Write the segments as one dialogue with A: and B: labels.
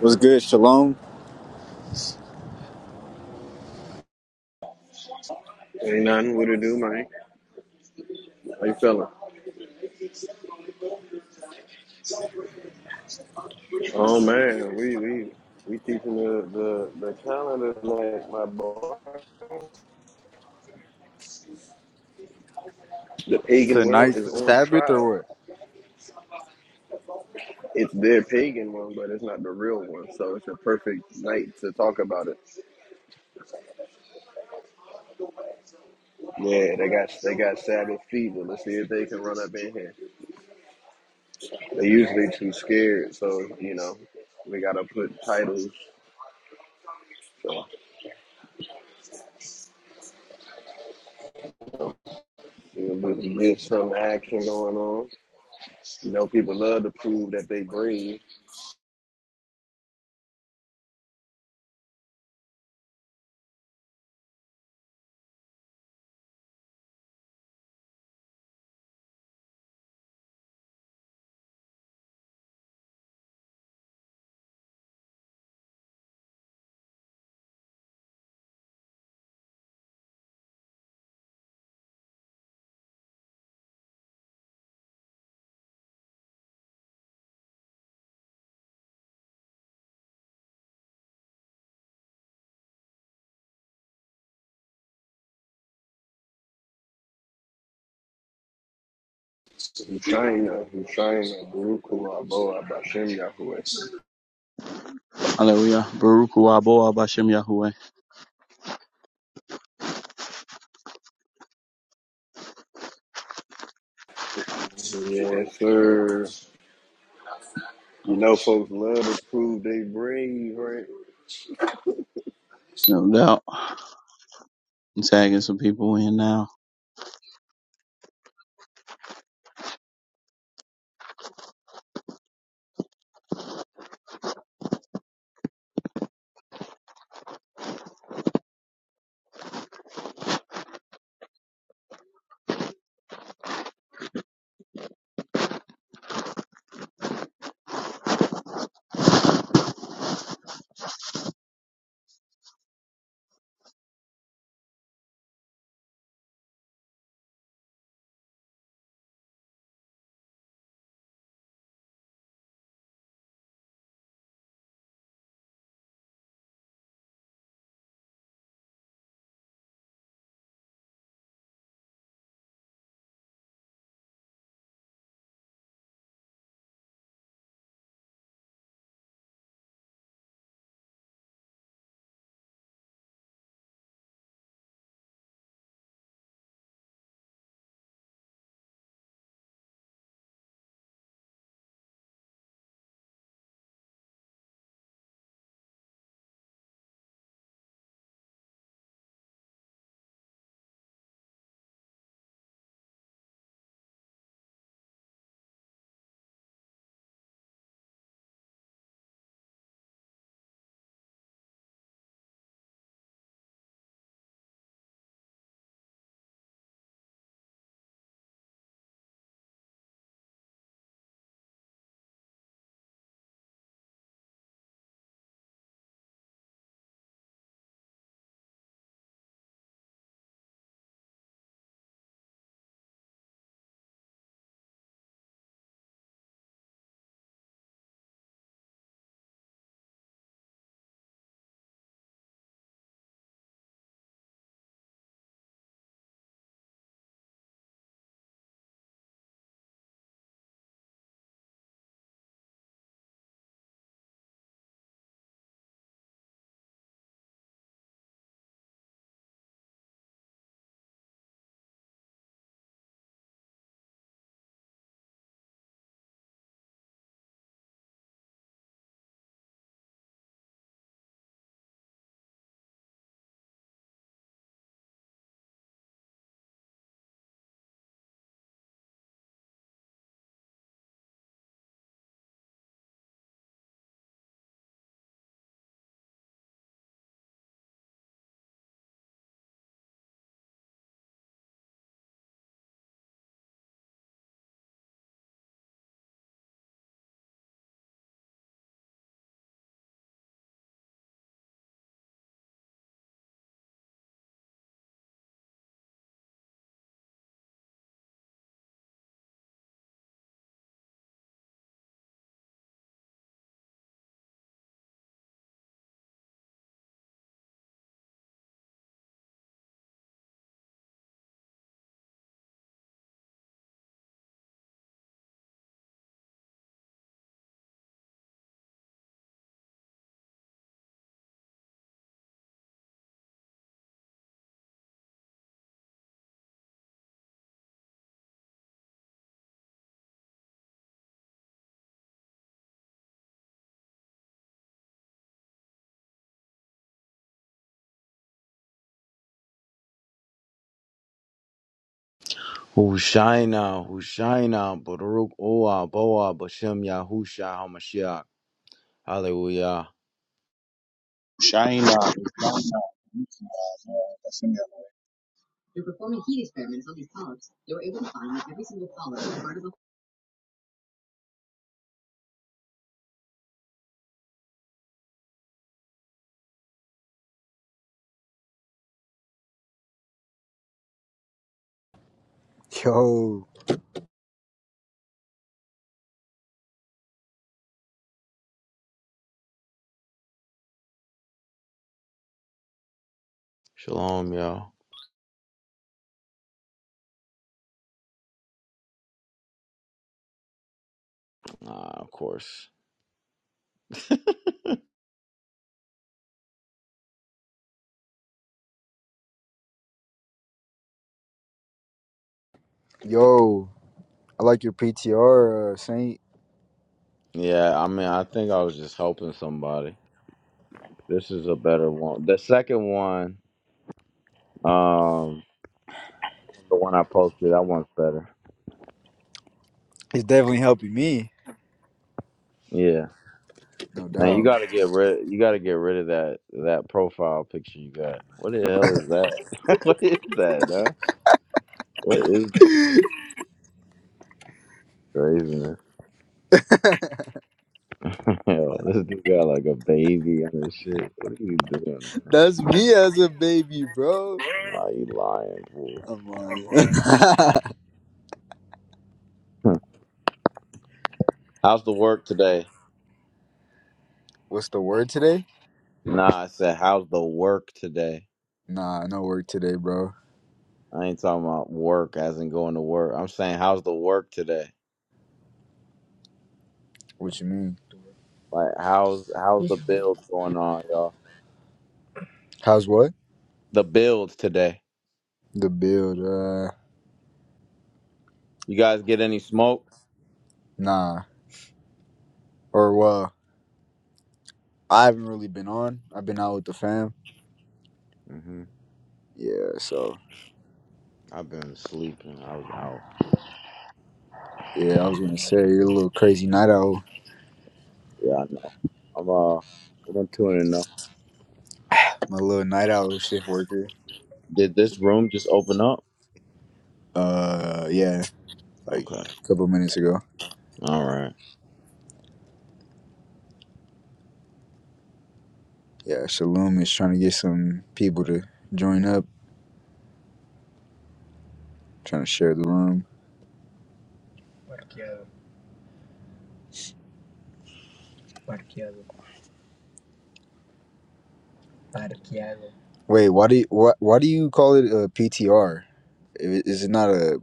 A: What's good, Shalom?
B: Ain't nothing we to do, man. How you feeling? Oh man, we we we teaching the the the calendar like my boy. The pagan world
A: Tonight's
B: is
A: the
B: on
A: Sabbath
B: trial.
A: or what?
B: It's their pagan one, but it's not the real one. So it's a perfect night to talk about it. Yeah, they got they got Sabbath fever. Let's see if they can run up in here. They usually too scared, so you know we gotta put titles. So you know, there's there's some action going on. You know, people love to prove that they brave Shina, Shina, Baruch Aboa, Bashem Yahweh.
C: Hallelujah. Baruch Hu Aboah Bashem Yahweh.
B: Yes, sir. You know, folks love to prove they brave, right?
C: No doubt. I'm tagging some people in now.
D: Hushaina, Hushaina, Baruch Oah, Boah, Bashem Yahusha HaMashiach. Hallelujah.
C: Shaina.
A: Yo,
D: Shalom, y'all. Ah, of course.
A: yo, I like your PTR, uh, Saint.
D: Yeah, I mean, I think I was just helping somebody. This is a better one. The second one, um, the one I posted, that one's better.
A: It's definitely helping me.
D: Yeah.
A: No
D: Now
A: doubt.
D: you gotta get rid you gotta get rid of that that profile picture you got. What the hell is that? what is that, huh? What is this craziness? Yo, this dude got like a baby and his shit. What are you doing, man?
A: That's me as a baby, bro.
D: Nah, you lying, fool.
A: I'm like,
D: how's the work today?
A: What's the word today?
D: Nah, I said, how's the work today?
A: Nah, no word today, bro.
D: I ain't talking about work as in going to work. I'm saying, how's the work today?
A: What you mean?
D: Like, how's how's the build going on, y'all?
A: How's what?
D: The build today.
A: The build, uh,
D: You guys get any smoke?
A: nah. Or, well, I haven't really been on. I've been out with the fam.
D: hmm
A: Yeah, so,
D: I've been sleeping. I was out.
A: yeah, I was gonna say, you're a little crazy night owl.
D: Yeah, I know. I'm uh, I'm tuning in though.
A: I'm a little night owl shift worker.
D: Did this room just open up?
A: Uh, yeah, like
D: Okay.
A: a couple minutes ago.
D: All right.
A: Yeah, Shalom is trying to get some people to join up, trying to share the room. Wait, why do you why, why do you call it a PTR? Is it not a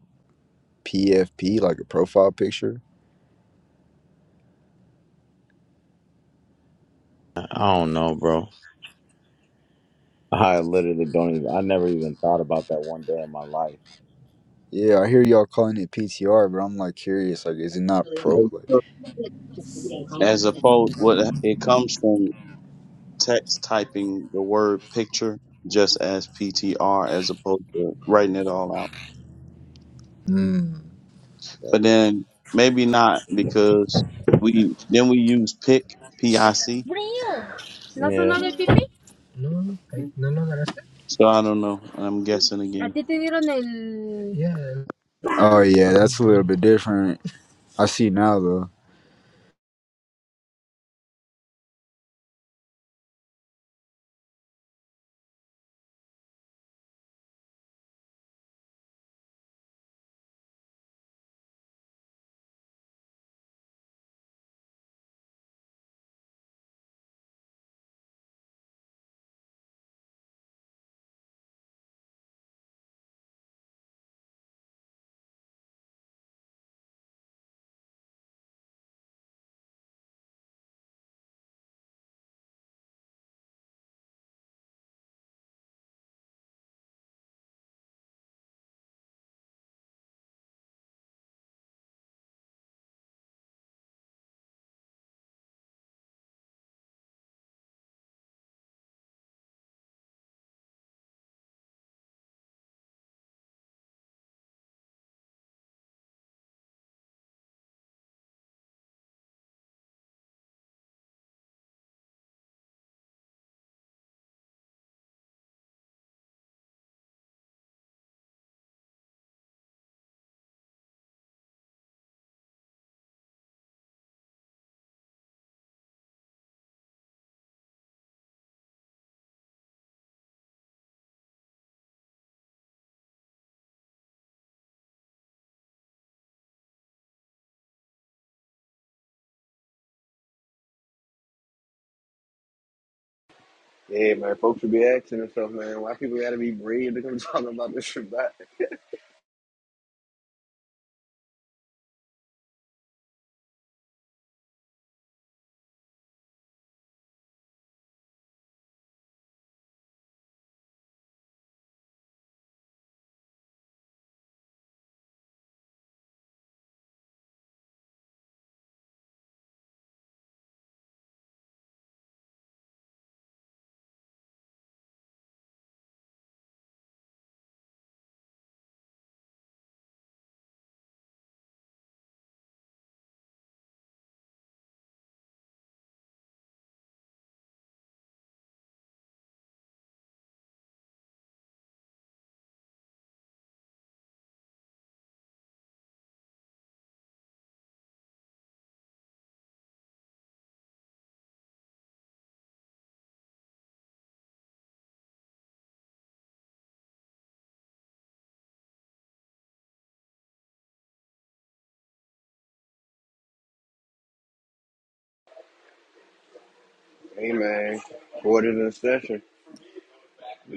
A: PFP like a profile picture?
D: I don't know, bro. I literally don't even. I never even thought about that one day in my life.
A: Yeah, I hear y'all calling it PTR, but I'm like curious, like is it not pro? Like,
C: As opposed, what it comes from text typing the word picture just as PTR as opposed to writing it all out. But then maybe not because we then we use pic P I C.
A: ¿No
D: Yeah.
A: sonó del pipí?
C: So I don't know. And I'm guessing
A: ¿A
C: again.
A: ti te dieron el...? oh yeah, that's a little bit different. I see now though.
B: Yeah, man, folks should be asking themselves, man, why people gotta be brave to come talking about this Shabbat? Hey, man, quarter in session,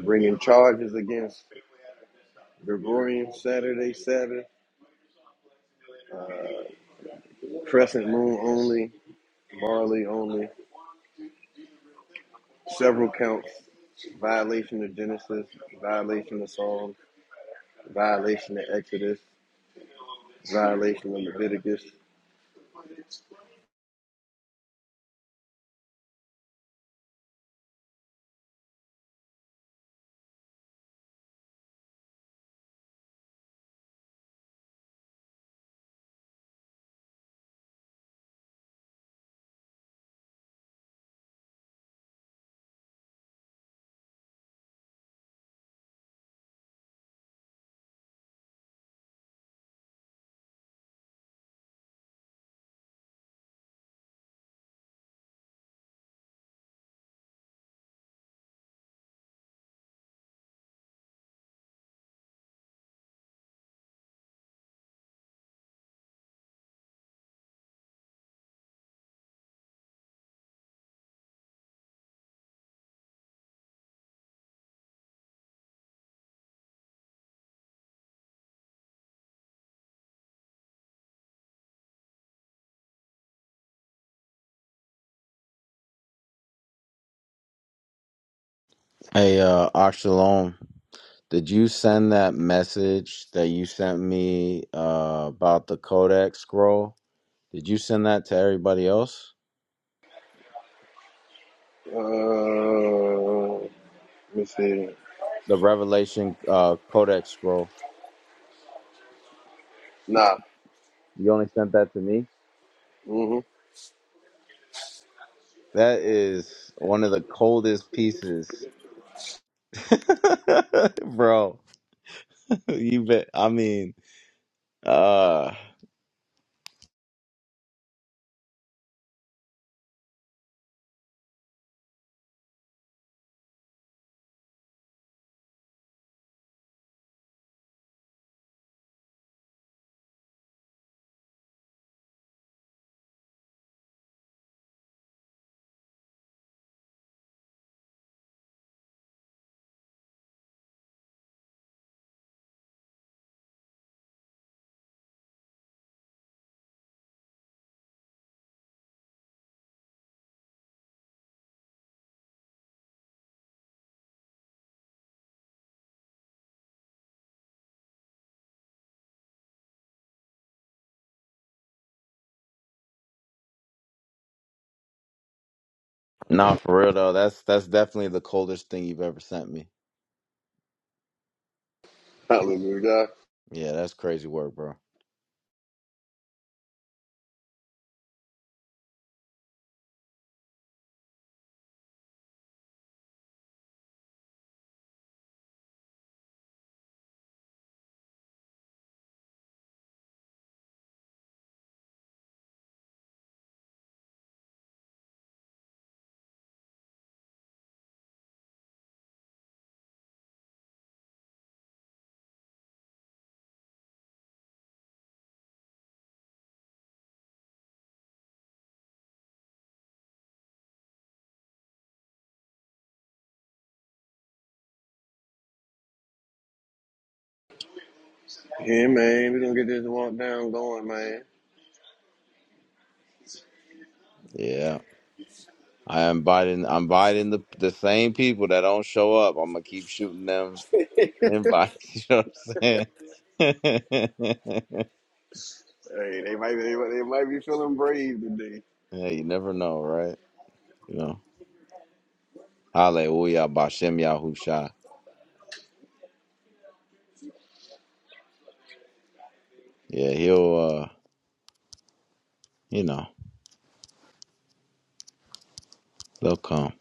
B: bringing charges against Gregorian Saturday, Sabbath, crescent moon only, barley only, several counts, violation of Genesis, violation of Psalms, violation of Exodus. Violation of Leviticus.
D: Hey, uh, Oxalom, did you send that message that you sent me uh, about the Codex scroll? Did you send that to everybody else?
B: Uh, let me see.
D: The Revelation uh, Codex scroll.
B: Nah.
D: You only sent that to me.
B: Mm-hmm.
D: That is one of the coldest pieces, bro. You bet. I mean, uh Nah, for real though, that's that's definitely the coldest thing you've ever sent me.
B: Hallelujah. God.
D: Yeah, that's crazy work, bro.
B: Yeah, man. We're going to get this walk down going, man.
D: Yeah, I am inviting. I'm inviting the the same people that don't show up. I'm gonna keep shooting them invites. You know what I'm saying?
B: Hey, they might, be, they, might- they might be feeling brave today.
D: yeah, you never know, right? You know, Hallelujah, Bashem Yahusha. Yeah, he'll. uh You know, they'll come.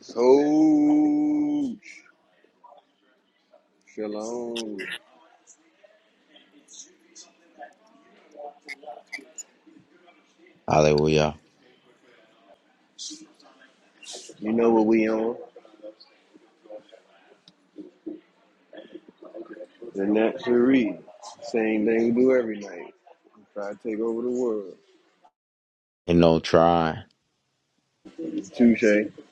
B: So, shalom.
D: Hallelujah.
B: You know what we on? The natural read. Same thing we do every night. Try to take over the world.
D: And no try.
B: Touche. Yeah,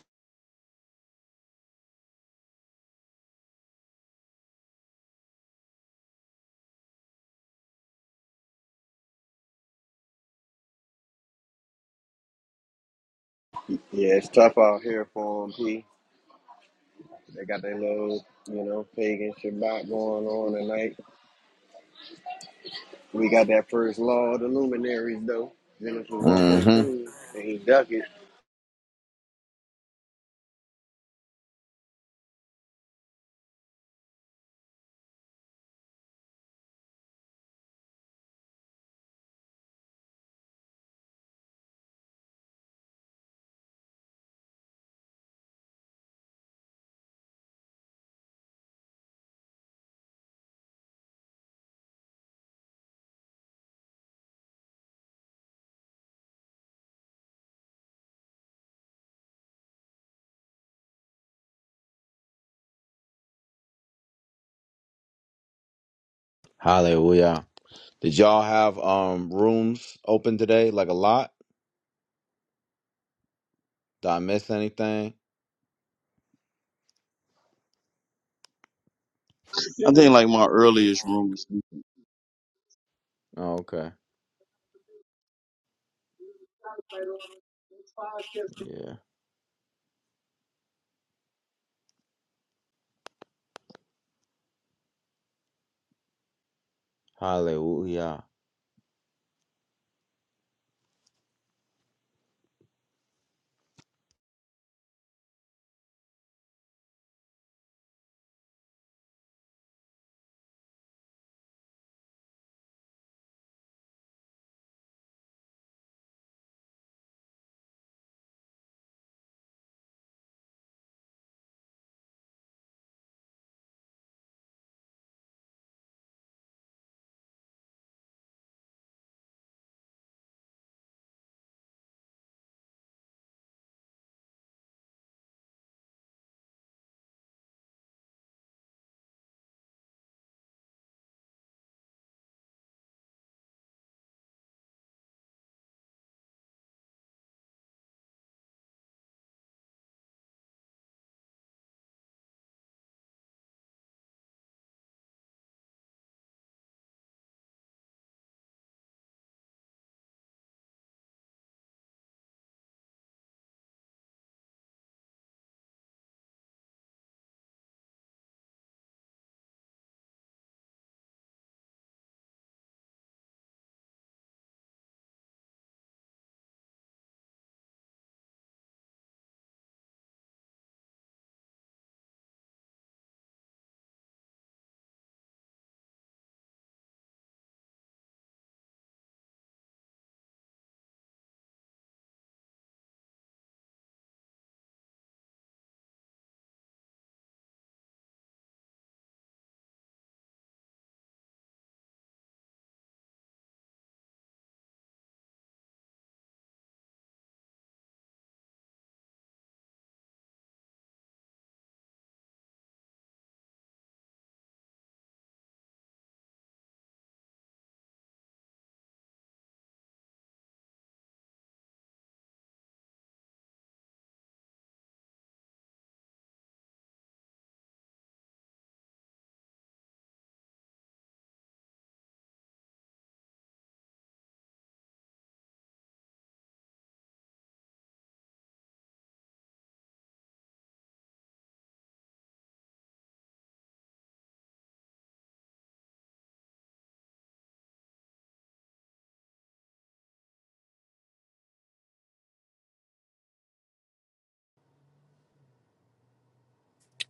B: it's tough out here for 'em, P. They got their little, you know, pagan Shabbat going on tonight. We got that first law of the luminaries though, Genesis one
D: Mm-hmm.
B: fourteen, and he duck it.
D: Hallelujah. Did y'all have um rooms open today? Like a lot? Did I miss anything?
C: I think like my earliest rooms.
D: Oh, okay. Yeah. Hallelujah.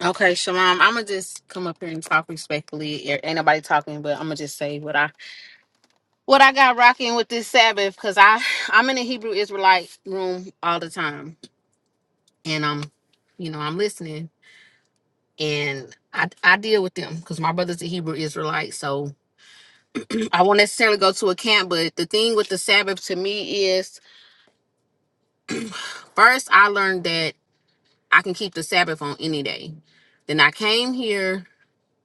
E: Okay, Shamam, I'm gonna just come up here and talk respectfully. There Ain't nobody talking, but I'm gonna just say what I what I got rocking with this Sabbath because I I'm in a Hebrew Israelite room all the time, and I'm you know I'm listening and I I deal with them because my brother's a Hebrew Israelite, so I won't necessarily go to a camp. But the thing with the Sabbath to me is first I learned that I can keep the Sabbath on any day. Then I came here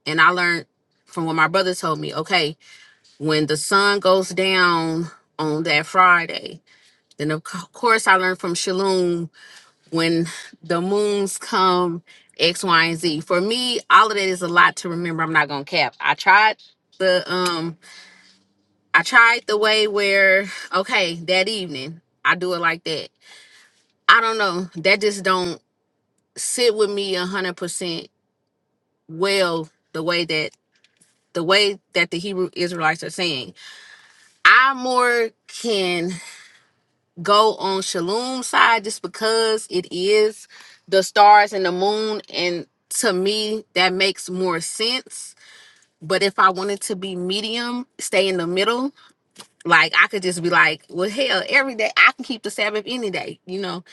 E: and I learned from what my brother told me. Okay when the sun goes down on that Friday. Then of co- course I learned from Shalom when the moons come X, Y, and Z. For me, all of that is a lot to remember. I'm not gonna cap. I tried the um I tried the way where okay, that evening, I do it like that. I don't know. That just don't sit with me a hundred percent well the way that the way that the Hebrew Israelites are saying. I more can go on Shalom side just because it is the stars and the moon and to me that makes more sense. But if I wanted to be medium, stay in the middle, like I could just be like, well hell, every day I can keep the Sabbath any day, you know.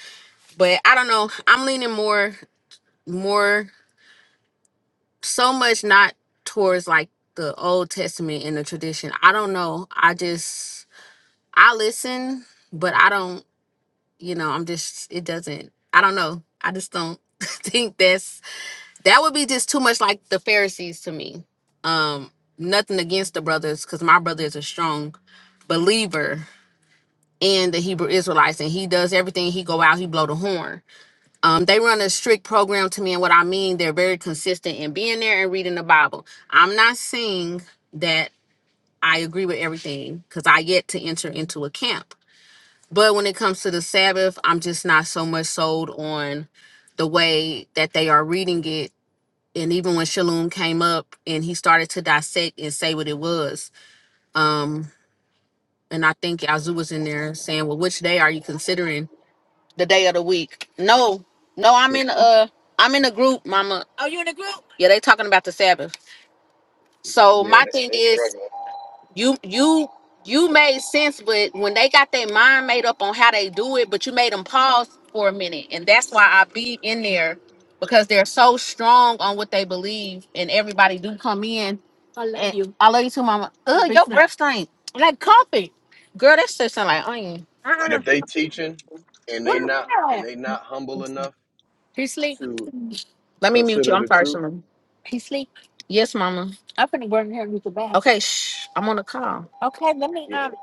E: But I don't know. I'm leaning more more so much not towards like the old testament and the tradition. I don't know. I just I listen, but I don't you know i'm just it doesn't i don't know i just don't think that's that would be just too much like the pharisees to me um nothing against the brothers because my brother is a strong believer in the hebrew israelites and he does everything he go out he blow the horn um they run a strict program to me and what i mean they're very consistent in being there and reading the bible i'm not saying that i agree with everything because i yet to enter into a camp but when it comes to the Sabbath, I'm just not so much sold on the way that they are reading it. And even when Shalom came up and he started to dissect and say what it was, um, and I think Yazoo was in there saying, "Well, which day are you considering? The day of the week?" No, no, I'm in a, I'm in a group, Mama. Oh, you in a group? Yeah, they talking about the Sabbath. So
B: Yeah,
E: my
B: they,
E: thing
B: they
E: is,
B: struggling.
E: you you you made sense but when they got their mind made up on how they do it but you made them pause for a minute and that's why i be in there because they're so strong on what they believe and everybody do come in i love and- you i love you too mama Ugh, your breath stink like coffee girl that shit sound like onion
B: But
E: uh-uh.
B: if they teaching and
E: what
B: they
E: is
B: not and
E: that
B: they not humble enough
E: he sleep
B: to
E: let me mute you
B: consider
E: i'm
B: the
E: sorry
B: truth,
E: Shimon. he sleep yes mama i'm finna go in here and use the bath okay shh i'm on a call okay Let me
B: yeah,
E: um.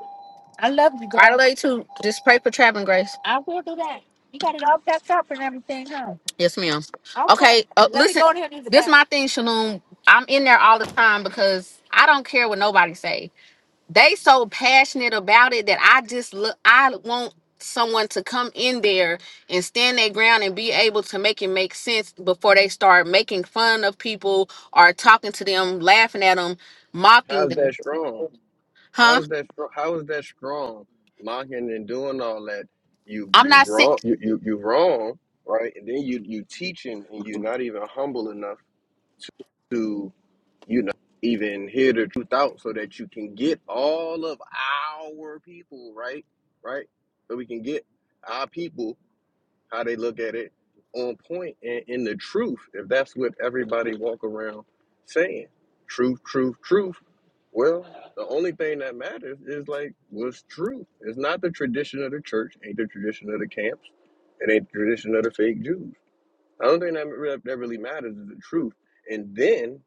E: I love you, girl. I love you too. just pray for traveling grace. I will do that. You got it all packed up and everything, huh? Yes, ma'am. Okay. Okay, uh, Let me listen, go in here and do the this is my thing, Shalom. I'm in there all the time because I don't care what nobody say. They so passionate about it that I just look. I want someone to come in there and stand their ground and be able to make it make sense before they start making fun of people or talking to them, laughing at them, mocking
B: how's that
E: them.
B: strong?
E: Huh?
B: How's that strong? How is that strong? Mocking and doing all that, you
E: I'm
B: you
E: not.
B: wrong, you you, you wrong, right? And then you you teaching and you're not even humble enough you know, even hear the truth out so that you can get all of our people, right? Right? So we can get our people, how they look at it, on point and in the truth, if that's what everybody walk around saying. Truth, truth, truth. Well, the only thing that matters is like what's true. It's not the tradition of the church, ain't the tradition of the camps, it ain't the tradition of the fake Jews. The only thing that, re- that really matters is the truth. And then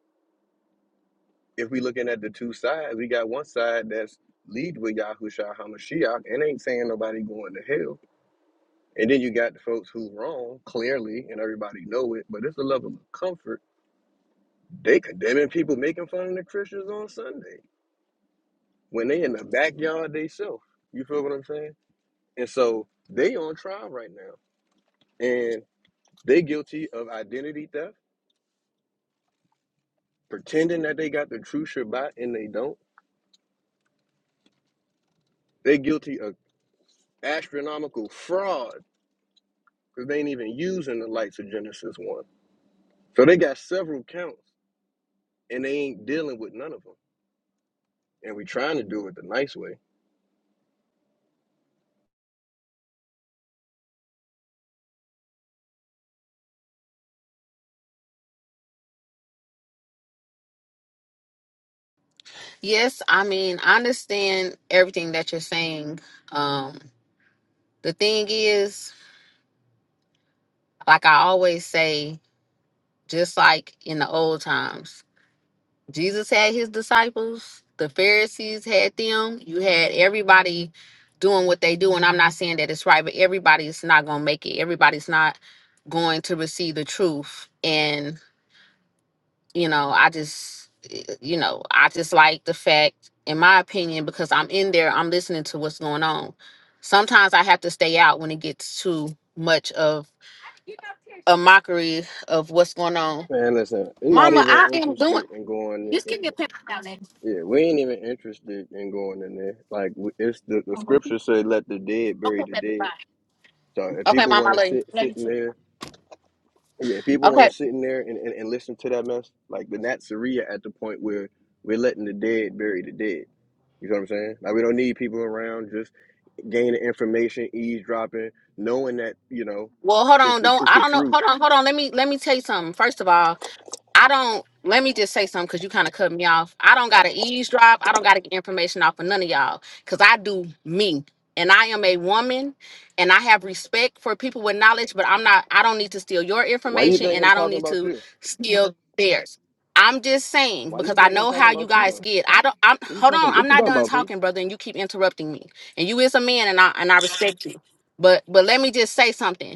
B: if we looking at the two sides, we got one side that's lead with Yahushua Hamashiach and ain't saying nobody going to hell. And then you got the folks who wrong, clearly, and everybody know it, but it's a level of comfort. They condemning people making fun of the Christians on Sunday when they in the backyard they self. You feel what I'm saying? And so they on trial right now. And they guilty of identity theft, pretending that they got the true Shabbat and they don't. They guilty of astronomical fraud because they ain't even using the lights of Genesis 1. So they got several counts and they ain't dealing with none of them. And we trying to do it the nice way.
E: Yes, I mean, I understand everything that you're saying. Um, the thing is, like I always say, just like in the old times, Jesus had his disciples, the Pharisees had them, you had everybody doing what they do. And I'm not saying that it's right, but everybody's not going to make it. Everybody's not going to receive the truth. and. you know i just eh, you know i just like the fact in my opinion because i'm in there i'm listening to what's going on sometimes i have to stay out when it gets too much of a mockery of what's going on
B: Man, listen, we're not
E: mama
B: even
E: i am doing
B: interested in going.
E: just
B: In,
E: give me a paper down there
B: yeah, we ain't even interested in going in there. Like we- it's the, the scripture say, "Let the dead bury the dead." So if
E: okay
B: people
E: mama
B: want to
E: I
B: sit
E: love
B: sit in
E: you
B: there, yeah, if people want to
E: okay
B: sit in there and, and, and listen to that mess, like the Natsaria at the point where we're letting the dead bury the dead. You know what I'm saying? Like we don't need people around. just. gaining information, eavesdropping, knowing that you know
E: well hold
B: it's
E: on
B: the
E: don't
B: it's
E: i
B: the
E: don't know
B: truth.
E: hold on hold on let me let me tell you something first of all I don't. Let me just say something because you kind of cut me off. I don't got to eavesdrop. I don't got to get information off of none of y'all because I do me, and I am a woman, and I have respect for people with knowledge. But I'm not. I don't need to steal your
B: Why do you
E: information,
B: think
E: and
B: I'm
E: I don't
B: talking
E: need
B: about
E: to
B: you?
E: steal Mhm. theirs. I'm just saying
B: Why do
E: because
B: you
E: I
B: think I'm
E: know
B: talking
E: how you
B: about you
E: guys
B: though?
E: get. I don't. I'm
B: What are you
E: hold on.
B: talking?
E: I'm
B: What you
E: not
B: talking
E: done
B: about, P?
E: talking, brother, and you keep interrupting me. And you is a man, and I and I respect you. But but let me just say something.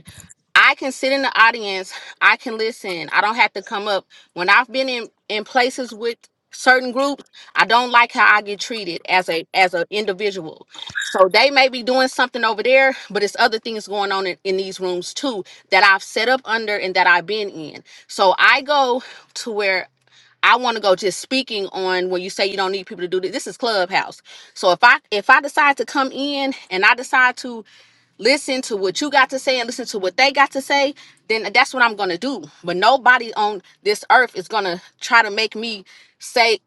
E: I can sit in the audience. I can listen. I don't have to come up. When I've been in in places with certain groups, I don't like how I get treated as a as an individual. So they may be doing something over there, but it's other things going on in, in these rooms too that I've set up under and that I've been in. So I go to where I want to go just speaking on when you say you don't need people to do this. This is Clubhouse. So if I if I decide to come in and I decide to listen to what you got to say and listen to what they got to say, then that's what I'm gonna do. But nobody on this earth is gonna try to make me say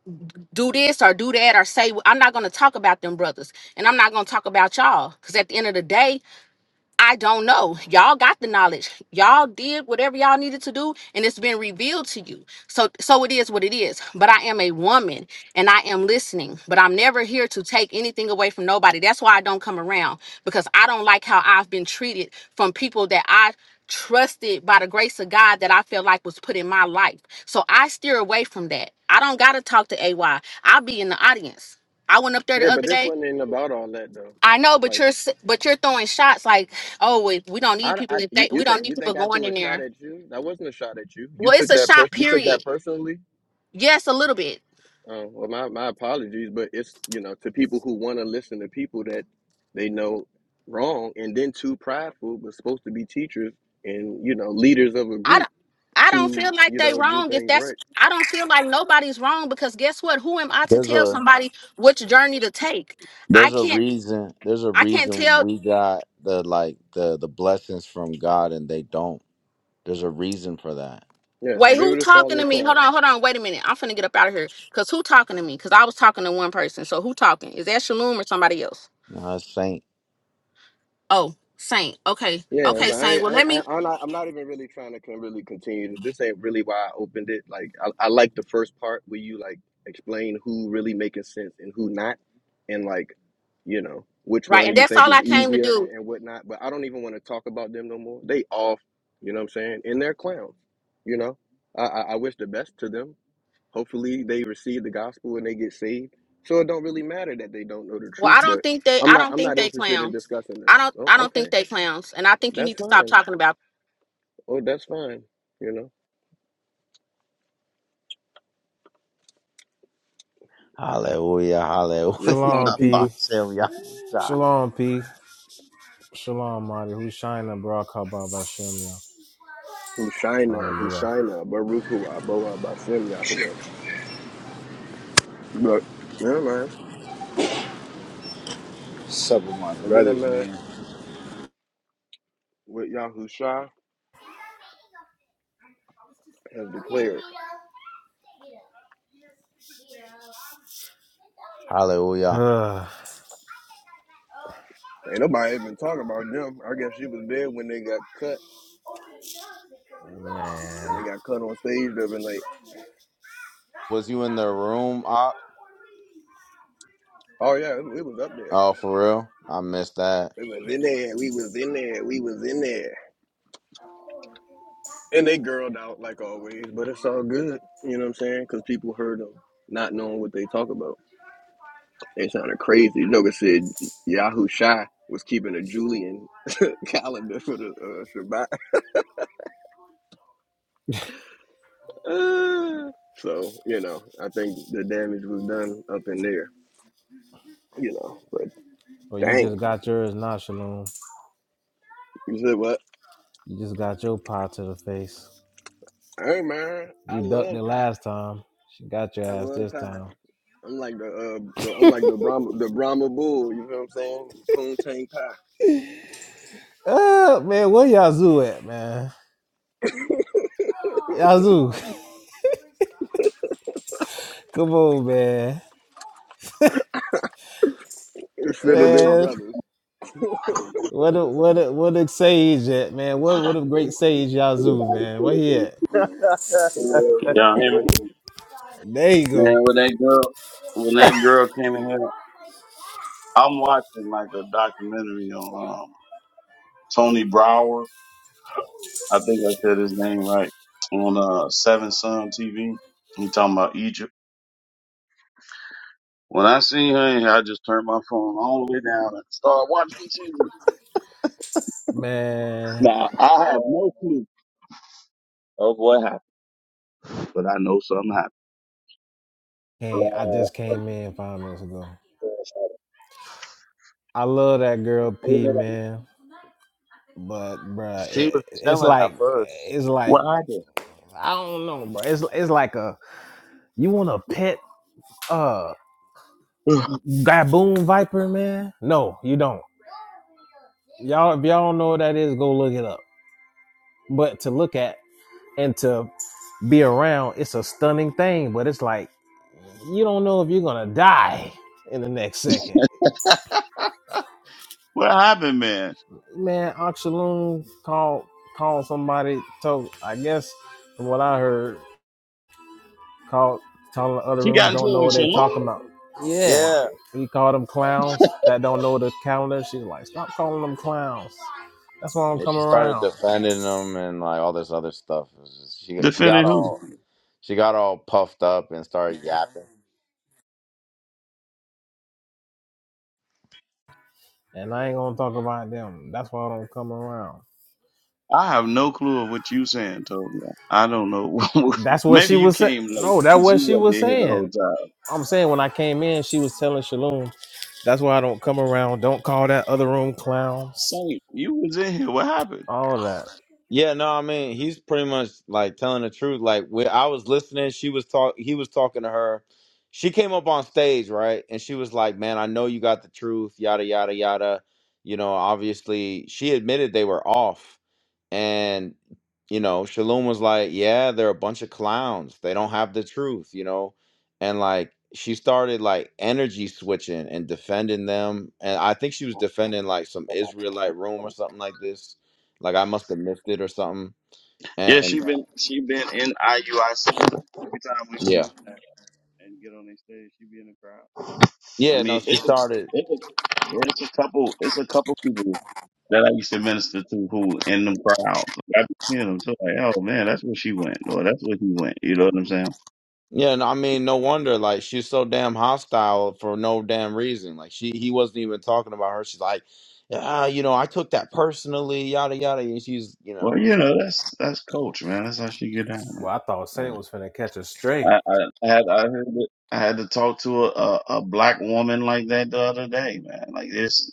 E: do this or do that or say "Well, I'm not gonna talk about them brothers and I'm not gonna talk about y'all because at the end of the day I don't know. Y'all got the knowledge. Y'all did whatever y'all needed to do and it's been revealed to you. So so it is what it is. But I am a woman and I am listening, but I'm never here to take anything away from nobody. That's why I don't come around because I don't like how I've been treated from people that I trusted by the grace of God that I felt like was put in my life. So I steer away from that. I don't got to talk to AY. I'll be in the audience. I went up there the
B: Yeah, but
E: other
B: this
E: day.
B: one ain't about all that though.
E: I know, but
B: Like,
E: you're s- but you're throwing shots like, oh, we, we don't need
B: how do
E: people.
B: I?
E: If
B: You,
E: they,
B: you
E: we don't
B: think
E: need
B: you
E: people
B: think I
E: going
B: threw
E: in
B: a shot
E: there.
B: at you? That wasn't a shot at you. You
E: Well, it's
B: took
E: a
B: that per-
E: shot
B: You took
E: period.
B: that personally.
E: Yes, a little bit.
B: Uh, well, my my apologies, but it's you know to people who want to listen to people that they know wrong and then too prideful, but supposed to be teachers and you know leaders of a
E: I
B: group
E: don't. I don't
B: to
E: feel like
B: you
E: they
B: know do
E: wrong. If
B: things
E: that's,
B: right.
E: I don't feel like nobody's wrong because guess what? Who am I to
D: There's
E: tell
D: a
E: somebody which journey to take? I
D: there's a
E: can't.
D: reason there's a
E: I can't
D: reason
E: tell.
D: we got the like the the blessings from God and they don't. There's a reason for that.
B: Yeah, I've
E: Wait,
B: been
E: who
B: able to fall
E: talking
B: in
E: to
B: the
E: me?
B: crowd.
E: Hold on, hold on. Wait a minute. I'm finna get up out of here. Cause who talking to me? Cause I was talking to one person. So who talking? Is that Shalom or somebody else?
D: You know, it's saint.
E: Oh, Saint. Okay,
B: Yeah,
E: okay,
D: Mhm.
B: but I,
E: Saint. Well,
B: I,
E: let me
B: I I'm not I'm not even really trying to con- really continue. This ain't really why I opened it. Like I, I like the first part where you like explain who really making sense and who not, and like you know which
E: Right,
B: one
E: and
B: you
E: that's
B: think
E: all
B: is
E: I came to
B: easier and,
E: do.
B: and whatnot. But I don't even want to talk about them no more. They off. You know what I'm saying? And they're clowns. You know, I I, I wish the best to them. Hopefully they receive the gospel and they get saved. So it don't really matter that they don't know the
E: Well,
B: truth,
E: I
B: but
E: don't think they
B: I'm
E: I
B: not
E: don't
B: I'm
E: think
B: not
E: they
B: interested in
E: clowns.
B: discussing this.
E: I don't
B: Oh,
E: I don't think
B: okay.
E: they clowns. And I think you
B: That's
E: need to stop
B: fine.
E: talking about
B: Oh, that's fine. You know?
D: Hallelujah.
B: This is
D: Hallelujah.
B: how the
F: Shalom, P.
D: Fuck,
B: people
D: Sam, y'all was shy.
F: Shalom, P. Shalom, Marty. Who's shining, bro? Kabbalah Bashem,
B: who shina, who
F: Hallelujah.
B: shina, Baruch Hu Aboa Bashem Yahweh. But never mind.
A: What's up with my
B: And then I'm
A: brothers,
B: uh,
A: man?
B: with Yahusha has declared.
D: Hallelujah.
F: Ugh.
B: Ain't nobody even talking about them. I guess she was there when they got cut. When
F: Man.
B: they got cut on stage, they've been like,
D: Was you in the room? Op?
B: oh yeah, it, it was up there.
D: Oh, for real? I missed that.
B: We was in there. We was in there. We was in there. And they girled out like always, but it's all good. You know what I'm saying? Because people heard them not knowing what they talk about. They sounded crazy. You know, they said Yahoo Shy was keeping a Julian calendar for the uh, Shabbat. so, you know, I think the damage was done up in there, you know. But
F: Well, you just
B: dang,
F: got yours now, Shalom.
B: you said what?
F: You just got your pie to the face.
B: Hey, man, I
F: You ducked it
B: love pie.
F: last time. She got your
B: I
F: ass
B: love
F: this
B: pie.
F: time.
B: I'm like the uh, the I'm like the Brahma the Brahma bull. You know what I'm saying? Poontang pie.
F: Uh, man, where Yazoo at, man? Yazoo, come on, man.
B: Instead of them
F: Man,
B: brothers.
F: what a what a what a sage at, man. What what a great sage Yazoo, man. Where he at?
C: Y'all hear me?
F: There you go,
C: Man, when that girl, when that girl came in here, I'm watching like a documentary on um, Tony Brower. I think I said his name right on uh, Seven Sun TV. He talking about Egypt. When I seen her in here, I just turned my phone all the way down and started watching TV.
F: man.
C: Now I have no clue of what happened, but I know something happened.
F: Came, I
C: Uh,
F: just came in five minutes ago. I love that girl P, man. But bruh,
D: She was
F: it, it's
D: chilling
F: like
D: at first.
F: it's like
C: What happened?
F: I don't know, bro. It's it's like a you want a pet. uh. Gaboon Viper, man. No, you don't. Y'all, if y'all don't know what that is, go look it up. But to look at and to be around, it's a stunning thing. But it's like you don't know if you're gonna die in the next second.
C: What happened, man?
F: Man, Oxaloon called called somebody. Told I guess from what I heard, called telling the other
C: She got
F: rooms
C: into
F: don't
C: it
F: know
C: with
F: what they
C: Shalom.
F: talking about. Yeah.
D: Yeah,
F: We call them clowns that don't know the calendar. She's like, stop calling them clowns. That's why I don't
D: Yeah,
F: come
D: she started
F: around.
D: defending him and like all this other stuff. It was just- she she got
C: Defending who?
D: all she got all puffed up and started yapping.
F: And I ain't gonna talk about them. That's why I don't come around.
C: I have no clue of what you saying, Toby. I don't know.
F: That's what
C: Maybe
F: she
C: you
F: was saying.
C: came late.
F: No, that's
C: 'cause
F: what
C: You
F: she
C: wasn't
F: was
C: in here the whole
F: saying.
C: time.
F: I'm saying when I came in, she was telling Shalom, that's why I don't come around. Don't call that other room clowns.
C: Same. You was in here. What happened?
F: All that.
D: Yeah, no, I mean he's pretty much like telling the truth. Like when I was listening, she was talk he was talking to her. She came up on stage, right? And she was like, Man, I know you got the truth, yada yada yada. You know, obviously she admitted they were off And, you know, Shalom was like, Yeah, they're a bunch of clowns. They don't have the truth, you know? And like she started like energy switching and defending them. And I think she was defending like some Israelite room or something like this. Like I must have missed it or something.
C: Yeah, she
D: And uh,
C: been she been in IUIC every time we
D: yeah.
C: go in there and get on the stage. She be in the crowd. I
D: Yeah, no,
C: mean,
D: she
C: it's a,
D: started
C: it's a, it's a couple. It's a couple people that I used to minister to who in them crowds. I be seeing them too. Like, oh man, that's where she went, or that's where he went. You know what I'm saying?
D: yeah, no, I mean, no wonder. Like, she's so damn hostile for no damn reason. Like, she he wasn't even talking about her. She's like, ah, you know, I took that personally, yada yada. And she's, you
C: Well,
D: know,
C: you know, that's that's coach, man. That's how she get down, man.
F: Well, I thought Saint was finna catch a
C: I,
F: stray.
C: I, I had I had to, I had to talk to a, a a black woman like that the other day, man. Like this,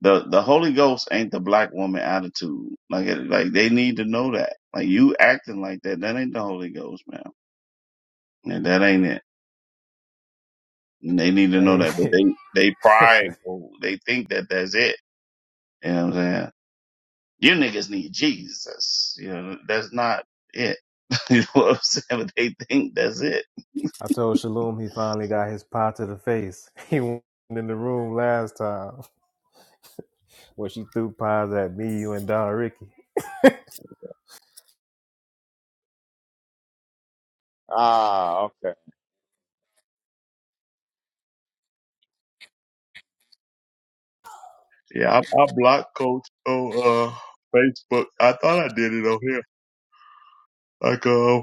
C: the the Holy Ghost ain't the black woman attitude. Like it, like they need to know that. Like you acting like that, that ain't the Holy Ghost, man. And that ain't it. And they need to know that. But
F: Hey,
C: they they prideful. They think that that's it. You know what I'm saying? You niggas need Jesus. You know that's not it. you know what I'm saying? But they think that's it.
F: I told Shalom he finally got his pie to the face. He went in the room last time where she threw pies at me, you, and Donna Ricky.
D: Ah, okay.
C: Yeah, I, I blocked Coach on uh, Facebook. I thought I did it on here. Like, uh,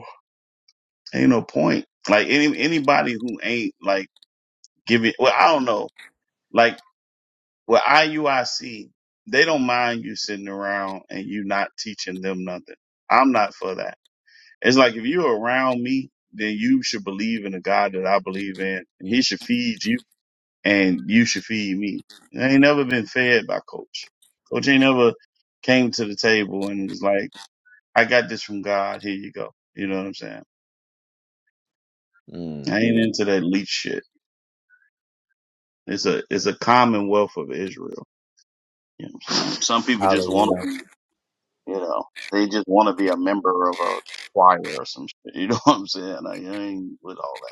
C: ain't no point. Like any anybody who ain't like giving. Well, I don't know. Like with IUIC, they don't mind you sitting around and you not teaching them nothing. I'm not for that. It's like if you're around me, then you should believe in the God that I believe in, and He should feed you, and you should feed me. And I ain't never been fed by Coach. Coach ain't never came to the table and was like, "I got this from God. Here you go." You know what I'm saying?
D: Mm.
C: I ain't into that leech shit. It's a it's a commonwealth of Israel. You know what I'm saying? Some people just want
D: Hallelujah.
C: to be, you know, they just want to be a member of a choir or some shit. You know what I'm saying? Like, I ain't with all that.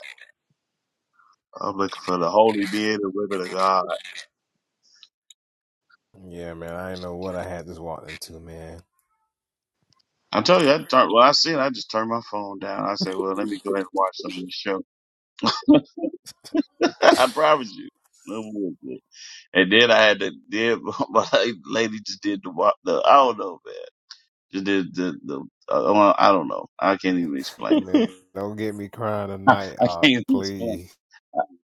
C: I'm looking for the holy men and women of God.
F: Yeah, man, I didn't know what I had this walked into, man.
C: I told you, I turn, well, I see it. I just turned my phone down. I said, well, let me go ahead and watch some of this show. I promise you. It was good. And then I had to, then my lady just did the, wa- the I don't know, man. Just did the, the, uh, well, I don't know. I can't even explain it.
F: Man, don't get me crying tonight,
C: I
F: uh,
C: can't even explain it.
F: please.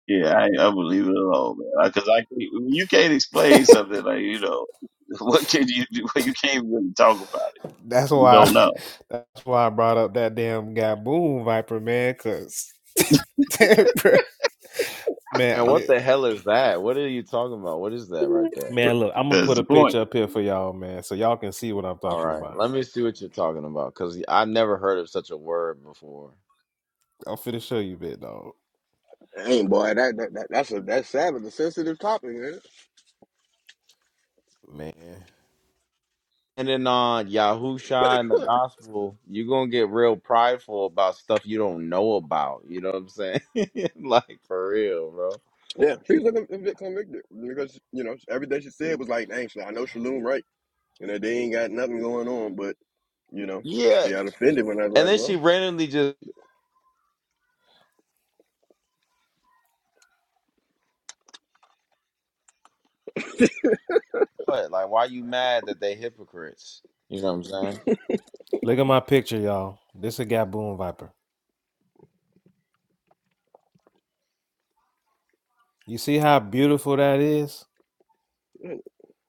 C: Yeah, I, I believe it all, man. Because I, 'cause I can't, you can't explain something like, you know, what can you do? You can't really talk about it.
F: That's
C: You
F: why,
C: don't know.
F: that's why I brought up that damn Gaboon Viper, man, cause
D: And
F: man,
D: what
F: li-
D: the hell is that? What are you talking about? What is that right there?
F: man, look, I'm gonna
C: That's
F: put
C: the
F: a
C: point.
F: picture up here for y'all, man, so y'all can see what I'm
D: All
F: talking
D: right,
F: about.
D: let me see what you're talking about because I never heard of such a word before.
F: I'm finna show you, bit dog,
B: Hey boy, that, that, that that's a that's savage, a sensitive topic, man.
F: man.
D: And then on Yahusha and the gospel, you're gonna get real prideful about stuff you don't know about. You know what I'm saying? like for real, bro.
B: Yeah, she's looking a conv- convicted because you know everything she said was like, "Dang, so I know Shalom right, and that they ain't got nothing going on." But you know,
D: Yeah.
B: she got offended when I was
D: And
B: like,
D: then she
B: "Well,
D: randomly just what? Like, why you mad that they hypocrites? You know what I'm saying?
F: Look at my picture, y'all. This a Gaboon Viper. You see how beautiful that is?
B: mm,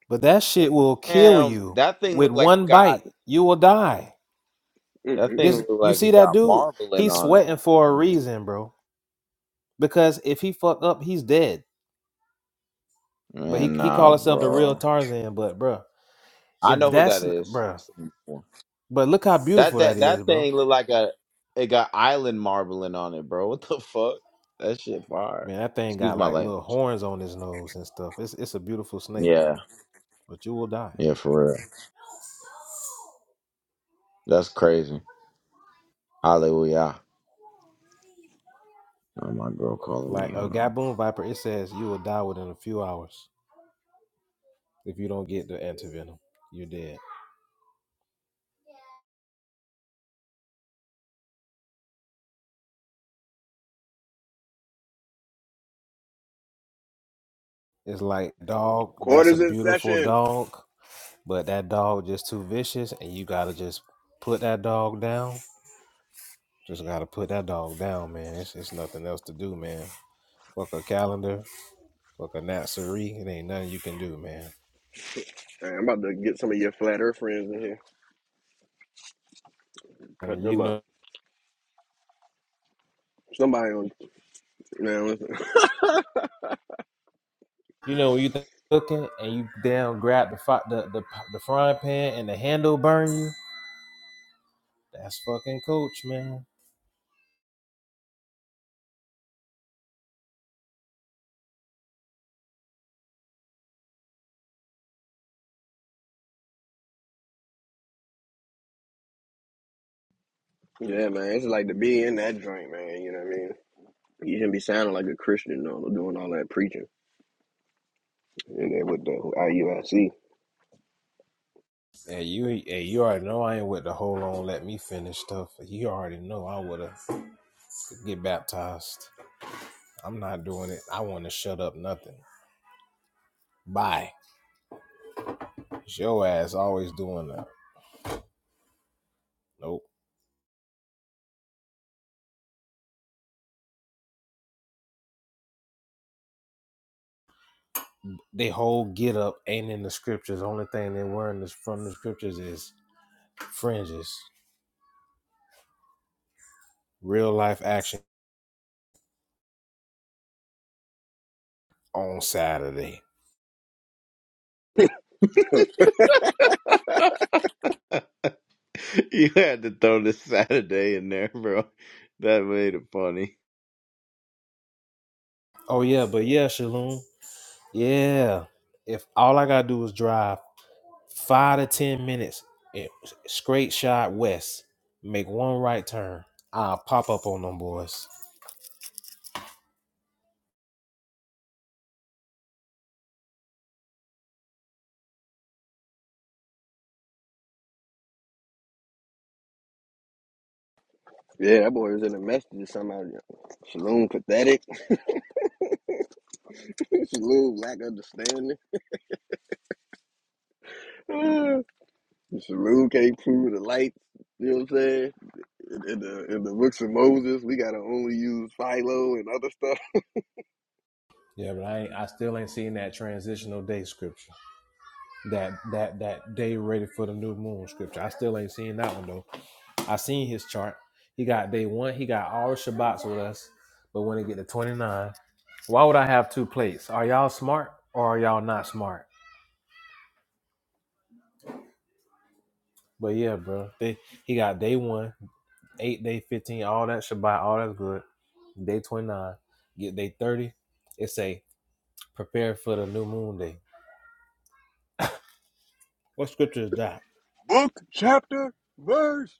F: But that shit will kill
D: Damn,
F: you
D: that thing
F: with
D: looked like
F: one
D: God.
F: bite. You will die.
B: mm,
D: That
B: mm,
D: thing
B: mm.
F: This
D: look
F: you
D: like
F: see
D: it
F: that
D: got
F: dude?
D: marbling
F: He's
D: on it.
F: sweating for a reason, bro. Because if he fuck up, he's dead. But he
D: Man,
F: he
D: nah,
F: call himself the real
D: bro.
F: Tarzan. But bro,
D: I
F: if
D: know who that
F: that's bro,
D: is. I've seen it before.
F: but look how
D: That
F: beautiful that
D: that
F: is,
D: that
F: bro.
D: thing look like a it got island marbling on it, bro. What the fuck? That shit fire.
F: Man, that thing
D: Excuse
F: got
D: my
F: like little
D: language.
F: horns on his nose and stuff. It's it's a beautiful snake,
D: Yeah,
F: bro. But you will die.
D: yeah, for real. That's crazy. Hallelujah. Oh, my girl calling
F: Like
D: me.
F: a
D: Hold on.
F: Gaboon Viper, it says you will die within a few hours if you don't get the antivenom. You're dead. It's like dog, that's a
B: quarters in
F: beautiful
B: session."
F: dog, but that dog just too vicious and you gotta just put that dog down. Just gotta put that dog down, man. It's, it's nothing else to do, man. Fuck a calendar, fuck a Natsuri. It ain't nothing you can do, man.
B: Hey, I'm about to get some of your flat earth friends in here, cut
F: And you
B: them
F: know
B: up. Somebody on, man, listen.
F: You know, when you th- cooking and you damn grab the, fi- the the the frying pan and the handle burn you. That's fucking coach, man.
B: yeah, man, it's like to be in that joint, man. You know what I mean? You shouldn't be sounding like a Christian though, doing all that preaching. And then with the IUIC.
F: Hey, you hey, you already know I ain't with the hold on, let me finish stuff. You already know I would have get baptized. I'm not doing it. I want to shut up nothing. Bye. It's your ass always doing that. Nope. They whole get up ain't in the scriptures. Only thing they were in this from the scriptures is fringes. Real life action on Saturday.
D: You had to throw this Saturday in there, bro. That made it funny.
F: Oh yeah, but yeah, Shalom. Yeah. If all I gotta do is drive five to ten minutes and straight shot west, make one right turn, I'll pop up on them boys.
B: Yeah, that boy was in a message to somebody. Saloon pathetic. Saloon lack understanding. Saloon can't prove the light. You know what I'm saying? In, in the in the books of Moses, we gotta only use Philo and other stuff.
F: Yeah, but I ain't, I still ain't seen that transitional day scripture. That that that day ready for the new moon scripture. I still ain't seen that one though. I seen his chart. He got day one. He got all the Shabbats with us. But when it get to twenty nine, why would I have two plates? Are y'all smart or are y'all not smart? But yeah, bro, they, he got day one. eight day 15, all that Shabbat, all that's good. Day 29, get day 30. It say, prepare for the new moon day. What scripture is that?
B: Book, chapter, verse.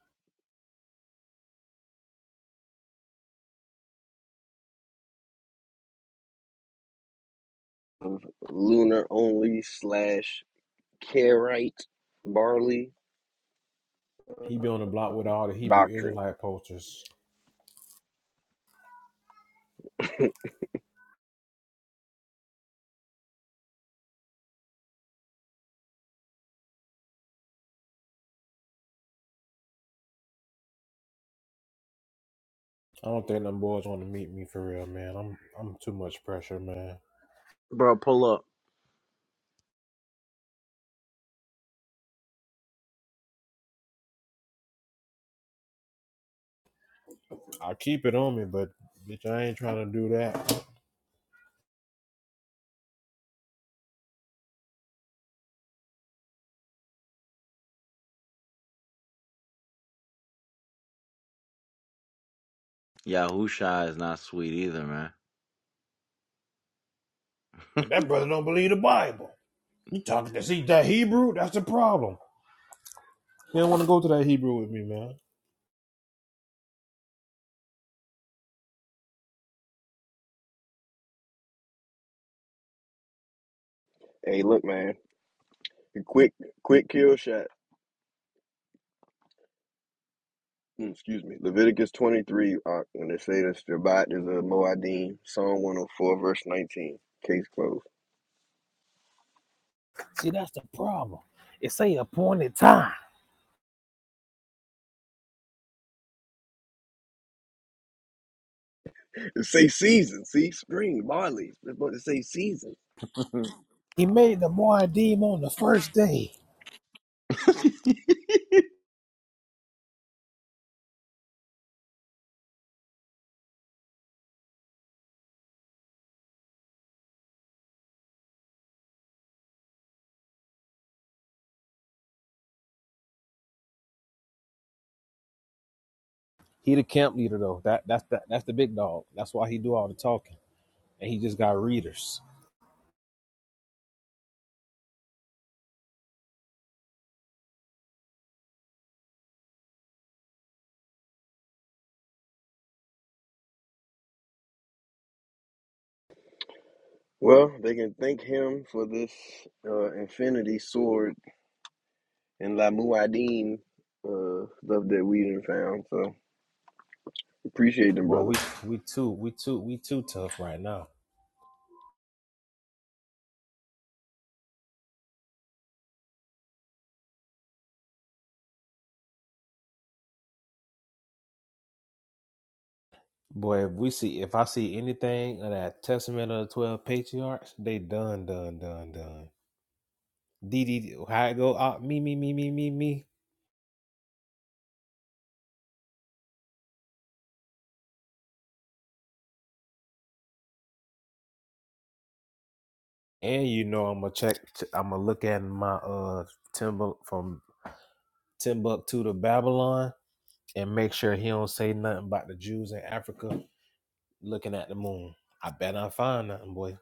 B: Lunar only slash Karite barley
F: He be on the block with all the Hebrew
B: doctrine.
F: Israelite posters. I don't think them boys want to meet me for real, man. I'm I'm too much pressure, man.
D: Bro, pull up.
F: I keep it on me, but bitch, I ain't trying to do that.
D: Yahusha is not sweet either,
F: That brother don't believe the Bible. You talking to see that Hebrew? That's the problem. He don't want to go to that Hebrew with me, man.
B: Hey, look, man. Quick, quick kill shot. mm, excuse me, Leviticus 23, uh, when they say that Shabbat is a Moedim, Psalm 104, verse 19. Case closed.
F: See, that's the problem. It say appointed time.
B: It say season, see, spring, barley. It's supposed to say season.
D: man.
F: He made the Moedim on the first day. He the camp leader though. That that's that, that's the big dog. That's why he do all the talking. And he just got readers.
B: Well, they can thank him for this uh, infinity sword and La Muad'Dim uh, stuff that we done found. So appreciate them,
F: Boy, we
B: brothers.
F: we too we too we too tough right now. Boy, if we see if I see anything of that Testament of the Twelve Patriarchs, they done done done done. D D. how it go out me me me me me me. And you know I'm gonna check. I'm gonna look at my uh Timbuk from Timbuktu to Babylon and make sure he don't say nothing about the Jews in Africa looking at the moon. I bet I find nothing, boy.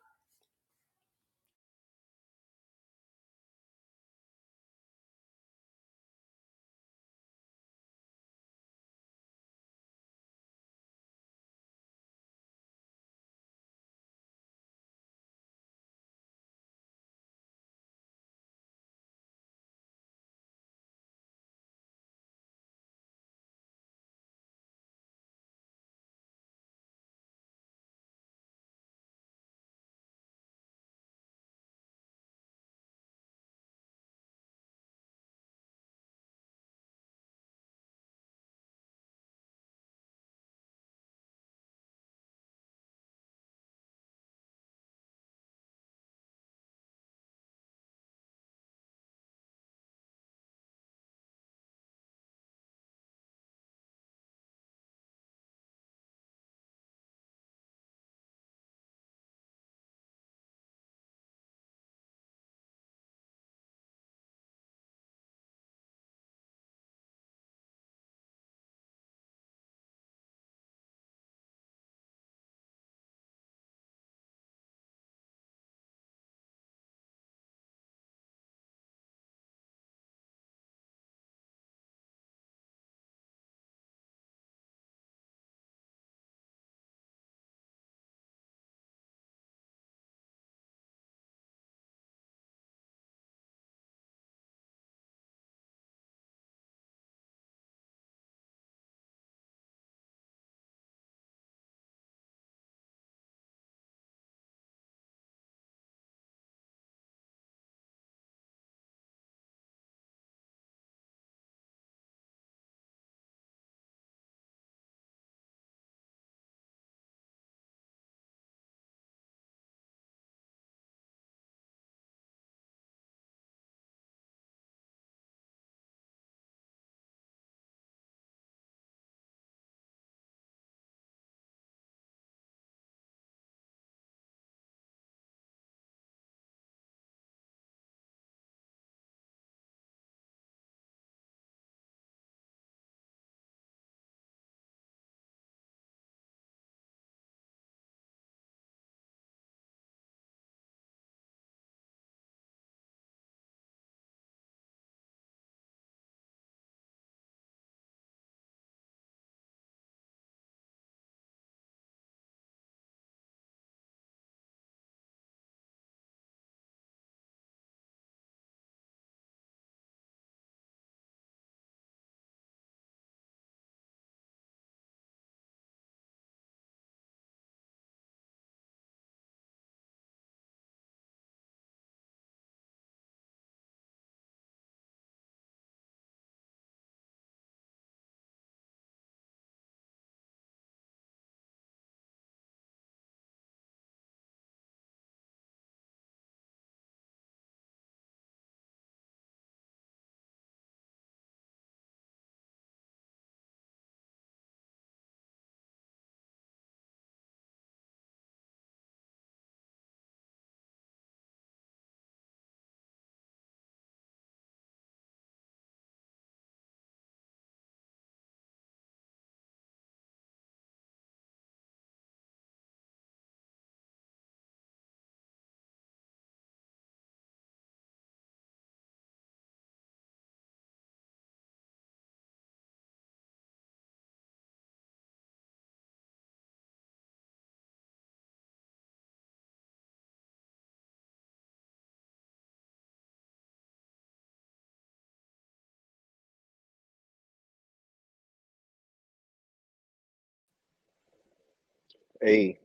B: Hey,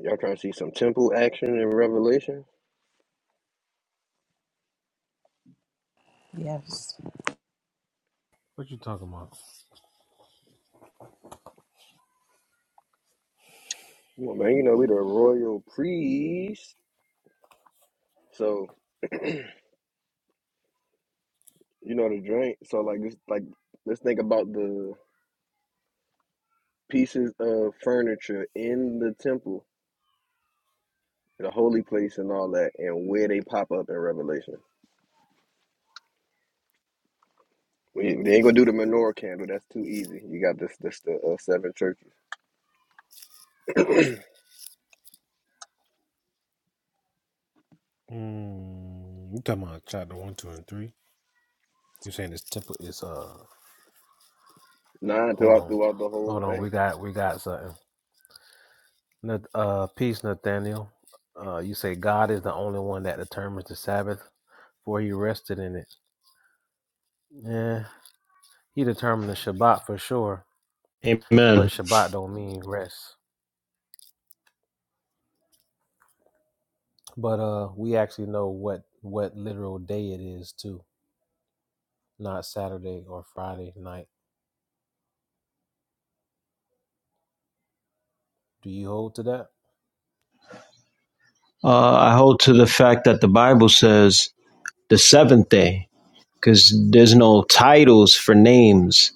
B: y'all trying to see some temple action in Revelation?
G: Yes.
F: What you talking about?
B: Come on, man. You know, we the royal priest. So You know the drink. So like just like let's think about the pieces of furniture in the temple, the holy place and all that, and where they pop up in Revelation. We ain't- they ain't gonna do the menorah candle. That's too easy. You got this this the uh, seven churches.
F: Hmm, you talking about chapter one, two, and three? You saying this temple is uh?
B: Nine
F: Hold
B: throughout
F: on,
B: throughout the whole
F: hold on.
B: thing.
F: We got we got something. Uh, peace, Nathaniel. Uh, you say God is the only one that determines the Sabbath, for He rested in it. Yeah, He determined the Shabbat for sure, but
H: Amen.
F: Shabbat don't mean rest. But uh, we actually know what what literal day it is too, not Saturday or Friday night. Do you hold to that?
H: Uh, I hold to the fact that the Bible says the seventh day, because there's no titles for names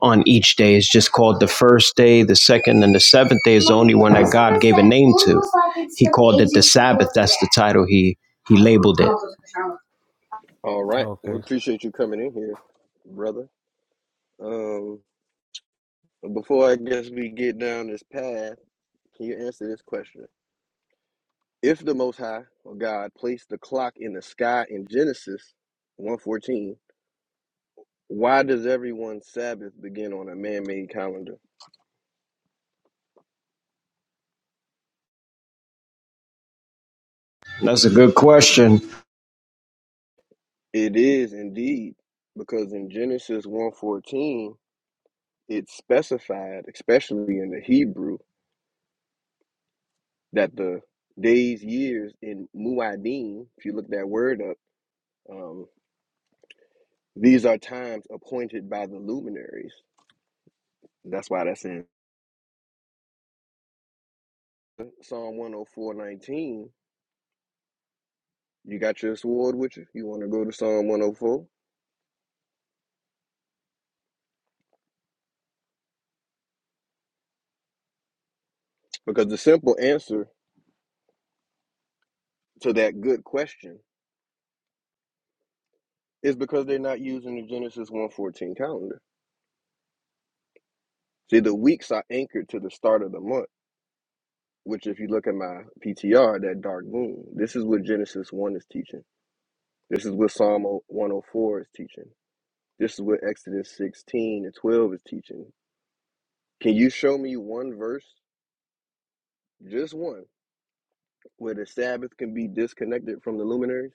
H: on each day. It's just called the first day, the second, and the seventh day is the only one that God gave a name to. He called it the Sabbath. That's the title he he labeled it.
B: All right. We
F: Okay.
B: appreciate you coming in here, brother. Um before I guess we get down this path, can you answer this question? If the Most High or God placed the clock in the sky in Genesis 114, why does everyone's Sabbath begin on a man-made calendar?
H: That's a good question.
B: It is indeed because in Genesis 114, it's specified, especially in the Hebrew, that the days, years in Muadim. if you look that word up, um, these are times appointed by the luminaries. That's why that's in Psalm 104:19 You got your sword with you? You want to go to Psalm 104? Because the simple answer to that good question is because they're not using the Genesis 114 calendar. See, the weeks are anchored to the start of the month, which, if you look at my PTR, that dark moon, this is what Genesis 1 is teaching. This is what Psalm 104 is teaching. This is what Exodus 16 and 12 is teaching. Can you show me one verse, just one, where the Sabbath can be disconnected from the luminaries?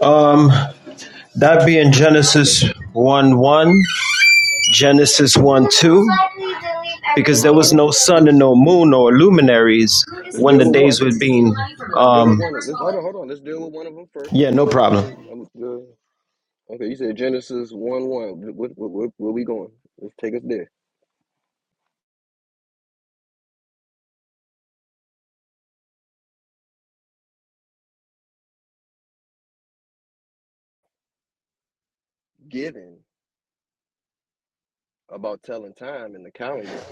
H: Um, that being Genesis one one. Genesis 1 2, because
B: Uh,
H: there
B: hold
H: was
B: on,
H: no sun
B: hold
H: and
B: on.
H: no moon or luminaries
B: Let's
H: when the
B: deal with one.
H: days were being.
B: Let's deal with
H: Um,
B: one of them. Let's, hold on, hold on. Let's deal with one of them first.
H: yeah,
B: Which
H: no
B: one? Which
H: problem.
B: one? Um, uh, okay, you said Genesis one one. What, what, what, where we going? Let's take us there. Given about telling time in the calendar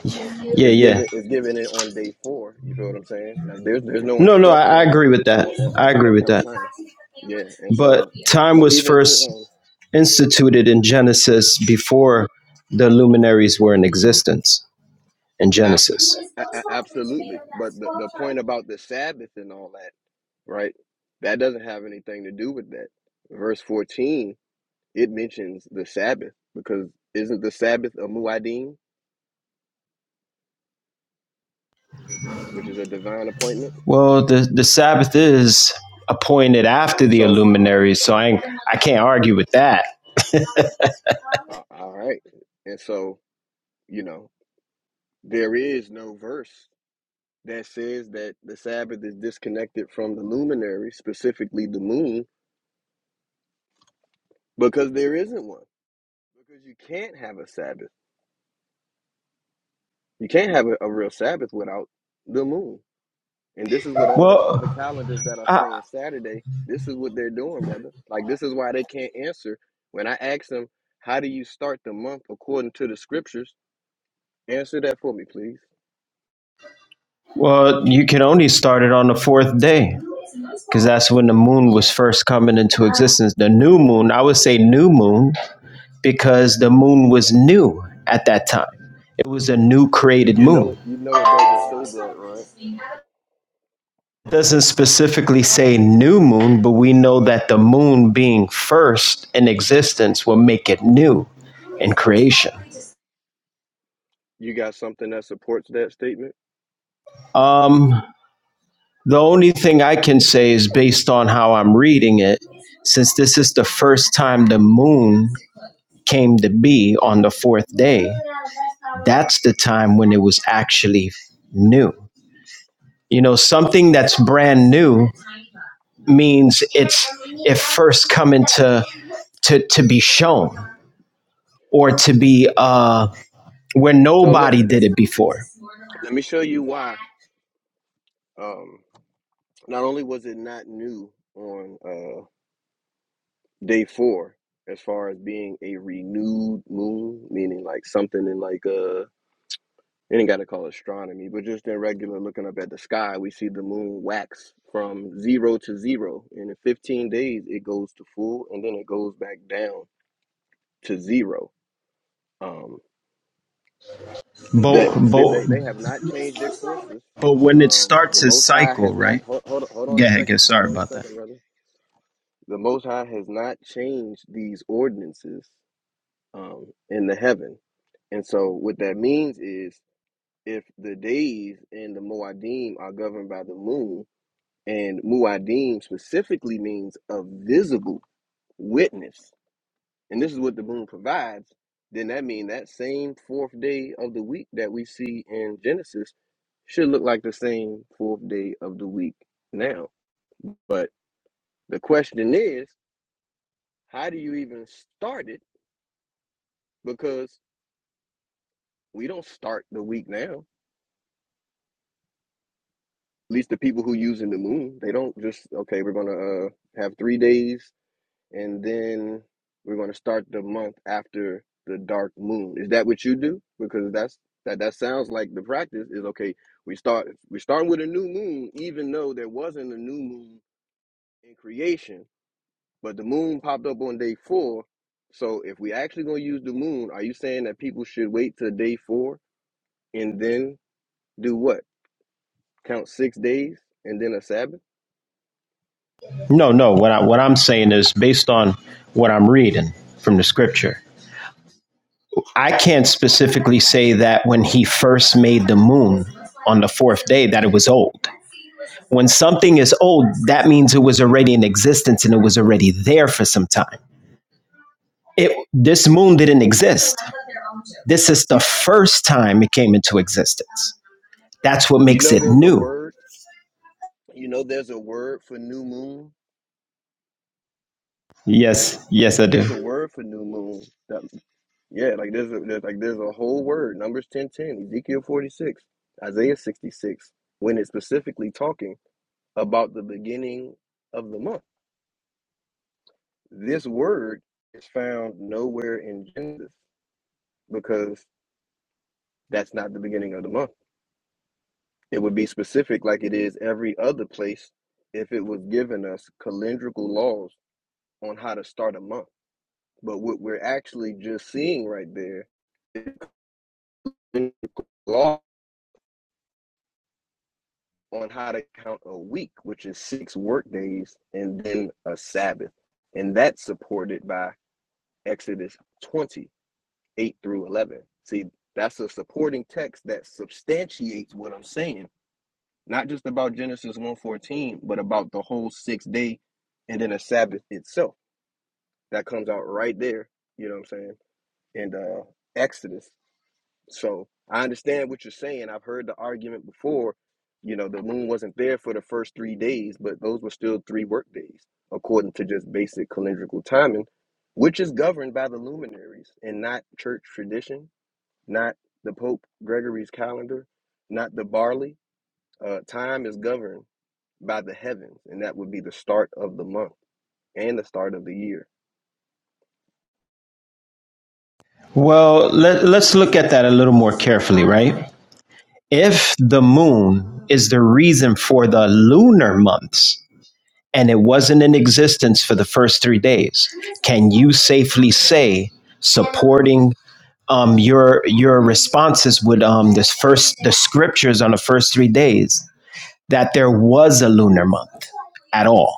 H: Yeah,
B: is
H: yeah.
B: given is given it on day four. You feel what I'm saying? Like there's there's no
H: No, no, I, I
B: instructions
H: agree with that.
B: on, on,
H: I
B: on how
H: agree
B: to
H: with
B: count
H: that.
B: time. Yeah, and
H: But
B: so,
H: time
B: but
H: was
B: even to
H: first
B: um,
H: instituted in Genesis before the luminaries were in existence in
B: abs-
H: Genesis.
B: a- a- absolutely. But the the point about the Sabbath and all that, right? That doesn't have anything to do with that. Verse fourteen it mentions the Sabbath because isn't the Sabbath a muad'Dim, which is a divine appointment?
H: Well, the, the Sabbath is appointed after the
B: So,
H: luminaries, so I I can't argue with that.
B: uh, all right. And so, you know, there is no verse that says that the Sabbath is disconnected from the luminary, specifically the moon, because there isn't one. Because you can't have a Sabbath. You can't have a, a real Sabbath without the moon. And this is what all the all the
H: Well,
B: calendars that are
H: I,
B: saying Saturday. This is what they're doing, brother. Like this is why they can't answer. When I ask them, how do you start the month according to the scriptures? Answer that for me, please.
H: well, you can only start it on the fourth day because that's when the moon was first coming into existence. The new moon, I would say new moon, because the moon was new at that time. It was a new created
B: You know
H: moon.
B: it. You know it doesn't say that, right?
H: It doesn't specifically say new moon, but we know that the moon being first in existence will make it new in creation.
B: You got something that supports that statement.
H: Um, the only thing I can say is based on how I'm reading it, since this is the first time the moon came to be on the fourth day, that's the time when it was actually new. You know, something that's brand new means it's it first coming to to to be shown or to be uh where
B: So look,
H: nobody did it before.
B: let me show you why. Um, not only was it not new on uh, day four, as far as being a renewed moon, meaning like something in like uh You ain't got to call it astronomy, but just in regular looking up at the sky, we see the moon wax from zero to zero. And in 15 days, it goes to full and then it goes back down to zero. Um,
H: But
B: that that
H: but
B: they, they have not changed their courses.
H: but when it
B: Um, the
H: starts its
B: Most High
H: cycle,
B: has
H: right?
B: not, hold, hold, hold on
H: Go
B: a
H: ahead, go.
B: second, hold
H: Sorry
B: on a
H: about that.
B: second, brother. The Most High has not changed these ordinances um, in the heaven. And so what that means is if the days in the Moadim are governed by the moon, And muadim specifically means a visible witness. And this is what the moon provides. Then that means that same fourth day of the week that we see in Genesis should look like the same fourth day of the week now. But the question is, how do you even start it? Because we don't start the week now. At least the people who using the moon, they don't just okay. We're gonna uh, have three days and then we're going to start the month after the dark moon. Is that what you do? Because that's that that sounds like the practice is okay. We start we starting with a new moon, even though there wasn't a new moon in creation, but the moon popped up on day four. So if we actually going to use the moon, are you saying that people should wait till day four and then do what? Count six days and then a Sabbath?
H: No, no. What I what I'm saying is based on what I'm reading from the scripture. I can't specifically say that when he first made the moon on the fourth day that it was old. When something is old, that means it was already in existence and it was already there for some time. It this moon didn't exist. This is the
B: You,
H: first time it came into existence. That's what
B: you
H: makes
B: know
H: it
B: there's a
H: new.
B: word. You know there's a word for new moon
H: Yes, yes, I
B: Like
H: do.
B: there's a word for new moon. That, yeah, like there's, a, there's like there's a whole word. Numbers ten ten, Ezekiel forty six, Isaiah sixty six. When it's specifically talking about the beginning of the month, this word is found nowhere in Genesis because that's not the beginning of the month. It would be specific like it is every other place if it was given us calendrical laws on how to start a month. But what we're actually just seeing right there is law on how to count a week, which is six work days and then a Sabbath. And that's supported by Exodus twenty-eight through 11. See, that's a supporting text that substantiates what I'm saying, not just about Genesis one fourteen, but about the whole six day and then a Sabbath itself. That comes out right there, you know what I'm saying? And uh, Exodus so I understand what you're saying. I've heard the argument before. You know, the moon wasn't there for the first three days, but those were still three work days, according to just basic calendrical timing, which is governed by the luminaries and not church tradition, not the Pope Gregory's calendar, not the barley. Uh, time is governed by the heavens, and that would be the start of the month and the start of the year.
H: Well, let, let's look at that a little more carefully, right? if the moon is the reason for the lunar months and it wasn't in existence for the first three days, can you safely say supporting um, your your responses with um, this first the scriptures on the first three days that there was a lunar month at all?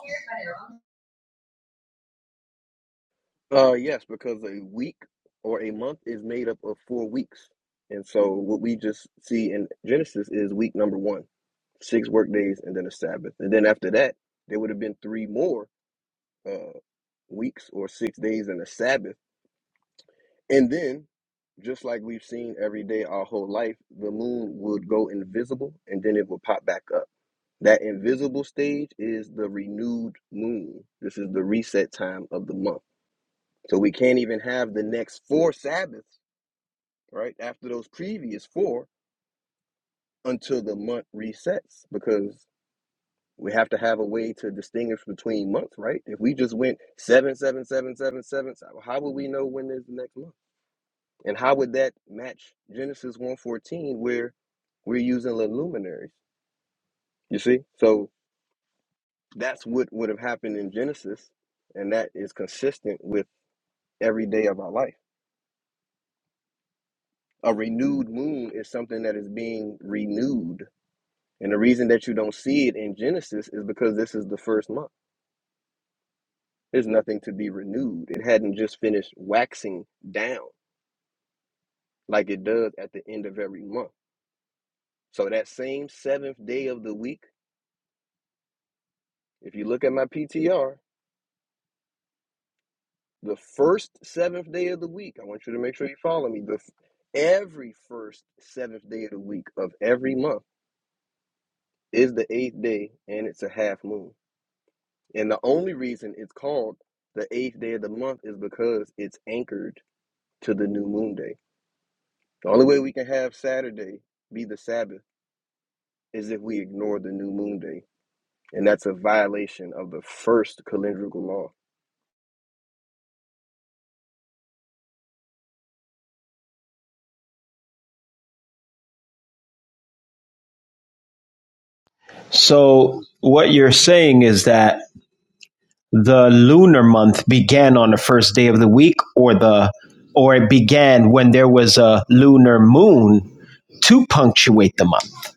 B: Uh, yes, because a week or a month is made up of four weeks. And so what we just see in Genesis is week number one, six work days and then a Sabbath. And then after that, there would have been three more uh, weeks or six days and a Sabbath. And then, just like we've seen every day our whole life, the moon would go invisible and then it would pop back up. That invisible stage is the renewed moon. This is the reset time of the month. So we can't even have the next four Sabbaths right after those previous four until the month resets because we have to have a way to distinguish between months right if we just went seven seven seven seven seven so how would we know when is the next month and how would that match genesis 114 where we're using the luminaries you see so that's what would have happened in genesis and that is consistent with every day of our life a renewed moon is something that is being renewed And the reason that you don't see it in Genesis is because this is the first month. There's nothing to be renewed. It hadn't just finished waxing down like it does at the end of every month. So that same seventh day of the week, if you look at my PTR, the first seventh day of the week, I want you to make sure you follow me. The f- every first seventh day of the week of every month is the eighth day, and it's a half moon. And the only reason it's called the eighth day of the month is because it's anchored to the new moon day. The only way we can have Saturday be the Sabbath is if we ignore the new moon day. And that's a violation of the first calendrical law.
H: So what you're saying is that the lunar month began on the first day of the week or the or it began when there was a lunar moon to punctuate the month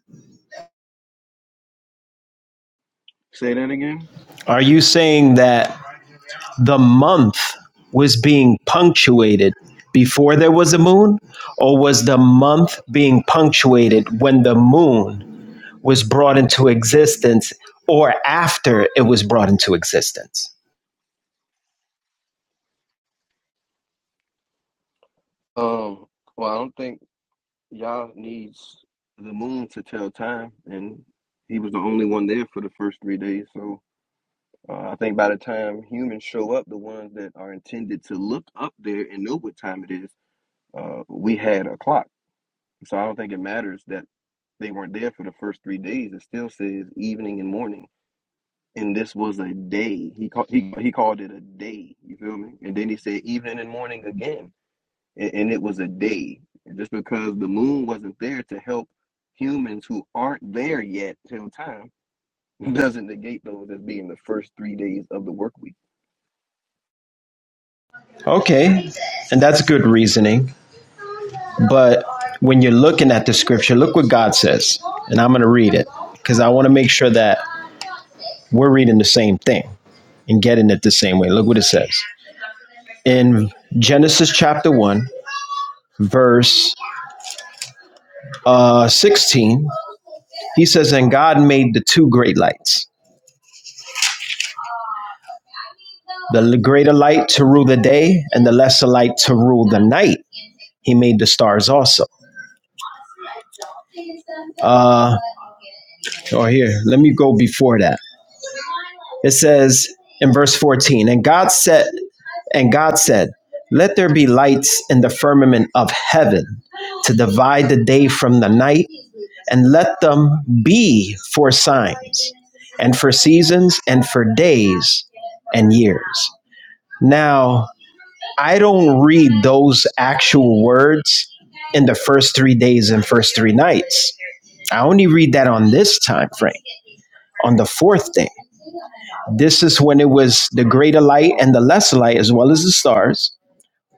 B: Say that again?
H: are you saying that the month was being punctuated before there was a moon or was the month being punctuated when the moon was brought into existence or after it was brought into existence
B: Um, well, I don't think Yah needs the moon to tell time. And he was the only one there for the first three days. So uh, I think by the time humans show up, the ones that are intended to look up there and know what time it is, uh, we had a clock. So I don't think it matters that they weren't there for the first three days. It still says evening and morning. And this was a day. He called he he called it a day. You feel me? And then he said evening and morning again. And, and it was a day. And just because the moon wasn't there to help humans who aren't there yet till time doesn't negate those as being the first three days of the work week.
H: okay and that's good reasoning But when you're looking at the scripture, look what God says. And I'm going to read it because I want to make sure that we're reading the same thing and getting it the same way. Look what it says in Genesis chapter 1, verse uh, 16. He says, And God made the two great lights the greater light to rule the day, and the lesser light to rule the night. He made the stars also. Uh, or here, let me go before that. It says in verse 14, and God said, and God said, let there be lights in the firmament of heaven to divide the day from the night, and let them be for signs, and for seasons, and for days and years. Now, I don't read those actual words in the first three days and first three nights. I only read that on this time frame, on the fourth day. This is when it was the greater light and the lesser light, as well as the stars,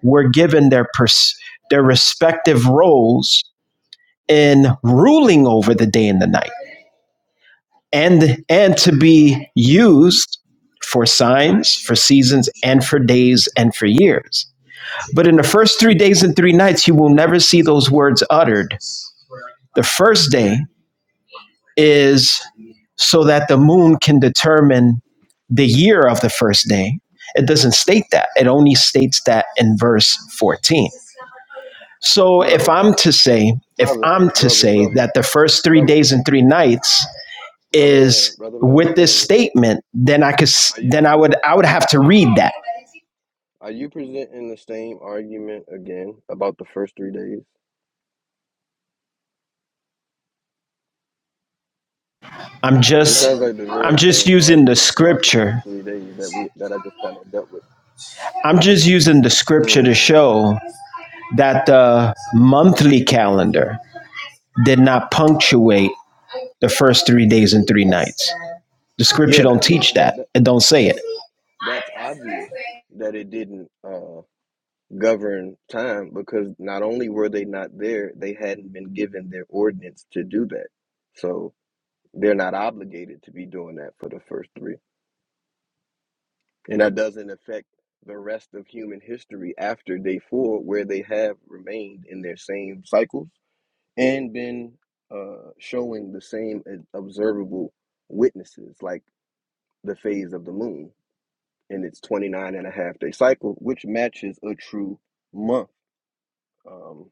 H: were given their pers- their respective roles in ruling over the day and the night, and and to be used for signs, for seasons, and for days and for years. But in the first three days and three nights, you will never see those words uttered. The first day is so that the moon can determine the year of the first day. It doesn't state that, it only states that in verse 14. So if
B: Brother,
H: I'm to say, if
B: brother,
H: I'm to
B: brother,
H: say
B: brother,
H: that the first three
B: brother,
H: days and three nights
B: brother
H: is
B: man, brother man
H: with this
B: Nathaniel.
H: statement, then I could,
B: Are you?
H: then I would, I would have to read that.
B: Are you presenting the same argument again about the first three days?
H: I'm
B: This
H: just,
B: sounds like the
H: I'm
B: very
H: just
B: same
H: using the
B: argument about the first
H: scripture.
B: three days that we that I just kind of dealt with.
H: I'm just using the scripture to
B: Mm.
H: show that the monthly calendar did not punctuate the first three days and three nights. The scripture
B: Yeah,
H: don't
B: that
H: teach
B: that,
H: that.
B: that
H: It don't say it.
B: that that's obvious that it didn't uh, govern time because not only were they not there, they hadn't been given their ordinance to do that, so they're not obligated to be doing that for the first three and that doesn't affect the rest of human history after day four, where they have remained in their same cycles and been uh, showing the same observable witnesses, like the phase of the moon in its 29 and a half day cycle, which matches a true month. Um,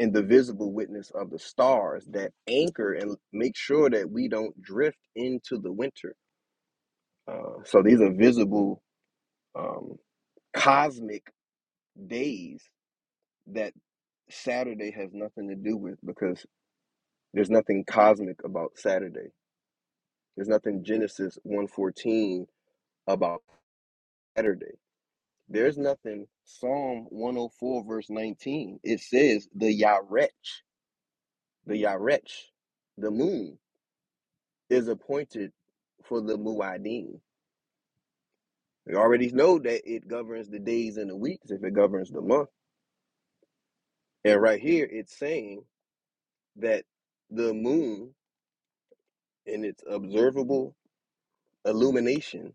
B: and the visible witness of the stars that anchor and make sure that we don't drift into the winter. Uh, so these are visible um, cosmic days that Saturday has nothing to do with because there's nothing cosmic about Saturday. There's nothing Genesis 114 about Saturday. There's nothing Psalm 104 verse 19. It says the Yarech, the Yarech, the moon is appointed for the Muad'Dim. We already know that it governs the days and the weeks if it governs the month. And right here it's saying that the moon in its observable illumination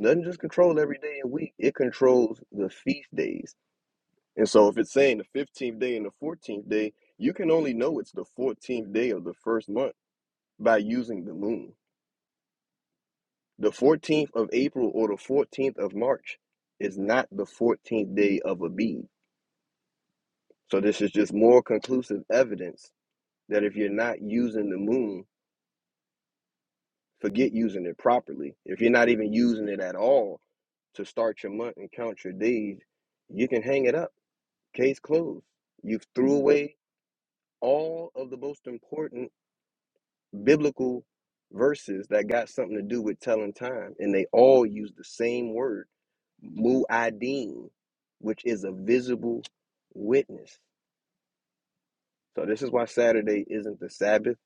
B: Doesn't just control every day and week. It controls the feast days. And so if it's saying the fifteenth day and the fourteenth day, you can only know it's the fourteenth day of the first month by using the moon. The fourteenth of April or the fourteenth of March is not the fourteenth day of a bee. So this is just more conclusive evidence that if you're not using the moon, forget using it properly. If you're not even using it at all to start your month and count your days, you can hang it up Case closed. You've threw away all of the most important biblical verses that got something to do with telling time, and they all use the same word, mu'adim, which is a visible witness. So this is why Saturday isn't the Sabbath.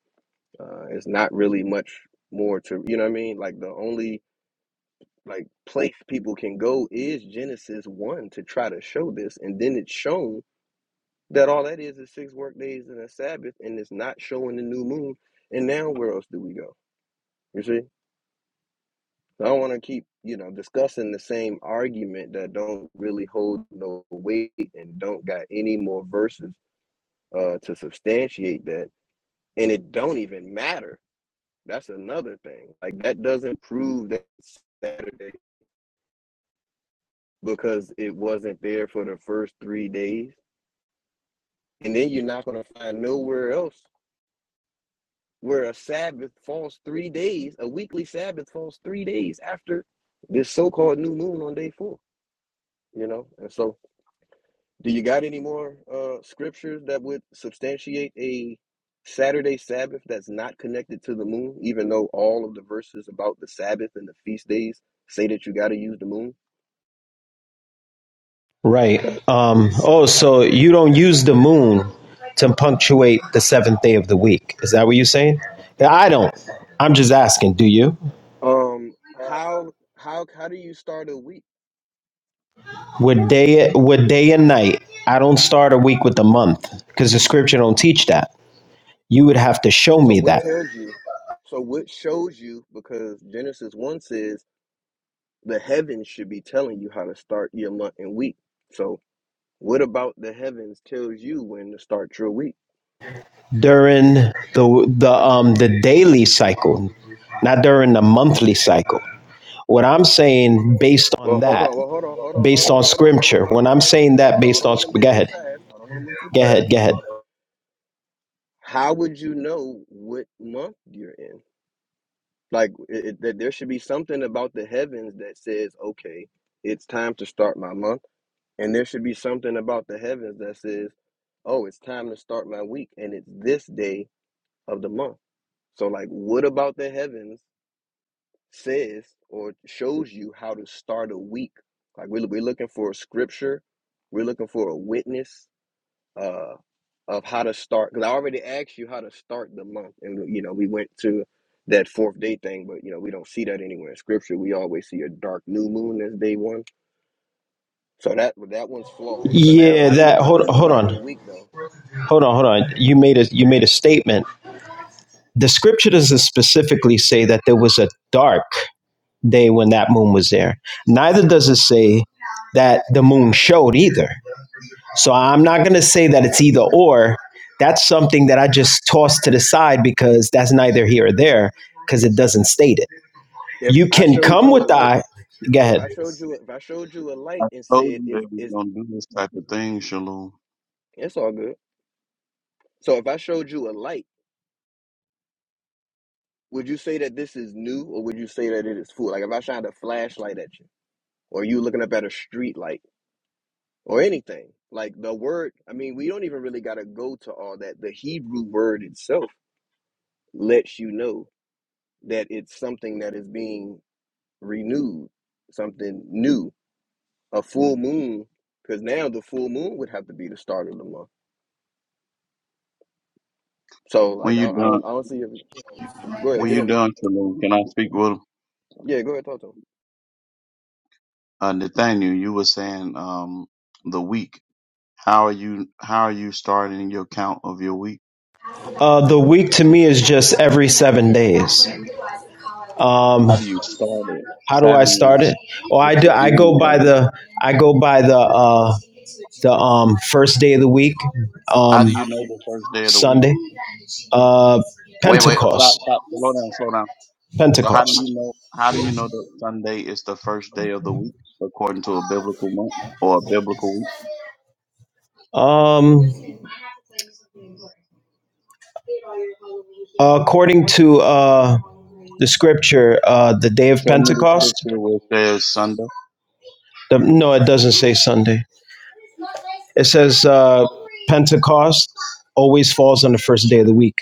B: Uh, it's not really much more to you know what I mean. Like the only like place people can go is Genesis one to try to show this, and then it's shown That all that is is six work days and a Sabbath, and it's not showing the new moon. And now where else do we go? You see, So I don't want to keep you know discussing the same argument that don't really hold no weight and don't got any more verses uh, to substantiate that, and it don't even matter. That's another thing. Like that doesn't prove that it's Saturday because it wasn't there for the first three days, and then you're not gonna find nowhere else where a Sabbath falls three days, a weekly Sabbath falls three days after this so-called new moon on day four. You know, and so do you got any more uh scriptures that would substantiate a Saturday Sabbath that's not connected to the moon, even though all of the verses about the Sabbath and the feast days say that you got to use the moon?
H: Right. Um, oh, so you don't use the moon to punctuate the seventh day of the week. Is that what you're saying? Yeah, I don't. I'm just asking, do you?
B: Um, how how how do you start a week?
H: With day with day and night, I don't start a week with a month because the scripture don't teach that. You would have to show
B: So
H: me
B: what
H: that
B: tells you? So what shows you? Because Genesis one says the heavens should be telling you how to start your month and week. So what about the heavens tells you when to start your week?
H: during the the um the daily cycle, not during the monthly cycle. What I'm saying based
B: Well,
H: on
B: hold on.
H: that,
B: Well, hold on. Hold on. Hold
H: based
B: on.
H: on
B: Hold on. Hold on.
H: scripture,
B: Hold
H: when
B: on.
H: I'm
B: Hold on.
H: saying
B: No,
H: that
B: hold on. I
H: based
B: don't
H: on,
B: want
H: sc-
B: to move
H: go
B: too
H: ahead,
B: fast. I don't want to move too
H: go
B: fast.
H: ahead, go ahead.
B: How would you know what month you're in? Like it, it, that there should be something about the heavens that says, okay, it's time to start my month, and there should be something about the heavens that says, oh, it's time to start my week, and it's this day of the month. So, like, what about the heavens says or shows you how to start a week? Like, we're, we're looking for a scripture, we're looking for a witness uh, of how to start. Because I already asked you how to start the month, and you know, we went to that fourth day thing, but you know, we don't see that anywhere in scripture. We always see a dark new moon as day one. So that that one's flawed. So now,
H: Yeah,
B: how do you
H: that,
B: how do
H: hold,
B: you
H: hold
B: start the
H: on,
B: week though?
H: hold on, hold on. You made a, you made a statement. The scripture doesn't specifically say that there was a dark day when that moon was there. Neither does it say that the moon showed either. So I'm not going to say that it's either or. That's something that I just tossed to the side because that's neither here or there because it doesn't state it.
B: If
H: You
B: I
H: can
B: showed
H: come
B: you a
H: with the
B: light,
H: I. Go
B: if
H: ahead.
B: I showed you if I showed you a
C: I
B: light and
C: told
B: said
C: you that
B: is
C: we
B: is
C: don't do this type of thing, Shalom.
B: It's all good. So if I showed you a light, would you say that this is new or would you say that it is full? Like if I shined a flashlight at you or you looking up at a street light or anything, like the word, I mean, we don't even really got to go to all that. The Hebrew word itself lets you know that it's something that is being renewed, something new, a full moon, because now the full moon would have to be the start of the month. So
C: When
B: like, I,
C: you
B: I,
C: done,
B: don't, I don't see it. Go ahead,
C: when
B: get
C: you
B: in there.
C: done, Shalom, can I speak with
B: Yeah, go ahead, talk to
C: uh, Nathaniel? You were saying um the week. How are you? How are you starting your count of your week?
H: Uh, the week to me is just every seven days. Um,
C: How do you start it?
H: how do I
C: Seven
H: start
C: is
H: it? Oh,
C: is
H: I do.
C: the
H: I go
C: end of
H: by
C: it.
H: the. I go by the. Uh, the um, first day of the week,
C: How
H: um,
C: do you know the first day of the week?
H: Sunday, uh,
C: Wait, wait, uh, stop,
H: Pentecost.
C: stop, slow down, slow down. So how do you
H: Pentecost.
C: know? How do you know that Sunday is the first day of the week according to a biblical month or a biblical week?
H: Um, Uh, according to uh, the scripture, uh, the day of
C: Show me the
H: Pentecost.
C: scripture where it says Sunday.
H: The, no, it doesn't say Sunday. It says uh, Pentecost always falls on the first day of the week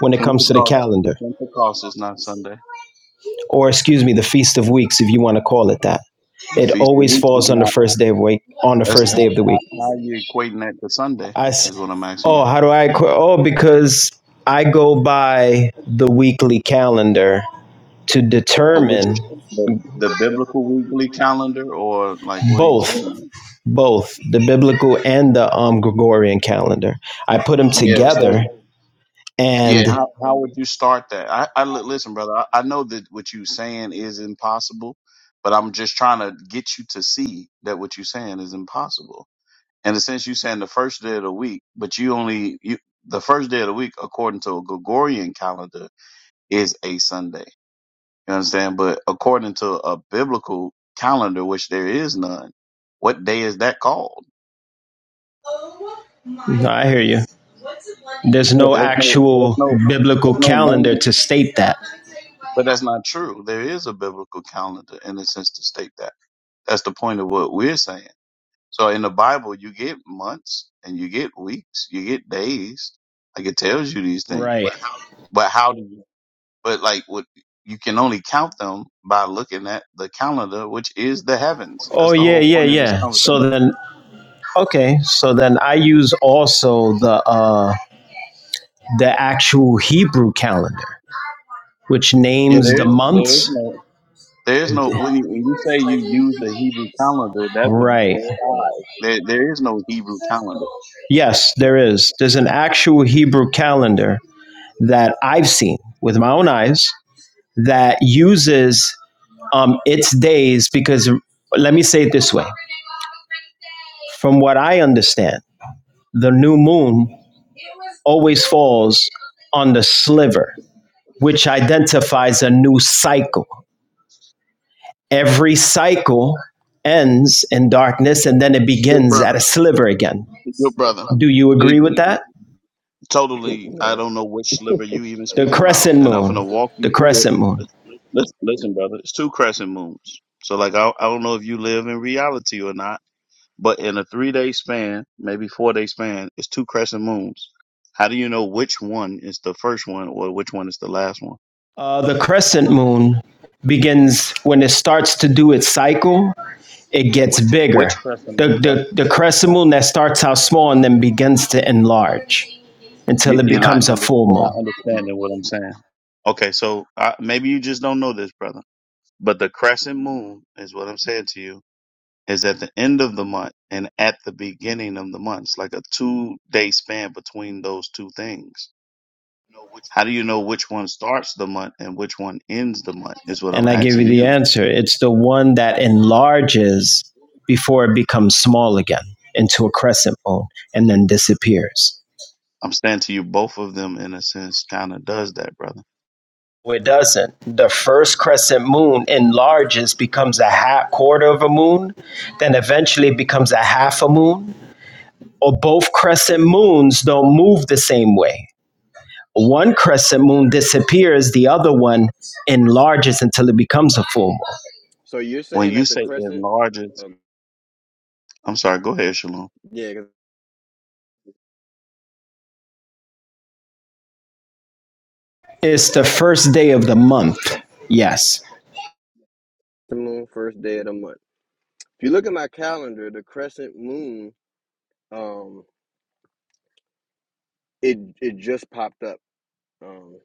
H: when it comes to the
C: Pentecost.
H: calendar,
C: Pentecost is not Sunday.
H: or excuse me, the Feast of Weeks, if you want to call it that.
C: The
H: It
C: Feast of
H: always
C: Weeks is
H: falls on the
C: not.
H: first day of week, on the
C: That's
H: first day
C: not
H: of the
C: how,
H: week.
C: how are you equating that to Sunday.
H: I s-
C: Is what I'm asking you.
H: oh, how do I qu- oh because I go by the weekly calendar to
C: Uh, Which
H: determine
C: is the, the biblical weekly calendar, or like what are you
H: both
C: talking about?
H: both the biblical and the um Gregorian calendar. I put them
C: Yeah.
H: together
C: So yeah,
H: and
C: how how would you start that? I, I li- listen, brother. I, I know that what you saying is impossible, but I'm just trying to get you to see that what you're saying is impossible. In a sense, you saying the first day of the week, but you only you the first day of the week according to a Gregorian calendar is a Sunday. You understand? But according to a biblical calendar, which there is none, what day is that called?
H: no, I hear you. There's
C: Yeah,
H: no
C: there's no, there's
H: actual
C: no,
H: biblical
C: there's no
H: calendar
C: name.
H: to state that.
C: But that's not true. There is a biblical calendar in a sense to state that. That's the point of what we're saying. So in the Bible, you get months and you get weeks, you get days. Like it tells you these things.
H: Right.
C: But how do you, but like what, you can only count them by looking at the calendar, which is the heavens.
H: Oh
C: That's the
H: yeah,
C: whole
H: yeah,
C: point of this
H: yeah.
C: conversation.
H: So then okay, so then I use also the uh the actual Hebrew calendar. which
C: Yeah,
H: names
C: there
H: the
C: is there is
H: months.
C: no there is no when you when you say you use the Hebrew calendar, that would be
H: Right.
C: the sky. There there is no Hebrew calendar.
H: Yes, there is. There's an actual Hebrew calendar that I've seen with my own eyes that uses um, its days because let me say it this way from what I understand, the new moon always falls on the sliver, which identifies a new cycle. Every cycle ends in darkness and then it
C: Good
H: begins at
C: brother,
H: a sliver again.
C: good brother.
H: Do you
C: The-
H: agree with that?
B: him.
C: totally, I
B: no.
C: don't know which sliver you even
H: The
C: speaking about,
H: crescent
C: and I'm gonna
H: moon.
C: walk
H: The
C: you through it.
H: crescent moon.
C: Listen, listen, brother, it's two crescent moons. So like I I don't know if you live in reality or not, but in a three day span, maybe four day span, it's two crescent moons. How do you know which one is the first one or which one is the last one?
H: Uh, the crescent moon begins when it starts to do its cycle, it gets bigger.
C: Which crescent
H: The,
C: moon, brother?
H: the, the crescent moon that starts out small and then begins to enlarge
C: You,
H: until it
C: you're not
H: becomes a
C: under,
H: full
C: you're not
H: moon.
C: understanding what I'm saying. Okay, so uh, maybe you just don't know this, brother. But the crescent moon is what I'm saying to you is at the end of the month and at the beginning of the month. It's like a two day span between those two things. How do you know which one starts the month and which one ends the month? Is what I'm
H: And I give you
C: asking
H: the
C: you.
H: answer it's the one that enlarges before it becomes small again into a crescent moon and then disappears.
C: I'm saying to you, both of them in a sense kind of does that, brother.
H: No, It doesn't. The first crescent moon enlarges, becomes a half quarter of a moon, then eventually becomes a half a moon. Or both crescent moons don't move the same way. One crescent moon disappears, the other one enlarges until it becomes a full moon.
B: So you're
C: When
B: saying
C: you
B: that the
C: say
B: crescent,
C: enlarges,
B: um,
C: I'm sorry. Go ahead, Shalom.
B: yeah, 'cause
H: It's the first day of the month. Yes.
B: the moon first day of the month. If you look at my calendar, the crescent moon, um, it it just popped up. Um,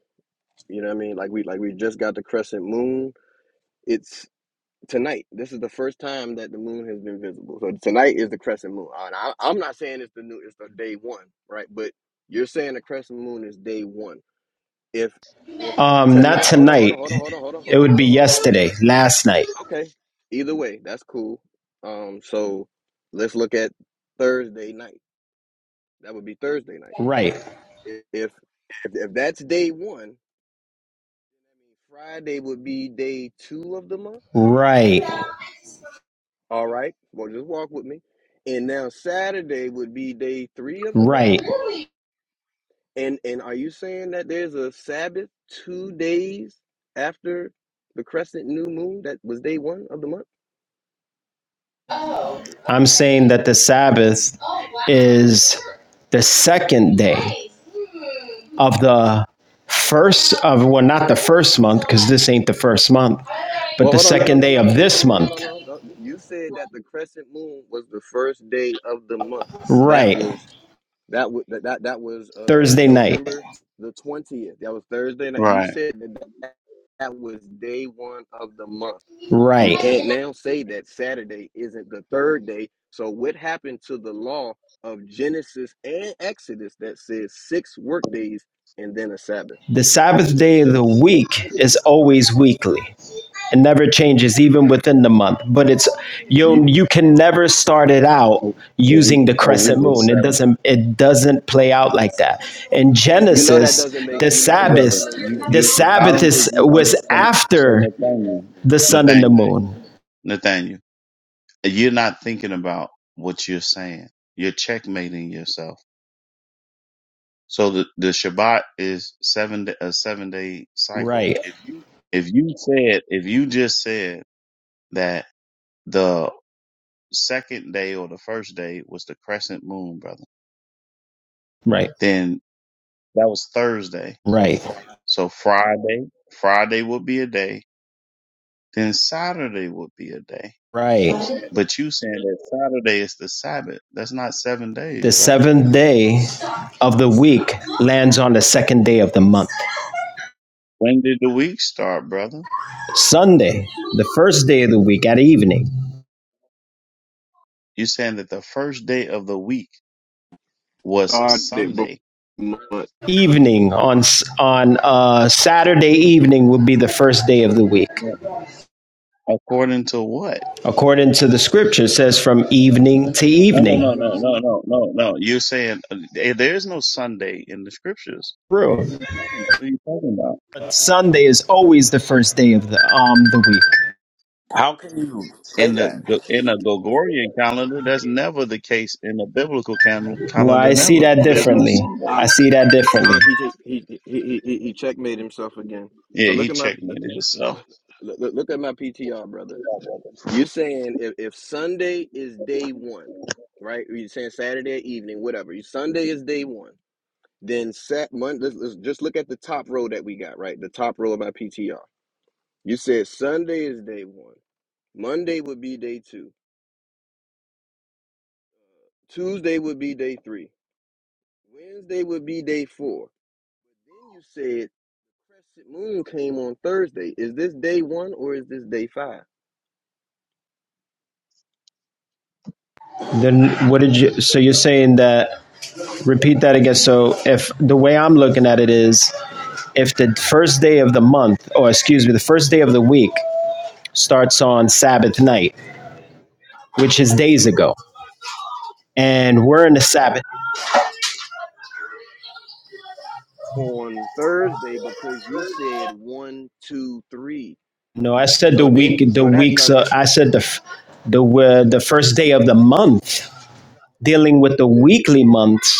B: you know what I mean? Like we like we just got the crescent moon. It's tonight. This is the first time that the moon has been visible. So tonight is the crescent moon. And I, I'm not saying it's the new, it's the day one, right? But you're saying the crescent moon is day one. If
H: Um, not
B: tonight, hold on, hold on,
H: tonight.
B: hold on, hold on, hold on,
H: It
B: hold on,
H: would
B: hold on, hold
H: be
B: on, hold on, hold on, hold
H: yesterday,
B: on.
H: last night.
B: Okay. Either way, that's cool. Um, so let's look at Thursday night. That would be Thursday night.
H: Right.
B: If if, if that's day one, Friday would be day two of the month.
H: Right.
B: All right. Well, just walk with me. And now Saturday would be day three of the month.
H: Right.
B: And and are you saying that there's a Sabbath two days after the crescent new moon that was day one of the month?
H: I'm saying that the Sabbath is the second day of the first of well not the first month because this ain't the first month but
B: Well,
H: the
B: hold on. No, no,
H: second
B: no,
H: day
B: no, no,
H: of
B: no, no,
H: this
B: no, no, no,
H: month
B: no. no. You said that the crescent moon was the first day of the month. That
H: right
B: was that was that that, that was uh
H: thursday night
B: November the twentieth. That was Thursday night. You
C: Right.
B: said that, that that was day one of the month. You
H: right
B: can't now say that Saturday isn't the third day. So what happened to the law of Genesis and Exodus that says six work days and then a Sabbath?
H: The Sabbath day of the week is always weekly. It never changes, even within the month. But it's
B: You
H: you. You can never start it
C: A,
H: out
C: a week.
H: using the
C: A week
H: crescent
C: is
H: moon. It
C: seven.
H: doesn't. It doesn't play out like that. In
B: you, you know that
H: Genesis,
B: doesn't make
H: the
B: you know that
H: Sabbath,
C: brother.
B: doesn't make
C: You,
B: sense,
H: the
C: you,
B: brother.
C: I
H: Sabbath
C: don't
H: is
C: think you
H: was
C: understand. So
H: after
C: Nathaniel,
H: the sun and the
C: Nathaniel,
H: moon.
C: Nathaniel, you're not thinking about what you're saying. You're checkmating yourself. So the, the Shabbat is seven, da- a seven day cycle.
H: Right.
C: If you said, if you just said that the second day or the first day was the crescent moon, brother,
H: Right.
C: then that was Thursday.
H: Right.
C: So Friday, Friday would be a day. Then Saturday would be a day
H: Right.
C: But you saying that Saturday is the Sabbath. That's not seven
H: The
C: days, brother.
H: seventh day of the week lands on the second day of the month.
C: When did the week start, brother?
H: Sunday, the first day of the week at evening.
C: You saying that the first day of the week was
B: started before
C: Sunday.
B: month.
H: Evening on on uh, Saturday evening would be the first day of the week,
C: Yeah. According to what?
H: according to the scripture. It says from evening to
C: No, no,
H: evening.
C: no, no, no, no, no, no. You're saying uh, eh, there is no Sunday in the scriptures.
H: True.
C: What are you talking about?
H: Sunday is always the first day of the um the week.
D: How can you say
C: In the
D: that?
C: the- in a Gregorian calendar, that's never the case. In a biblical cal-
H: Well,
C: calendar,
H: I see
C: never.
H: that
C: There's no
H: differently.
B: I,
H: I
C: Sunday.
H: see that differently.
B: I, he, he he he he he checkmate himself again.
C: Yeah,
B: So
C: he
B: look at my
C: checked me. So
B: look, look look at my PTR, brother. You're saying if, if Sunday is day one, right? Or you're saying Saturday evening, whatever. You Sunday is day one. Then sat Monday. Let's, let's just look at the top row that we got, right? The top row of my PTR. You said Sunday is day one. Monday would be day two. Tuesday would be day three. Wednesday would be day four. then you said Crescent moon came on Thursday. Is this day one or is this day five?
H: Then what did you? So you're saying that? Repeat that again. So if the way I'm looking at it is, if the first day of the month, or excuse me, the first day of the week starts on Sabbath night, which is days ago, and we're in the Sabbath.
B: On Thursday, because you said one, two, three.
H: No, I said the
B: So
H: week,
B: then,
H: the
B: so that,
H: weeks.
B: so
H: Uh,
B: that,
H: I said the the uh, the first day of the month. Dealing with the weekly months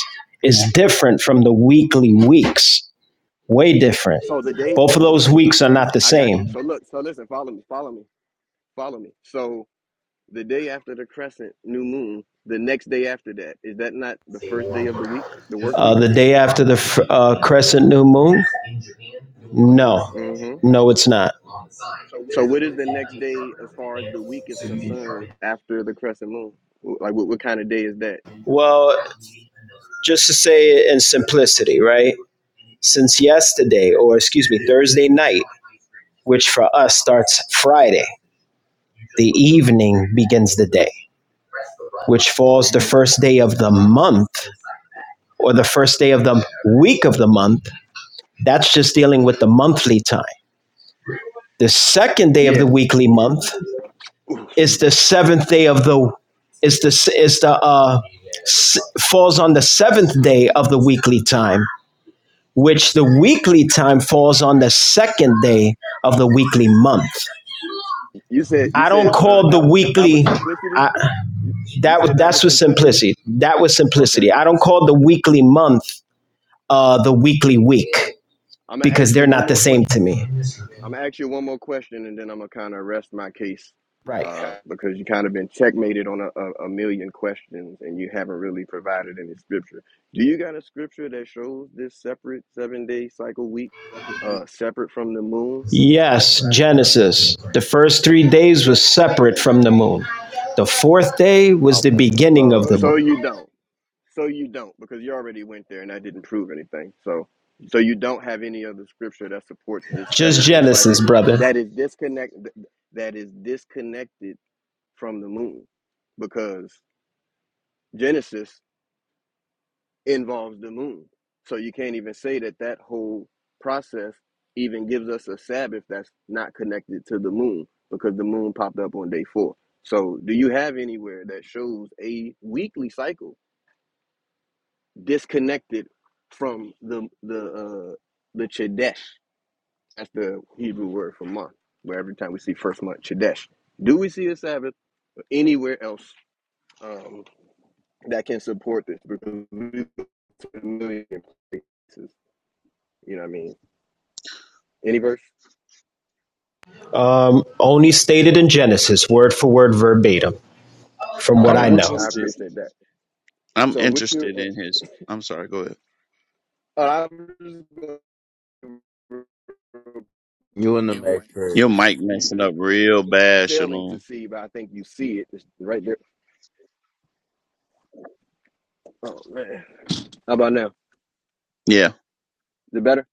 H: is different from the weekly weeks. Way different.
B: so the date,
H: Both of those weeks are not the
B: I got you.
H: same.
B: So look, so listen, follow me, follow me, follow me. So the day after the crescent new moon, the next day after that, is that not the first day of the week, the work
H: Uh,
B: week?
H: the day after the uh, crescent new moon. No,
B: Mm-hmm.
H: no, it's not.
B: So what is the next day as far as the week is concerned after the crescent moon? Like what, what kind of day is that?
H: Well, just to say it in simplicity, right? Since yesterday, or excuse me, Thursday night, which for us starts Friday. The evening begins the day, which falls the first day of the month or the first day of the week of the month. That's just dealing with the monthly time. The second day of the
B: Yeah.
H: weekly month
B: Ooh,
H: is
B: excuse me.
H: the seventh day of the is the is the uh, s- falls on the seventh day of the weekly time, which the weekly time falls on the second day of the weekly month.
B: You said you
H: I don't
B: said uh, that
H: call the
B: w- that was
H: weekly.
B: simplicity.
H: I,
B: You, you
H: That was
B: said that
H: that's
B: was
H: with
B: simplicity.
H: simplicity. That was
B: Okay,
H: simplicity. I don't call the weekly month uh, the weekly week
B: I'm gonna
H: because
B: ask you
H: they're
B: one
H: not the
B: more
H: same to
B: question.
H: me.
B: I'm gonna ask you one more question, and then I'm gonna kind of rest my case
H: Right.
B: uh, because you kind of been checkmated on a, a, a million questions, and you haven't really provided any scripture. Do you got a scripture that shows this separate seven day cycle week, uh, separate from the moon?
H: Yes, Genesis. The first three days was separate from the moon. The fourth day was the
B: Okay,
H: beginning of
B: so
H: the
B: so
H: moon.
B: you don't. So you don't, because you already went there and that didn't prove anything. So so you don't have any other scripture that supports this
H: Just
B: seven day
H: Genesis,
B: cycle
H: brother.
B: that is disconnect that is disconnected from the moon because Genesis involves the moon. So you can't even say that that whole process even gives us a Sabbath that's not connected to the moon because the moon popped up on day four. So do you have anywhere that shows a weekly cycle disconnected from the the uh, the Chodesh, That's the Hebrew word for month. Where every time we see first month Chodesh, do we see a Sabbath anywhere else um, that can support this? Because we familiar places. You know what I mean? Any verse?
H: Um, only stated in Genesis, word for word, verbatim, from what
B: All
C: I'm
H: I
B: right, I
H: know.
C: interested.
B: appreciate that.
C: I'm
B: So, what you?
C: interested in his. I'm sorry. Go ahead.
B: Uh, I'm just going
D: You in the matrix.
C: Your mic messing
B: you're
C: up real bad,
B: failing to
C: Shalom.
B: see, but I think you see it it's right there. Oh man. How about now? Is
C: Yeah.
B: it better?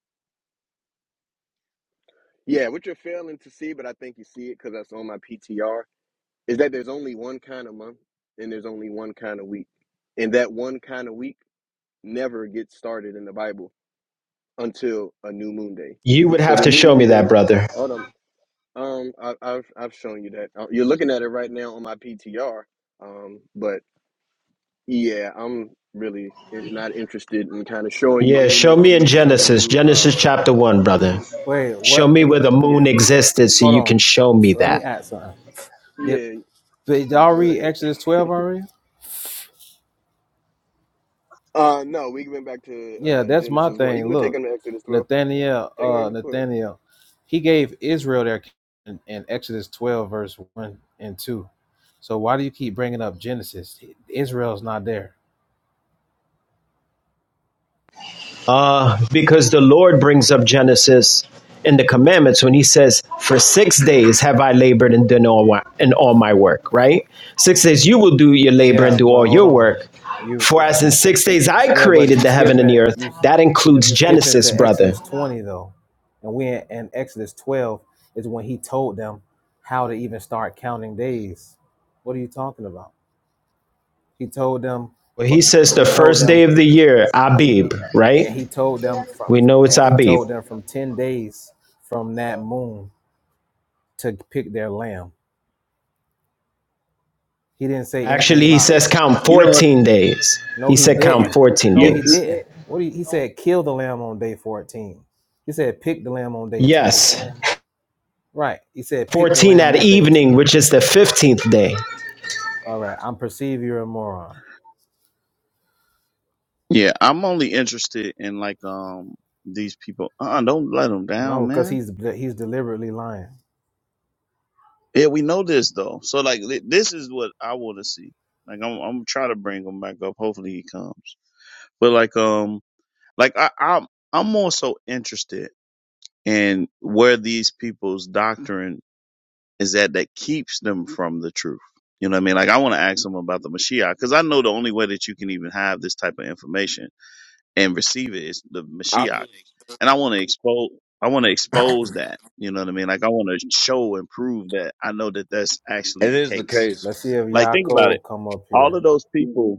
B: Yeah, what you're failing to see, but I think you see it because that's on my PTR, is that there's only one kind of month and there's only one kind of week. And that one kind of week never gets started in the Bible until a new moon day.
H: You would
B: So
H: have
B: the
H: to
B: new
H: show me
B: moon
H: that,
B: day,
H: brother.
B: hold on. Um, I, I've I've shown you that. Uh, You're looking at it right now on my PTR. Um, but yeah, I'm really in- not interested in kind of showing you
H: Yeah, show
B: anymore.
H: me in
B: We've shown
H: Genesis,
B: you. Uh,
H: Genesis chapter one, brother.
F: Wait,
H: Show
F: what?
H: me where the
B: yeah,
H: moon
B: we.
H: existed so
F: Hold
H: you can
F: on.
H: show me
F: Let
H: that.
F: me add something. Did,
B: yeah.
F: did y'all
B: Go
F: read
B: ahead.
F: Exodus twelve already?
B: Uh, no, we went back to
F: Yeah,
B: uh,
F: that's my
B: Genesis one. You
F: thing.
B: can go take
F: Look,
B: them to Exodus twelve.
F: Nathaniel,
B: Take them to
F: uh,
B: Exodus twelve.
F: Nathaniel, he gave Israel their king in, in Exodus twelve verse one and two. So why do you keep bringing up Genesis? Israel's not there.
H: Uh, because the Lord brings up Genesis in the commandments when he says, For six days have I labored and done all, wa- and all my work, right? Six days you will do your labor and
F: Yeah,
H: do all
F: but hold
H: your
F: on.
H: work.
F: You
H: For as in six days I
F: Yeah, but
H: created
F: you
H: the heaven and the
F: skipping
H: earth,
F: you
H: that includes
F: you skipping
H: Genesis,
F: to
H: brother.
F: Exodus twenty though, and we in, in Exodus twelve is when he told them how to even start counting days. What are you talking about? He told them,
H: Well, he
F: fr-
H: says the
F: he told
H: first
F: them,
H: day of the year,
F: he,
H: Abib, right?
F: and he told them from
H: We know it's
F: and he
H: Abib.
F: told them from ten days from that moon to pick their lamb. He didn't say anything
H: Actually, he
F: about.
H: says count
C: You know what?
H: 14 days.
F: No,
H: He
F: he
H: said count
F: didn't.
H: 14
F: No,
C: You
F: he
H: days.
F: didn't. What do you, he said? Kill the lamb on day fourteen. He said pick the lamb on day ten.
H: Yes,
F: Right. He said, pick the
H: 14
F: lamb
H: at
F: on day 10.
H: evening, which is the 15th day.
F: All right. I'm perceive you're a moron.
C: yeah. I'm only interested in like um these people. Uh, uh don't let them down,
F: No, because
C: man.
F: he's he's deliberately lying.
C: Yeah, we know this though. So like thi- this is what I want to see. Like I'm I'm trying to bring him back up. Hopefully he comes. But like um like I I'm I'm also interested in where these people's doctrine is that that keeps them from the truth. You know what I mean? Like I want to ask them about the Mashiach because I know the only way that you can even have this type of information and receive it is the
D: I,
C: Mashiach, and I want to expose. I want to expose that. You know what I mean? Like I want to show and prove that I know that that's actually
D: it
C: the
D: is the
C: case.
D: case.
F: Let's see if
C: Like think about it.
F: Yaakov come up
C: All
F: here.
C: of those people,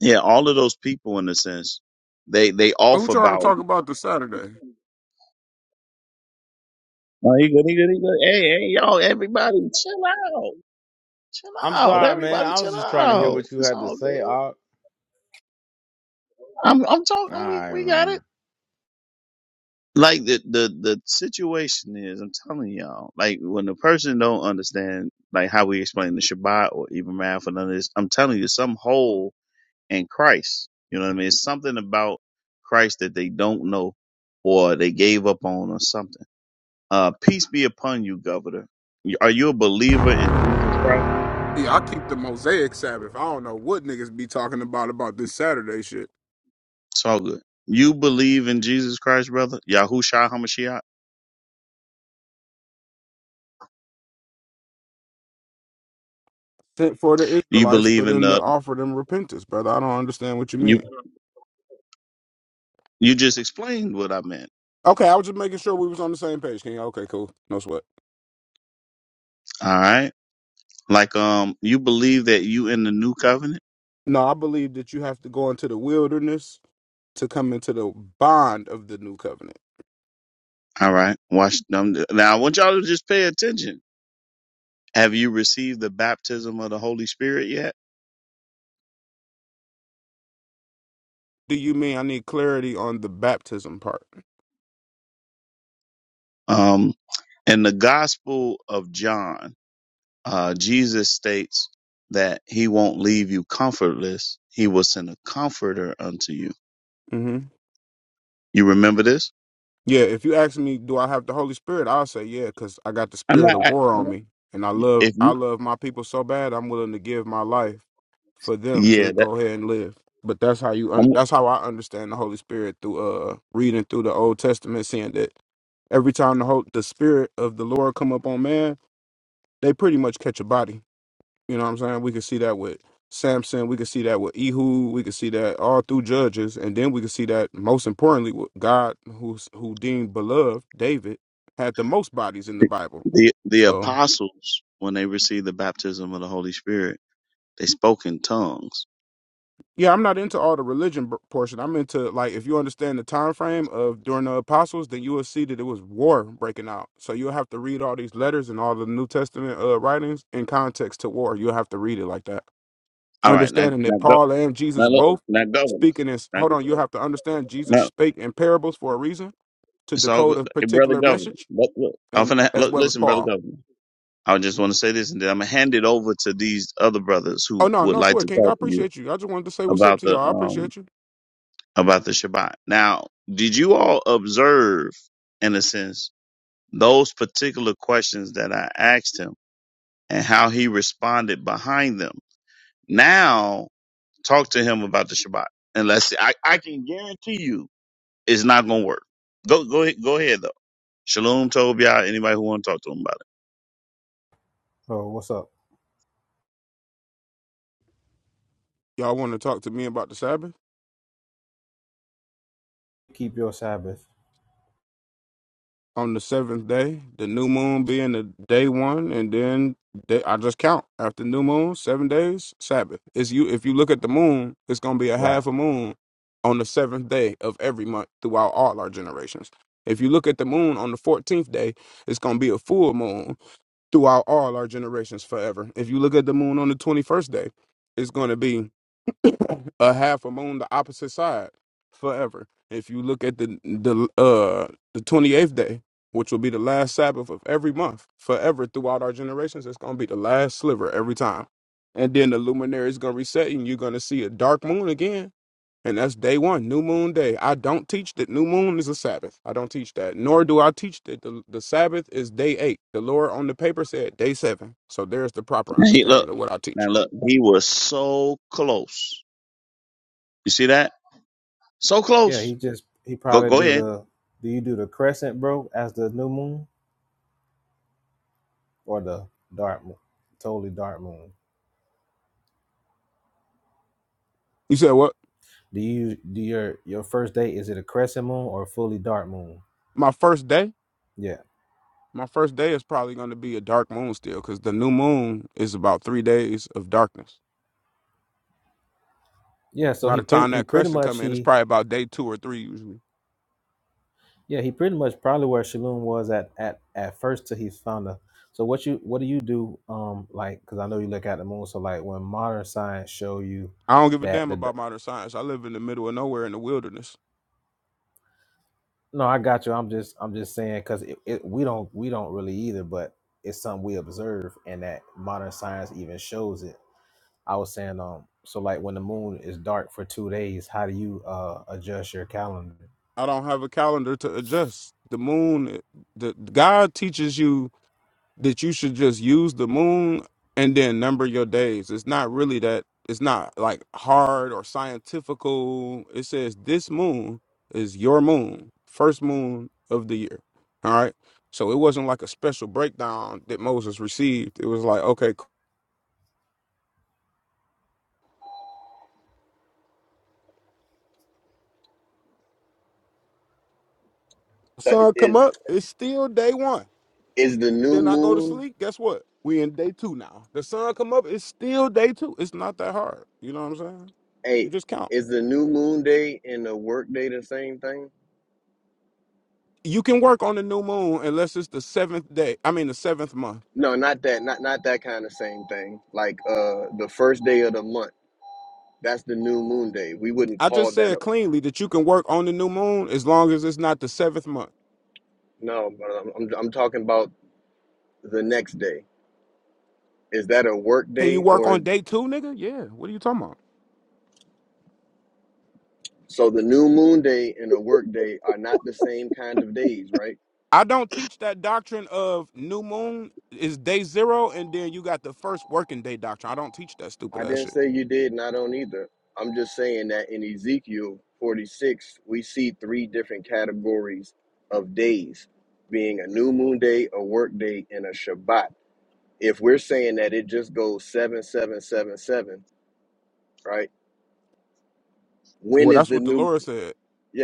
C: yeah, all of those people in a sense, they they off
I: Who trying to
C: about.
I: talk about this Saturday?
C: Oh, he good, he good, he good. Hey, hey, y'all, everybody, chill out, chill
D: I'm
C: out,
D: sorry, man.
C: everybody,
D: I was
C: chill
D: just trying to hear
C: out.
D: what you
C: It's
D: had to
C: all
D: say.
C: good.
D: All all
C: I'm I'm talking. We
D: right,
C: we got it.
D: man.
C: Like the the the situation is, I'm telling y'all. Like when the person don't understand, like how we explain the Shabbat or even math or none of this, I'm telling you, some hole in Christ. You know what I mean? It's something about Christ that they don't know or they gave up on or something. Uh, peace be upon you, Governor. Are you a believer in Jesus Christ?
I: Yeah, I keep the Mosaic Sabbath. I don't know what niggas be talking about about this Saturday shit.
C: It's all good. You believe in Jesus Christ, brother? Yahushua Hamashiach?
I: Sent for the
C: Do you
I: Israelites for
C: believe in
I: them to
C: the
I: offer them repentance, brother. I don't understand what you
C: you
I: mean.
C: you just explained what I meant.
I: Okay, I was just making sure we was on the same page, King. Okay, cool. No sweat.
C: All right. Like um you believe that you in the new covenant?
I: No, I believe that you have to go into the wilderness to come into the bond of the new covenant.
C: All right. Watch them. Now I want y'all to just pay attention. Have you received the baptism of the Holy Spirit yet?
I: Do you mean I need clarity on the baptism part?
C: Um in the gospel of John, uh Jesus states that he won't leave you comfortless. He will send a comforter unto you.
I: Mm-hmm.
C: You remember this?
I: Yeah, if you ask me, do I have the Holy Spirit? I'll say yeah, because I got the
C: I'm
I: spirit
C: not
I: of
C: I,
I: war
C: I'm
I: on me, and I
C: not-
I: love
C: if
I: I
C: you
I: love my people so bad. I'm willing to give my life for them to
C: yeah, that
I: go ahead and live. But that's how you un-
C: I'm,
I: that's how I understand the Holy Spirit through uh reading through the Old Testament, seeing that every time the whole the spirit of the Lord come up on man, they pretty much catch a body. You know what I'm saying? We could see that with Samson. We could see that with Ehud. We could see that all through Judges, and then we could see that most importantly, with God, who's who deemed beloved David, had the most bodies in the Bible.
C: the the
I: So
C: apostles when they received the baptism of the Holy Spirit, they spoke in tongues
I: yeah, I'm not into all the religion b- portion. I'm into like if you understand the time frame of during the apostles, then you will see that it was war breaking out. So you'll have to read all these letters and all the New Testament uh, writings in context to war. You'll have to read it like that.
C: All right, now
I: understanding
C: now
I: that
C: go
I: Paul and
C: now
I: Jesus
C: look
I: both
C: now governor.
I: speaking is
C: Now,
I: hold on, you have to understand Jesus
C: no,
I: spake in parables for a reason to
C: it's all
I: decode
C: good.
I: a
C: Hey, brother
I: particular
C: governor.
I: message
C: Look, look, I'm
I: and
C: finna
I: as
C: look.
I: well as
C: Listen, brother
I: Paul.
C: governor. I just want to say this, and then I'm gonna hand it over to these other brothers
I: Oh
C: who
I: no,
C: would
I: no
C: like
I: swear,
C: to
I: King, I
C: talk to you
I: appreciate you. I just wanted to say what's up
C: about
I: to
C: the
I: y'all. I
C: um
I: appreciate you.
C: about the Shabbat. Now, did you all observe, in a sense, those particular questions that I asked him and how he responded behind them? Now, talk to him about the Shabbat, and let's see. I I can guarantee you It's not gonna work. Go go ahead- go ahead though. Shalom Tobiah, anybody who wanna talk to him about
F: Oh, what's up?
I: Y'all want to talk to me about the Sabbath?
F: Keep your Sabbath.
I: on the seventh day, the new moon being the day one, and then day, I just count after new moon, seven days, Sabbath. It's you if you look at the moon, it's gonna be a
F: Right.
I: half a moon on the seventh day of every month throughout all our generations. If you look at the moon on the fourteenth day, it's gonna be a full moon throughout all our generations forever. If you look at the moon on the twenty first day, it's gonna be a half a moon the opposite side forever. If you look at the the uh the twenty eighth day, which will be the last Sabbath of every month forever throughout our generations, it's gonna be the last sliver every time. And then the luminary is gonna reset, and you're gonna see a dark moon again. And that's day one, new moon day. I don't teach that new moon is a Sabbath. I don't teach that. Nor do I teach that the, the Sabbath is day eight. The Lord on the paper said day seven. So there's the proper
C: it. He,
I: understanding
C: look,
I: of what I
C: now
I: teach.
C: look, he was so close. You see that? So
F: Yeah,
C: close.
F: he just he
C: Go
F: probably
C: go
F: do
C: ahead.
F: the do you do the crescent, bro, as the new moon or the dark moon? Totally dark moon.
I: You said what?
F: Do you do your your first day is it a crescent moon or a fully dark moon?
I: My first day?
F: Yeah.
I: My first day is probably going to be a dark moon still, because the new moon is about three days of darkness.
F: Yeah, so
I: By
F: he
I: the time
F: pretty he
I: that
F: pretty
I: crescent
F: much
I: come in, it's
F: he
I: probably about day two or three usually.
F: Yeah, he pretty much probably where Shalom was at at at first till he found the. So what you what do you do? Um, like because I know you look at the moon. So like when modern science show you
I: I don't give a
F: that
I: damn
F: the d-
I: about modern science. I live in the middle of nowhere in the wilderness.
F: no, I got you. I'm just I'm just saying because it, it we don't we don't really either, but it's something we observe and that modern science even shows it. I was saying um so like when the moon is dark for two days, how do you uh adjust your calendar?
I: I don't have a calendar to adjust. The moon, eh, the God teaches you that you should just use the moon and then number your days. It's not really that it's not like hard or scientifical. It says this moon is your moon, first moon of the year. All right. So it wasn't like a special breakdown that Moses received. It was like, okay, cool.
B: So it
I: sun come
B: is
I: up, it's still day one.
B: is the new
I: Then I go to
B: moon
I: sleep. Guess what? We in day two now. The sun come up, it's still day two. It's not that hard. You know what I'm saying? You
B: eight?
I: just count.
B: Is the new moon day and the work day the same thing?
I: you can work on the new moon unless it's the seventh day. I mean the seventh month.
B: No, not that. Not not that kind of same thing. Like uh, the first day of the month. That's the new moon day. We wouldn't
I: I
B: call
I: just
B: that
I: said
B: a
I: cleanly that you can work on the new moon as long as it's not the seventh month.
B: no. But I'm I'm, I'm talking about the next day. Is that a work
I: Can you
B: day
I: work on
B: or?
I: day two, nigga? Yeah. What are you talking about?
B: So the new moon day and a work day are not the same kind of days, right?
I: I don't teach that doctrine of new moon is day zero and then you got the first working day doctrine. I don't teach that stupid
B: I
I: ass
B: didn't
I: shit.
B: say you did, and I don't either. I'm just saying that in Ezekiel 46, we see three different categories of days being a new moon day, a work day, and a Shabbat. If we're saying that it just goes seven, seven, seven, seven, right? When
I: Well,
B: is
I: that's
B: the
I: what the
B: new?
I: Lord said.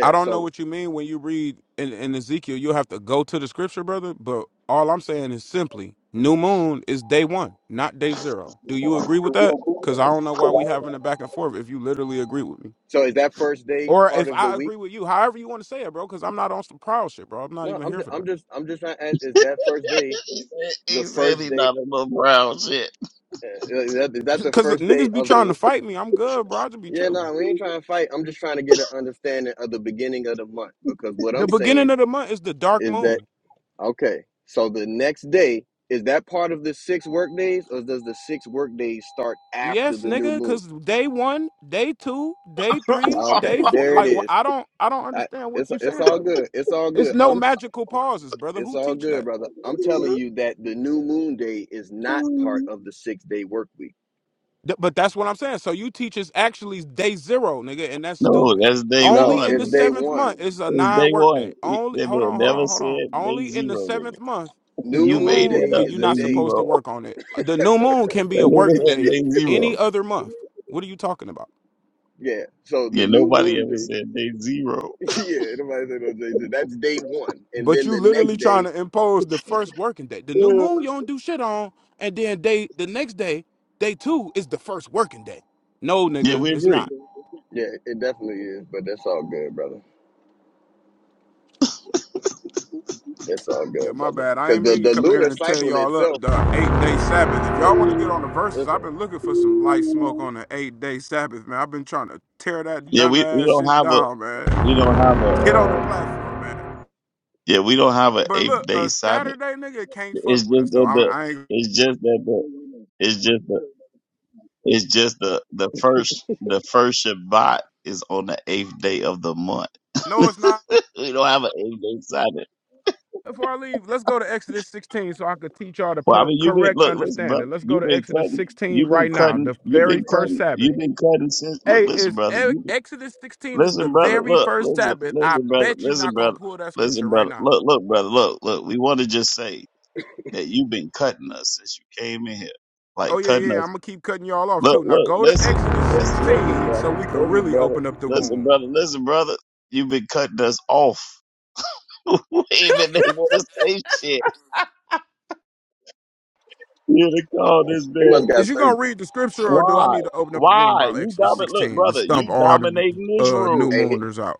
I: I don't know
B: So,
I: what you mean when you read in, in Ezekiel. You'll have to go to the scripture, brother. But all I'm saying is simply, new moon is day one, not day zero. Do you agree with that? Because I don't know why we having a back and forth if you literally agree with me,
B: so is that first day
I: or
B: part
I: if
B: of the
I: I
B: week?
I: agree with you. However you want to say it, bro. Because I'm not on some proud shit, bro. I'm not
B: No,
I: even
B: I'm
I: here
B: just,
I: for that.
B: I'm just, I'm just trying to ask: Is that first day
C: he said
B: the
C: he said
B: first
C: he
B: day?
C: not a little brown shit.
B: Uh, is that is that the
I: Because
B: first day
I: niggas be
B: of
I: trying
B: the?
I: to fight me. I'm good, bro. I just be
B: Yeah,
I: chilling.
B: no, we ain't trying to fight. I'm just trying to get an understanding of the beginning of the month because what
I: The
B: I'm
I: beginning
B: saying
I: of the month is the dark
B: is
I: moon.
B: that okay, so the next day is that part of the six work days, or does the six work days start after
I: Yes,
B: the new
I: nigga,
B: moon?
I: cause day one, day two, day three,
B: Okay,
I: day four.
B: there it
I: Like, wh-
B: is.
I: I don't, I don't
B: I,
I: understand what
B: it's
I: you saying
B: it's all
I: right now.
B: good. It's all
I: It's
B: good.
I: no
B: I'm
I: magical pauses, brother.
B: it's
I: Who
B: all
I: teach
B: good,
I: that?
B: brother. I'm telling you that the new moon day is not part of the six day work week.
I: Th- but that's what I'm saying. So you teach is actually day zero, nigga, and that's
C: No,
I: stupid.
C: that's day
I: Only
B: No,
C: one,
I: in the
B: it's
C: nigga.
B: day
I: seventh month
B: one.
I: is a
C: It's day
I: nine work day.
C: one. He,
I: Only,
C: that
I: hold
C: man
I: on, hold
C: never
I: on, hold on.
C: said day
I: Only in the
C: zero, nigga.
I: seventh month, the
B: New
I: new
C: You
B: moon
C: made
I: moon,
C: that
B: day
I: eh,
C: up,
I: you're
B: is a
I: not
C: day
B: day.
I: supposed to
C: zero.
I: work on it. The new moon can be
C: That
I: a work
C: nigga said
I: day
C: day
I: any
C: zero.
I: other month. What are you talking about?
B: Yeah. So the
C: Yeah,
B: new
C: nobody
B: moon
C: ever
B: day.
C: said day zero.
B: yeah, nobody said no Jay Z. That's day one, and
I: But
B: then
I: you
B: the next
I: literally trying
B: day,
I: to impose the first working day. The new moon you don't do shit on, and then day the next day, day two is the first working day. No,
C: Yeah,
I: nigga,
C: we
I: it's
C: agree.
I: not.
B: yeah, it definitely is. But that's all good, brother. That's all
I: Yeah,
B: good,
I: my
B: brother.
I: bad. I
B: Because
I: ain't
B: the,
I: mean to
B: the
I: come
B: lunar
I: here and tear
B: cycle
I: y'all up
B: itself,
I: the eight day Sabbath. If
B: the
I: y'all want to get on the verses, I've
B: listen,
I: been looking for some light smoke on the eight day Sabbath, man. I've been trying to tear that
C: Yeah, we, we
I: dumbass
C: don't
I: shit
C: have a
I: down, man.
C: We don't have a.
I: Get on the
C: Uh,
I: platform, man.
C: Yeah, we don't have an
I: But
C: eighth
I: look,
C: day
I: a
C: Sabbath.
I: Saturday nigga can't
C: it's
I: fuck with
C: just
I: us though.
C: that
I: I,
C: the.
I: I ain't.
C: It's just that the. It's just the. It's just the the first the first Shabbat is on the eighth day of the month.
I: No, it's not.
C: we don't have an eighth day Sabbath.
I: Before I leave, let's go to Exodus 16 so I could teach y'all the
C: Well, I
I: per-
C: mean, you've been
I: correct
C: look, listen, brother.
I: understanding. Let's go
C: You've
I: to
C: been
I: Exodus
C: cutting.
I: 16
C: You've been
I: right now,
C: cutting.
I: the
C: You've
I: very
C: been
I: first
C: cutting.
I: Sabbath.
C: You've been cutting since. Look,
I: Hey,
C: listen,
I: is
C: brother.
I: E-
C: You been,
I: Exodus 16 is the
C: listen, brother.
I: very
C: Look,
I: first
C: listen,
I: Sabbath. I
C: listen, brother.
I: bet you
C: Listen,
I: not gonna
C: brother.
I: pull that scripture
C: Listen,
I: right
C: brother.
I: now.
C: Look, look, brother. Look, look. We want to just say. that you've been cutting us since you came in here.
I: Oh
C: Like
I: yeah,
C: cutting
I: yeah.
C: us.
I: I'm gonna keep cutting y'all off
C: Look,
I: too. Now
C: look,
I: go to
C: listen, listen,
I: Exodus
C: listen,
I: 16 so
C: brother,
I: we can
C: listen,
I: really
C: brother,
I: open up the
C: listen,
I: womb.
C: brother, listen, brother. You've been cutting us off. we ain't been able to say shit. You to call this
B: he
C: man.
B: must
I: Is
B: got
I: you
B: thirty.
I: gonna read the scripture or do I
C: Why?
I: need to open up a room
C: Why?
I: about
C: You
I: Exodus
C: dominate. Look,
I: 16 and
C: brother,
I: stump
C: you
I: all the
C: dominating this
I: uh, new
C: room.
B: Hey, he-
I: mooners out?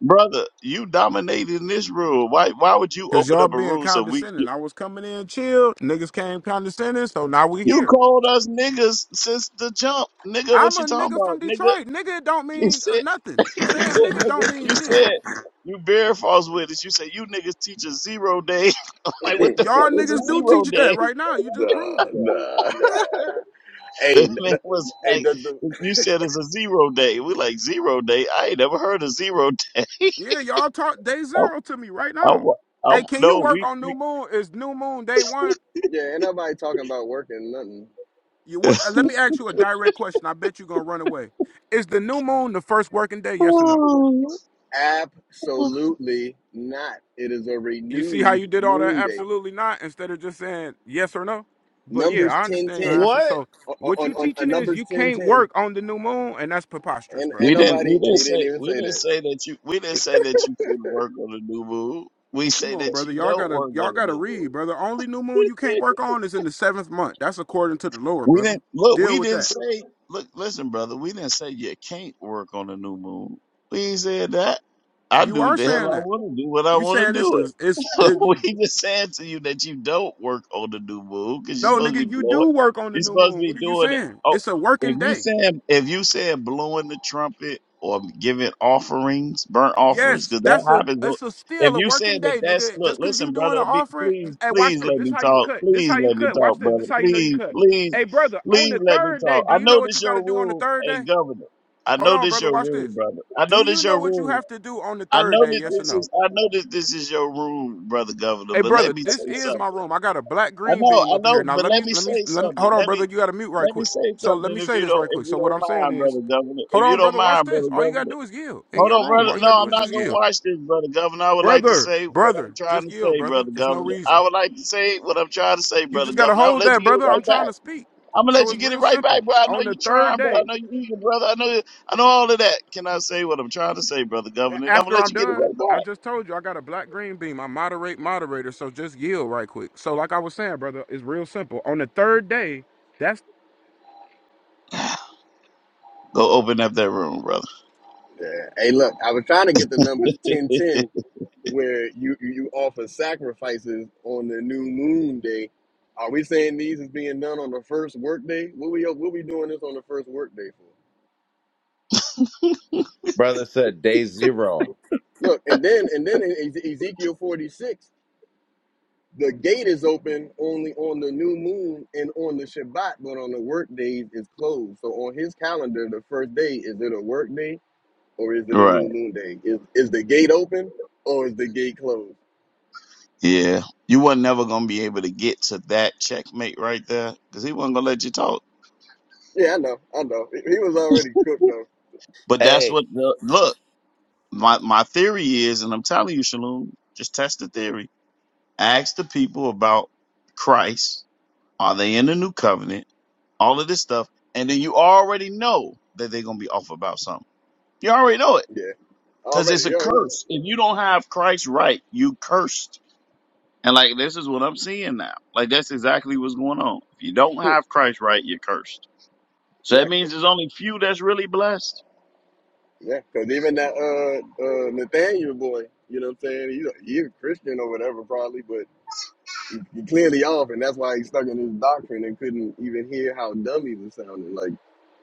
C: Brother, you dominating this room. Why? Why would you
I: Cause
C: open
I: y'all
C: up a
I: being
C: room so we?
I: condescending. I was coming in chill. Niggas came condescending, so now we
C: You
I: here.
C: called us niggas since the jump, nigga. What
I: I'm
C: you
I: a
C: talking
I: nigga from
C: about, nigga?
I: Detroit. Nigga don't
C: You
I: mean
C: said
I: uh, nothing.
C: You
I: Saying
C: said,
I: nigga
C: nigga,
I: don't mean
C: you
I: shit.
C: said, you very false witness. You said, you niggas teach a zero day. I'm like, what the fuck
I: Y'all
C: is a
I: niggas do
C: zero
I: teach that
C: day?
I: right now. You just
B: the
I: proved it.
B: the
C: That
B: hey,
C: man
B: the,
C: was
B: hey,
C: like,
B: does the
C: you said it's a zero day. We like, zero day? I ain't never heard of zero day.
I: Yeah, y'all taught day
C: I,
I: zero to me right
C: I, wa-
I: now.
C: I,
I: Hey, can you
C: no,
I: work
C: we,
I: on
C: we,
I: new moon? Is new moon day one?
B: yeah? Ain't nobody talking about working nothing.
I: You what, uh, let me ask you a direct question. I bet you gonna run away. Is the new moon the first working day? Yes or no?
B: Absolutely not. It is a
I: You see how you
B: renewed
I: did all that?
B: moon day.
I: Absolutely not. Instead of just saying yes or no. But yeah,
B: Numbers
I: I
B: ten
I: understand your
B: ten
I: answer.
D: what?
I: So
B: on
I: what
B: on,
I: you
B: on,
I: teaching
B: on
I: is
B: numbers
I: you
B: ten
I: can't
B: ten.
I: work on the new moon, and that's preposterous,
B: And and
C: we
I: brother.
C: didn't, we
B: nobody
C: didn't
B: we didn't
C: say,
B: even
C: we
B: say
C: didn't
B: that.
C: say that you, we didn't say that you couldn't work on a new move. We
I: Come
C: say
I: on,
C: that
I: brother.
C: you
I: Y'all
C: don't
I: gotta
C: work
I: y'all
C: on a
I: gotta
C: new
I: read,
C: move.
I: brother. Only new moon you can't work on is in the seventh month. That's according to the Lord,
C: We
I: brother.
C: didn't look.
I: Deal
C: We
I: with
C: didn't
I: that.
C: say. Look, listen, brother. We didn't say you can't work on a new moon. We ain't said that. I
I: You
C: do what
I: are
C: the hell
I: saying
C: I
I: that.
C: want to do. What I
I: You
C: want to
I: saying this
C: do.
I: is it's
C: So
I: it, you
C: we just saying to you that you don't work on the new moon because you're
I: no
C: supposed to
I: nigga,
C: be
I: you
C: blowing.
I: do work on the
C: You're
I: new
C: supposed to
I: moon.
C: be
I: What are you
C: doing it.
I: saying?
C: Oh,
I: It's a
C: if
I: working
C: you
I: day.
C: saying if you saying blowing the trumpet or giving offerings, burnt offerings,
I: Yes,
C: because
I: that's
C: that
I: a
C: happens. on-
I: it's a
C: If
I: still a
C: you
I: working
C: saying that
I: day,
C: that's
I: nigga.
C: look,
I: Just cause you
C: listen,
I: doing an
C: brother, be,
I: offering,
C: please,
I: hey, watch
C: please
I: this.
C: let
I: This
C: me
I: how you
C: talk.
I: cut. This
C: Please
I: how you
C: let me
I: cut. Watch
C: talk,
I: this.
C: brother.
I: This how you know you
C: Please,
I: cut.
C: please,
I: Hey, brother, on
C: please
I: the
C: let me
I: third day,
C: talk.
I: do
C: I
I: you know
C: know
I: what you
C: this your
I: gotta do on the
C: room,
I: third
C: hey
I: day?
C: governor. I
I: Hold
C: know
I: on,
C: this
I: brother,
C: your
I: watch
C: room,
I: this.
C: brother. I know
I: Do you
C: this
I: know
C: your
I: what you
C: room.
I: have to do on the
C: I
I: third
C: know
I: day?
C: that
I: Yes or
C: this is
I: no?
C: I know that this is your room, brother governor,
I: Hey,
C: but let
I: brother,
C: me
I: this
C: say
I: is my
C: something.
I: room. I got a black
C: I
I: green
C: know,
I: beam
C: I
I: up in here.
C: know,
I: Now
C: but
I: let
C: let
I: me
C: me
I: let me
C: say
I: let me
C: something.
I: hold on,
C: Let
I: brother.
C: me
I: You gotta mute right
C: let me
I: quick.
C: say
I: So let
C: something
I: me
C: if
I: say
C: you
I: this
C: don't
I: right
C: if
I: quick.
C: you
I: So what
C: don't
I: I'm saying
C: mind,
I: is,
C: brother governor.
I: hold
C: If you
I: on,
C: don't
I: brother, watch
C: mind,
I: this.
C: brother
I: All you gotta
C: governor.
I: do is yield in
C: Hold
I: your
C: on,
I: room.
C: brother.
I: All you
C: No,
I: gotta do
C: I'm
I: is
C: not
I: just
C: gonna
I: yield.
C: watch this, brother governor. I would like to
I: Brother,
C: say what I'm
I: brother,
C: trying
I: just
C: to
I: yell,
C: say,
I: brother.
C: brother
I: It's no
C: governor. I
I: reason.
C: would like to say what I'm trying to say,
I: You
C: brother
I: just gotta
C: governor. I'm
I: hold
C: gonna let
I: that,
C: you get it
I: brother. I'm
C: right
I: trying
C: back.
I: to speak.
C: I'm gonna
I: So
C: let you
I: it's
C: get it
I: real
C: right back,
I: simple.
C: bro. I know
I: On the
C: you're
I: third
C: trying, bro. I
I: day,
C: know you're eager, brother. I know I know all of that. Can I say what I'm trying to say, brother governor?
I: a-
C: And I'm gonna
I: after
C: let
I: I'm
C: you get it
I: done,
C: right back.
I: I just told you I got a black green beam. I moderate moderator, so just yell right quick. So like I was saying, brother, it's real simple. On the third day, that's.
C: Go open up that room, brother.
B: Yeah. Hey, look, I was trying to get the numbers 1010 where you you offer sacrifices on the new moon day. Are we saying these is being done on the first work day? What we what we doing this on the first work day for?
D: Brother said day zero.
B: Look, and then and then in Eze- Ezekiel 46, the gate is open only on the new moon and on the Shabbat, but on the work days is closed. So on his calendar, the first day, is it a work day or is it a new
C: right.
B: moon day? Is is the gate open or is the gate closed?
C: Yeah. You were never going to be able to get to that checkmate right there because he wasn't going to let you talk.
B: Yeah, I know, I know. He, he was already cooked though.
C: But that's
D: Hey,
C: what, the, look, my, my theory is, and I'm telling you, Shalom, just test the theory. Ask the people about Christ. Are they in the new covenant? All of this stuff. And then you already know that they're going to be off about something. You already know it
B: Yeah,
C: because it's
B: already.
C: a
B: You already know.
C: curse. If you don't have Christ right, you cursed. And like this is what I'm seeing now. Like that's exactly what's going on. If you don't have Christ right, you're cursed. So that
B: Yeah,
C: means there's only few that's really blessed.
B: yeah. Because even that uh, uh, Nathaniel boy, you know what I'm saying? He's a, he's a Christian or whatever, probably, but he, he clearly off, and that's why he's stuck in his doctrine and couldn't even hear how dumb he was sounding. Like,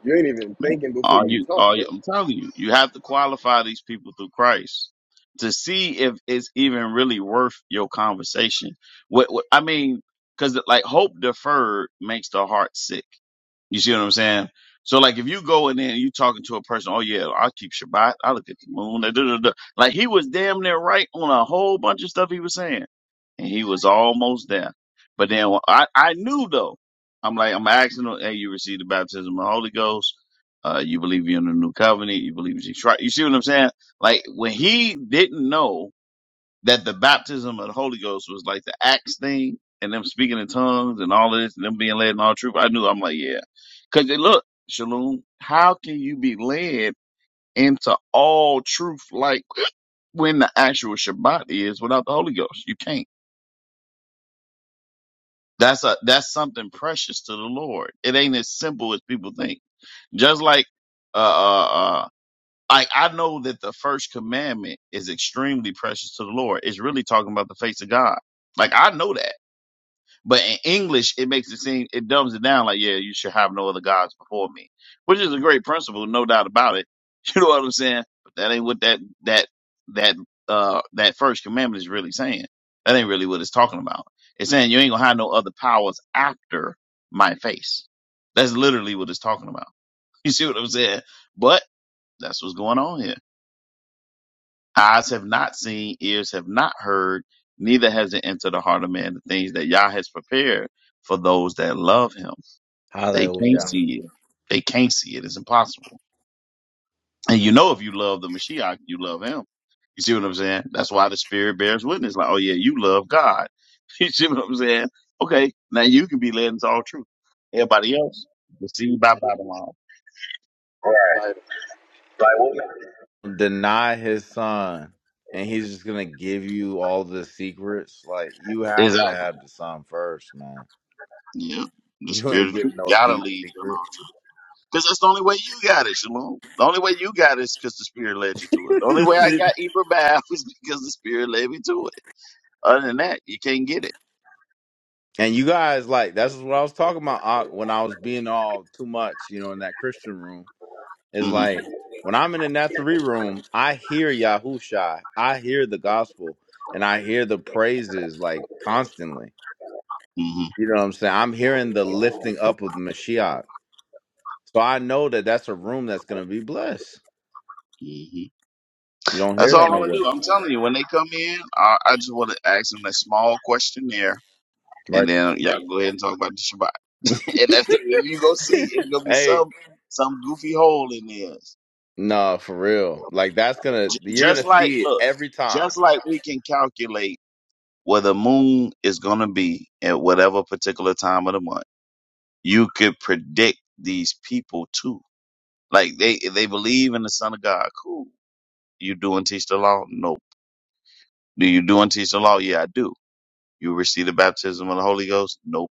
B: you ain't even
C: Man,
B: thinking before
C: are
B: you
C: you?
B: talk,
C: Are
B: bro.
C: you? I'm telling you, you have to qualify these people through Christ to see if it's even really worth your conversation. What, what I mean, because like hope deferred makes the heart sick. You see what I'm saying? So like if you go in there and you talking to a person, oh yeah, I keep Shabbat, I look at the moon, da, da, da, da." like he was damn near right on a whole bunch of stuff he was saying, and he was almost there. But then when- I I knew though. I'm like I'm asking him, hey, you received the baptism of the Holy Ghost. Uh, you believe you're in the new covenant. You believe you're right. You see what I'm saying? Like when he didn't know that the baptism of the Holy Ghost was like the Acts thing and them speaking in tongues and all of this and them being led in all truth. I knew I'm like, yeah. Cause they look, Shalom, how can you be led into all truth like when the actual Shabbat is without the Holy Ghost? You can't. That's a that's something precious to the Lord. It ain't as simple as people think. Just like uh uh uh like I know that the first commandment is extremely precious to the Lord. It's really talking about the face of God. Like I know that. But in English, it makes it seem it dumbs it down like, yeah, you should have no other gods before me, which is a great principle, no doubt about it. You know what I'm saying? But that ain't what that that that uh that first commandment is really saying. That ain't really what it's talking about. It's saying you ain't gonna have no other powers after my face. That's literally what it's talking about. You see what I'm saying? But that's what's going on here. Eyes have not seen, ears have not heard, neither has it entered the heart of man the things that Yah has prepared for those that love him. They can't
D: hallelujah.
C: see it. They can't see it. It's impossible. And you know if you love the Mashiach, you love him. You see what I'm saying? That's why the spirit bears witness. Like, oh yeah, you love God. You see what I'm saying? Okay, now you can be led into all truth. Everybody else, deceived by Babylon.
B: Like,
D: Deny his son, and he's just gonna give you all the secrets. Like you have to
C: Exactly.
D: have the son first, man.
C: Yeah. The
D: You ain't
C: spirit of truth
D: getting no
C: gotta
D: deep
C: lead you in
D: secret.
C: all truth. Because that's the only way you got it, Shalom. The only way you got it is because the Spirit led you to it. The only way I got Eber Bath is because the Spirit led me to it. Other than that, you can't get it.
D: And you guys, like, that's what I was talking about uh, when I was being all too much, you know, in that Christian room. Is
C: hmm
D: like when I'm in the Nathalie room, I hear Yahusha, I hear the gospel, and I hear the praises like constantly.
C: hmm
D: You know what I'm saying? I'm hearing the lifting up of Mashiach. So I know that that's a room that's going to be blessed.
C: hmm
D: You don't
C: That's
D: hear
C: all
D: that
C: I'm going to do.
D: nowhere,
C: I'm telling you, when they come in, I, I just want to ask them that small questionnaire,
D: right?
C: and then y'all go ahead and talk about the Shabbat. And that's you go see, it's going to be
D: Hey,
C: some some goofy hole in this.
D: no, for real. Like, that's going
C: J-
D: to, you're going
C: just
D: to
C: like,
D: see it
C: look,
D: every time.
C: just like we can calculate where the moon is going to be at whatever particular time of the month you could predict these people too. Like they they believe in the Son of God. Cool. You do and teach the law? Nope. Do you do and teach the law? Yeah, I do. You receive the baptism of the Holy Ghost? Nope.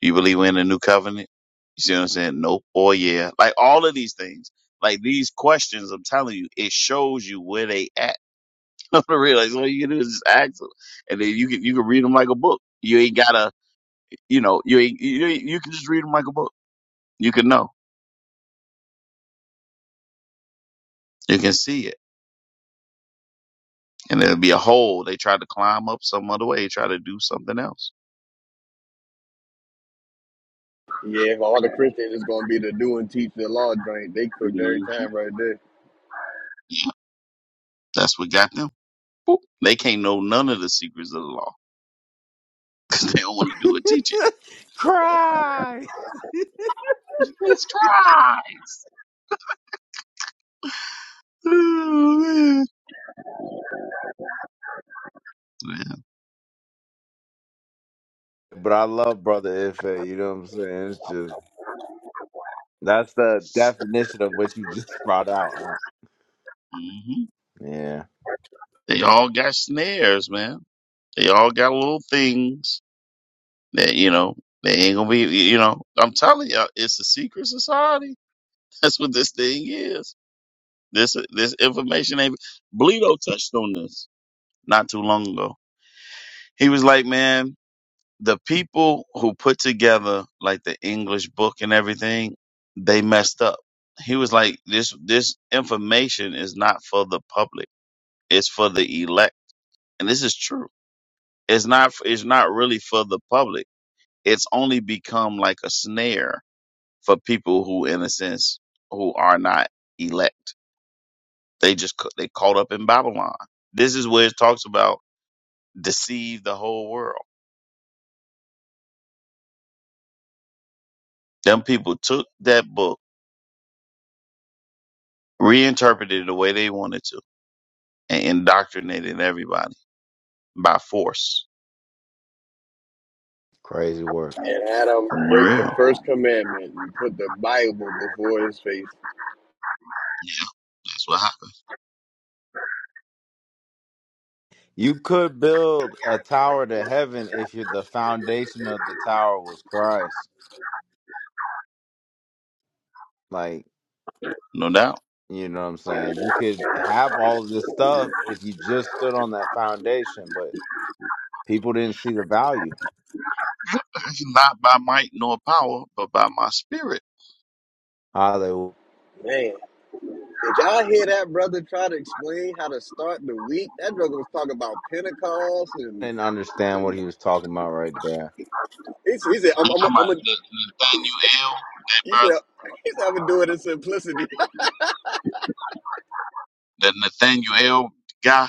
C: You believe in the new covenant? You see what I'm saying? Nope. Or yeah. Like all of these things. Like these questions, I'm telling you, it shows you where they at. No, for real. Like, so all you can do is just ask them, and then you can you can read them like a book. You ain't gotta, you know, you ain't, you you can just read them like a book. You can know, you can see it. and it'll be a hole. They try to climb up some other way, try to do something else.
B: yeah, if all the Christians is gonna be the do and teach the law joint, they cooked
C: Mhm.
B: every time right there.
C: Yeah, that's what got them. Boop. They can't know none of the secrets of the law because they don't want to do it. Teach it.
D: Cry.
C: Let's try. Oh, man. Yeah.
D: But I love Brother Ife. You know what I'm saying? It's just that's the definition of what you just brought out. Uh,
C: hmm
D: Yeah,
C: They all got snares, man. They all got little things that you know they ain't gonna be. You know, I'm telling you, it's a secret society. That's what this thing is. This this information ain't. Bleedo touched on this not too long ago He was like, man, the people who put together like the English book and everything, they messed up. He was like, this, this information is not for the public. It's for the elect. And this is true. It's not, it's not really for the public. It's only become like a snare for people who, in a sense, who are not elect. They just, ca- they caught up in Babylon. This is where it talks about deceive the whole world. Them people took that book reinterpreted it the way they wanted to and indoctrinated everybody by force.
D: crazy work.
B: And had him
C: For
B: break the
C: real.
B: first commandment and put the Bible before his face.
C: That's what happened.
D: You could build a tower to heaven if you the foundation of the tower was Christ. Like,
C: No doubt.
D: you know what I'm saying? You could have all this stuff if you just stood on that foundation, but people didn't see the value.
C: That's not by might nor power, but by my spirit.
D: Ah, they
B: Man. Did y'all hear that brother try to explain how to start the week? That brother was talking about Pentecost and,
D: didn't understand what
B: and
D: he was talking about right there.
B: he, s- he said, "I'm,
C: You
B: I'm,
C: talking about
B: I'm a,"
C: the Nathaniel, that
B: he
C: brother,
B: said, "He said I'm gonna do it in simplicity."
C: that Nathaniel guy?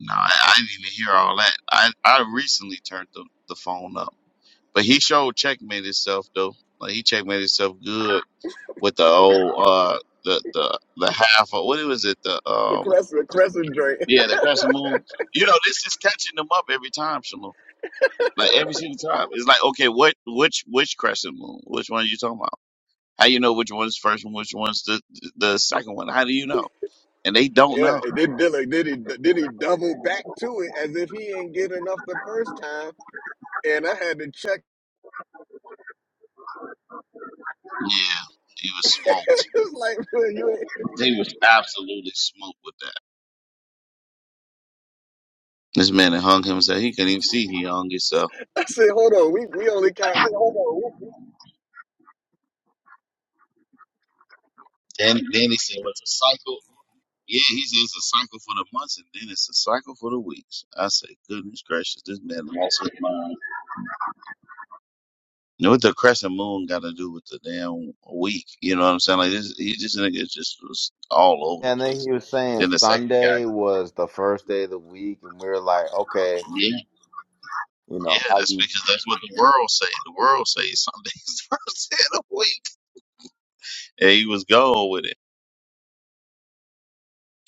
C: No, I, I didn't even hear all that. I, I recently turned the, the phone up. But he showed checkmate himself though. Like he checkmate himself good with the old uh the the the half of what was it? The
B: the
C: um
B: crescent, the crescent drink.
C: Yeah, the crescent moon. You know, this is catching them up every time, Shalom. Like every single time. It's like, okay, what which which crescent moon? Which one are you talking about? How you know which one's the first one, which one's the the second one? How do you know? And they don't
B: Yeah,
C: know.
B: and then Dylan, did he, did he double back to it as if he ain't get enough the first time? And I had to check.
C: Yeah, he was smoked.
B: it's like man, you. Ain't,
C: He was absolutely smoked with that. This man that hung himself, he couldn't even see he hung himself.
B: I said, "Hold on, we we only count."
C: Then then he said, well, it's a cycle. Yeah, he said it's a cycle for the months and then it's a cycle for the weeks. I said, goodness gracious, this man lost his mind. You know what the crescent moon got to do with the damn week? You know what I'm saying? Like this, he just nigga just was all over the
D: And then
C: place.
D: he was saying
C: Then the second guy,
D: Sunday was the first day of the week, and we were like, okay,
C: yeah,
D: You know
C: yeah,
D: how
C: that's
D: you
C: because that's what the world say. The world say Sunday's the first day of the week, and he was going with it.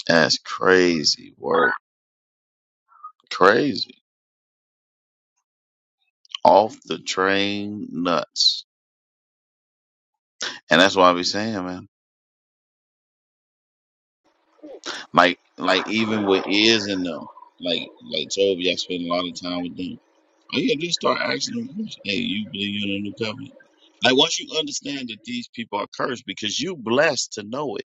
C: That's crazy work, crazy off the train nuts, and that's why I be saying, man, like like even with is and them, like like Toby, I spend a lot of time with them Oh yeah, just start asking them questions. Hey, you believe in the new covenant? Like once you understand that these people are cursed because you blessed to know it.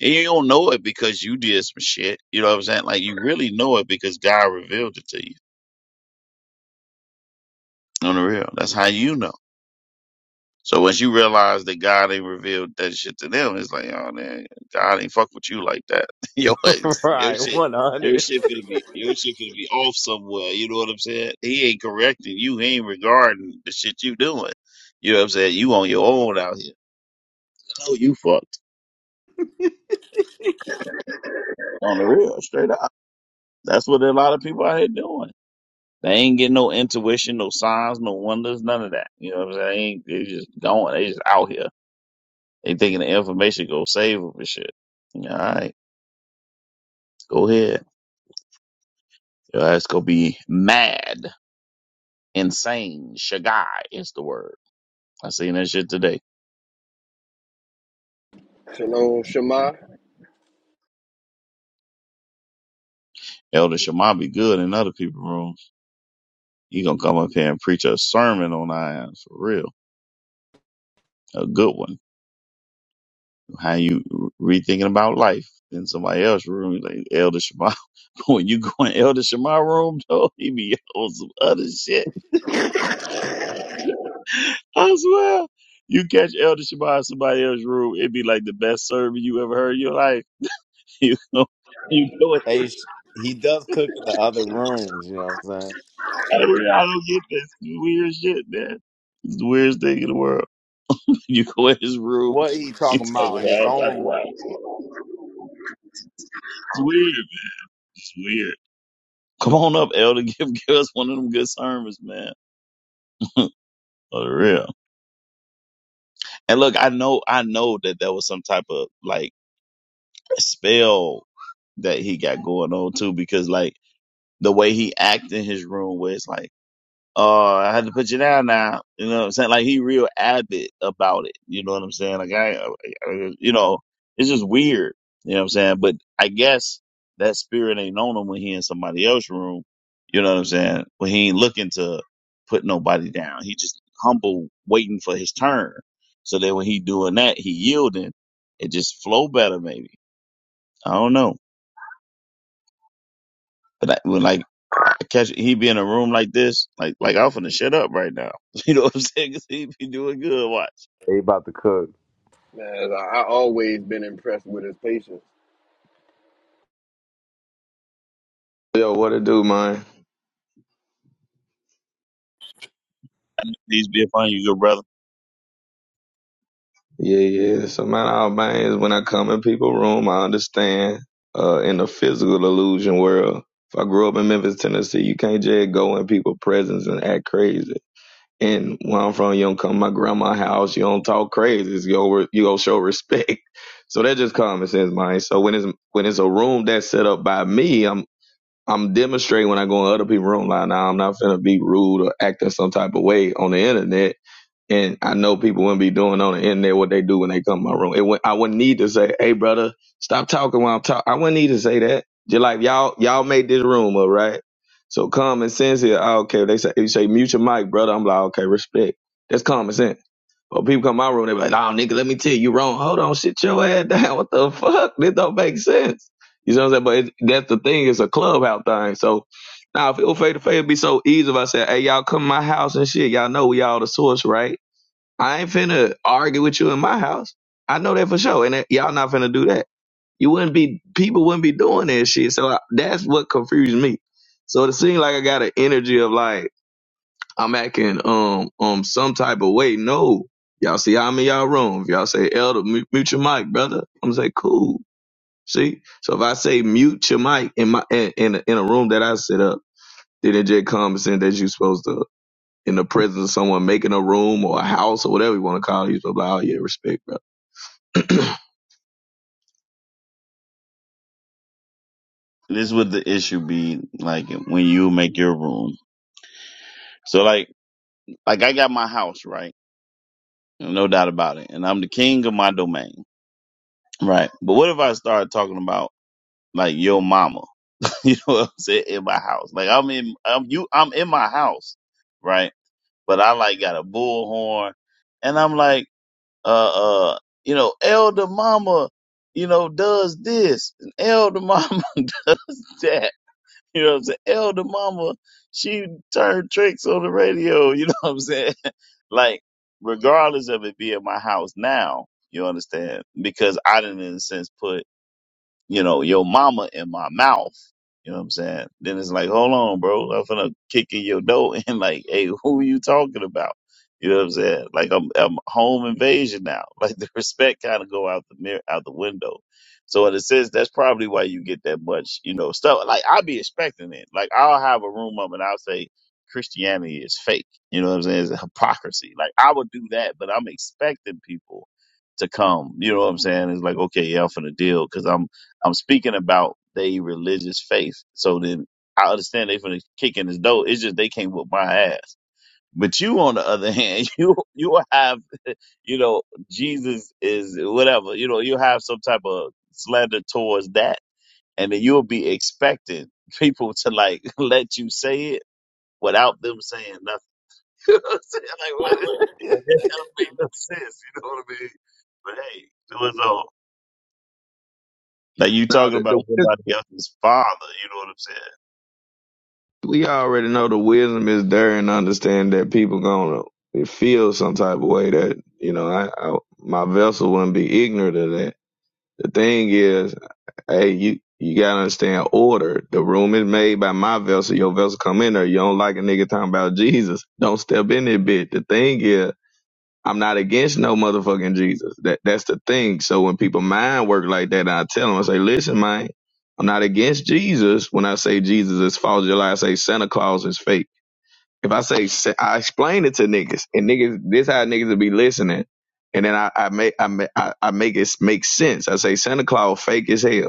C: And you don't know it because you did some shit. You know what I'm saying? Like you really know it because God revealed it to you. On the real. That's how you know. So once you realize that God ain't revealed that shit to them, it's like, oh man, God ain't fuck with you like that. your ass- your
D: right,
C: shit, your
D: 100.
C: shit gonna be, your shit gonna be off somewhere. You know what I'm saying? He ain't correcting you. He ain't regarding the shit you doing. You know what I'm saying? You on your own out here. No, you fucked on the real, straight up. That's what a lot of people out here doing. They ain't getting no intuition, no signs, no wonders, none of that. You know what I'm saying? They just going. They just out here. They thinking the information gonna save them and shit. All right. Go ahead. Your ass gonna be mad, insane. Shagai is the word. I seen that shit today.
B: Shalom, Shema.
C: Elder Shema be good in other people's rooms. You gonna come up here and preach a sermon on our ass for real, a good one. How you rethinking about life? Then somebody else room like Elder Shema. when you go in Elder Shema room, though, he be on some other shit. I swear. You catch Elder Shema in somebody else's room, it'd be like the best sermon you ever heard in your life. You know, you know
D: Hey, sh- he does cook in the other rooms. You know what I'm saying?
C: I don't, I don't get this weird shit, man. It's the weirdest thing in the world. You go in his room,
D: What he
C: he
D: talking
C: talk about
D: about in his
C: all type of
D: own?
C: It's weird, man. It's weird. Come on up, Elder. Give, give us one of them good sermons, man. For real. And look, I know, I know that that was some type of like spell that he got going on too, because like the way he act in his room, where it's like. uh, I had to put you down now. You know what I'm saying? Like he real avid about it. You know what I'm saying? Like I, I- you know, it's just weird. You know what I'm saying? But I guess that spirit ain't on him when he in somebody else's room. You know what I'm saying? When he ain't looking to put nobody down. He just humble, waiting for his turn. So that when he doing that, he yielding. It just flow better, maybe. I don't know. But I, when like I catch he be in a room like this, like like I'm finna shut up right now. You know what I'm saying? 'Cause he be doing good. Watch.
D: They about to cook.
B: Man, I, I always been impressed with his patience.
J: Yo, what it do, man?
C: These be fine, you, good brother.
J: Yeah, yeah. So man, all bangs when I come in people room, I understand. Uh in the physical illusion world. If I grew up in Memphis, Tennessee, you can't just go in people presence and act crazy. And where I'm from, you don't come to my grandma's house, you don't talk crazy. You go you go show respect. So that just common sense, man. So when it's when it's a room that's set up by me, I'm I'm demonstrating when I go in other people's room like now I'm not finna be rude or acting some type of way on the internet and I know people wouldn't be doing on the internet what they do when they come to my room. It would, I wouldn't need to say, "Hey, brother, stop talking while I'm talking." I wouldn't need to say that. Just like y'all, y'all made this room up, right? So common sense here. I do They say, you say, mute your mic, brother. I'm like, okay, respect. That's common sense. But people come to my room, they be like, "Oh, nigga, let me tell you, you wrong. Hold on, sit your ass down. What the fuck? This don't make sense." You know what I'm saying? But it, that's the thing. It's a clubhouse thing. So now, if it was face to face, it'd be so easy if I said, "Hey, y'all come to my house and shit. Y'all know we all the source, right?" I ain't finna argue with you in my house. I know that for sure. And that- y'all not finna do that. You wouldn't be, people wouldn't be doing that shit. So I, that's what confused me. So it seemed like I got an energy of like, I'm acting, um, um, some type of way. No. Y'all see, I'm in y'all room. If y'all say, Elder, mute, mute your mic, brother. I'm gonna say, cool. See? So if I say mute your mic in my, in, in, a, in a room that I set up, then it just comes in that you supposed to in the presence of someone making a room or a house or whatever you want to call it, you supposed to be like, oh yeah, respect, bro.
C: This would the issue be like when you make your room. So like like I got my house right, no doubt about it, and I'm the king of my domain, right? But what if I start talking about like your mama? You know what I'm saying? In my house, like I'm in I'm you I'm in my house, right? But I like got a bullhorn, and I'm like. uh, uh, you know, elder mama, you know, does this, and elder mama does that. You know what I'm saying? Elder mama, she turned tricks on the radio. You know what I'm saying? Like, regardless of it being my house now, you understand? Because I didn't, in a sense, put you know, your mama in my mouth. You know what I'm saying? Then it's like, hold on, bro. I'm gonna kick in your door and like, hey, who you talking about? You know what I'm saying? Like I'm, I'm home invasion now. Like the respect kind of go out the mirror, out the window. So in a sense, that's probably why you get that much, you know, stuff. Like I'll be expecting it. Like I'll have a room up and I'll say Christianity is fake. You know what I'm saying? It's a hypocrisy. Like I would do that, but I'm expecting people to come. You know what I'm saying? It's like, okay, yeah, I'm finna deal because I'm I'm speaking about they religious faith. So then I understand they finna kick in his door. It's just they can't whoop my ass. But you, on the other hand, you you have you know Jesus is whatever you know you have some type of slander towards that, and then you'll be expecting people to like let you say it without them saying nothing. You know what I'm saying? Like what? Like, That don't make no sense. You know what I mean? But hey, it was all like you
J: now
C: talking
J: the,
C: about
J: the wis-
C: somebody else's father. You know what I'm saying?
J: we already know the wisdom is there and understand that people gonna feel some type of way that you know I, I my vessel wouldn't be ignorant of that. The thing is. Hey, you you gotta understand order. The room is made by my vessel. Your vessel come in there. You don't like a nigga talking about Jesus. Don't step in there, bitch. The thing is, I'm not against no motherfucking Jesus. That that's the thing. So when people mind work like that, I tell them, I say, listen, man, I'm not against Jesus. When I say Jesus is false, just like I say Santa Claus is fake. If I say Sa- I explain it to niggas, and niggas, this how niggas will be listening. And then I, I make I, make I I make it make sense. I say Santa Claus fake as hell.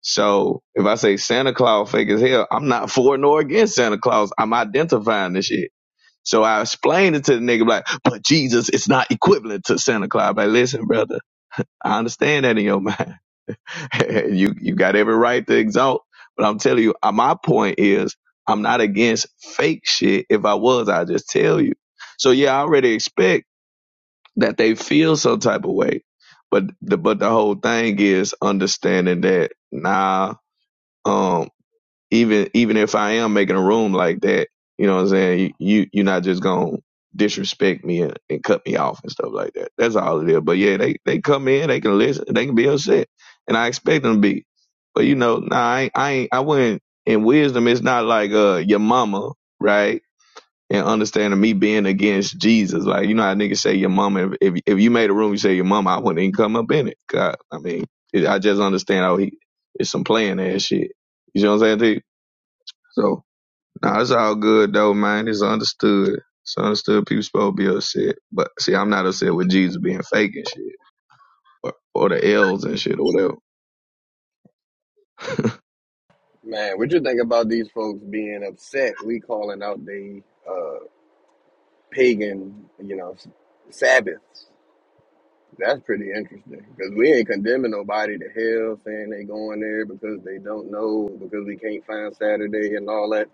J: So if I say Santa Claus fake as hell, I'm not for nor against Santa Claus. I'm identifying this shit. So I explained it to the nigga like, but Jesus is not equivalent to Santa Claus. Like, listen, brother, I understand that in your mind. you you got every right to exalt, but I'm telling you, uh, my point is, I'm not against fake shit. If I was, I'd just tell you. So yeah, I already expect that they feel some type of way, but the but the whole thing is understanding that nah. Um, even even if I am making a room like that, you know what I'm saying? You, you you're not just gonna disrespect me and, and cut me off and stuff like that. That's all it is. But yeah, they they come in, they can listen, they can be upset, and I expect them to be. But you know, nah, I ain't, I ain't, I wouldn't. In wisdom, it's not like uh your mama, right? And understanding me being against Jesus, like you know how niggas say your mama. If if, if you made a room, you say your mama, I wouldn't even come up in it. God, I I mean, it, I just understand how he it's some playing ass shit. You know what I'm saying? So, nah, it's all good though, man. It's understood. It's understood people supposed to be upset. But see, I'm not upset with Jesus being fake and shit, or, or the L's and shit, or whatever.
B: Man, what you think about these folks being upset? We calling out the uh, pagan, you know, s- Sabbaths. That's pretty interesting because we ain't condemning nobody to hell, saying they going there because they don't know, because we can't find Saturday and all that.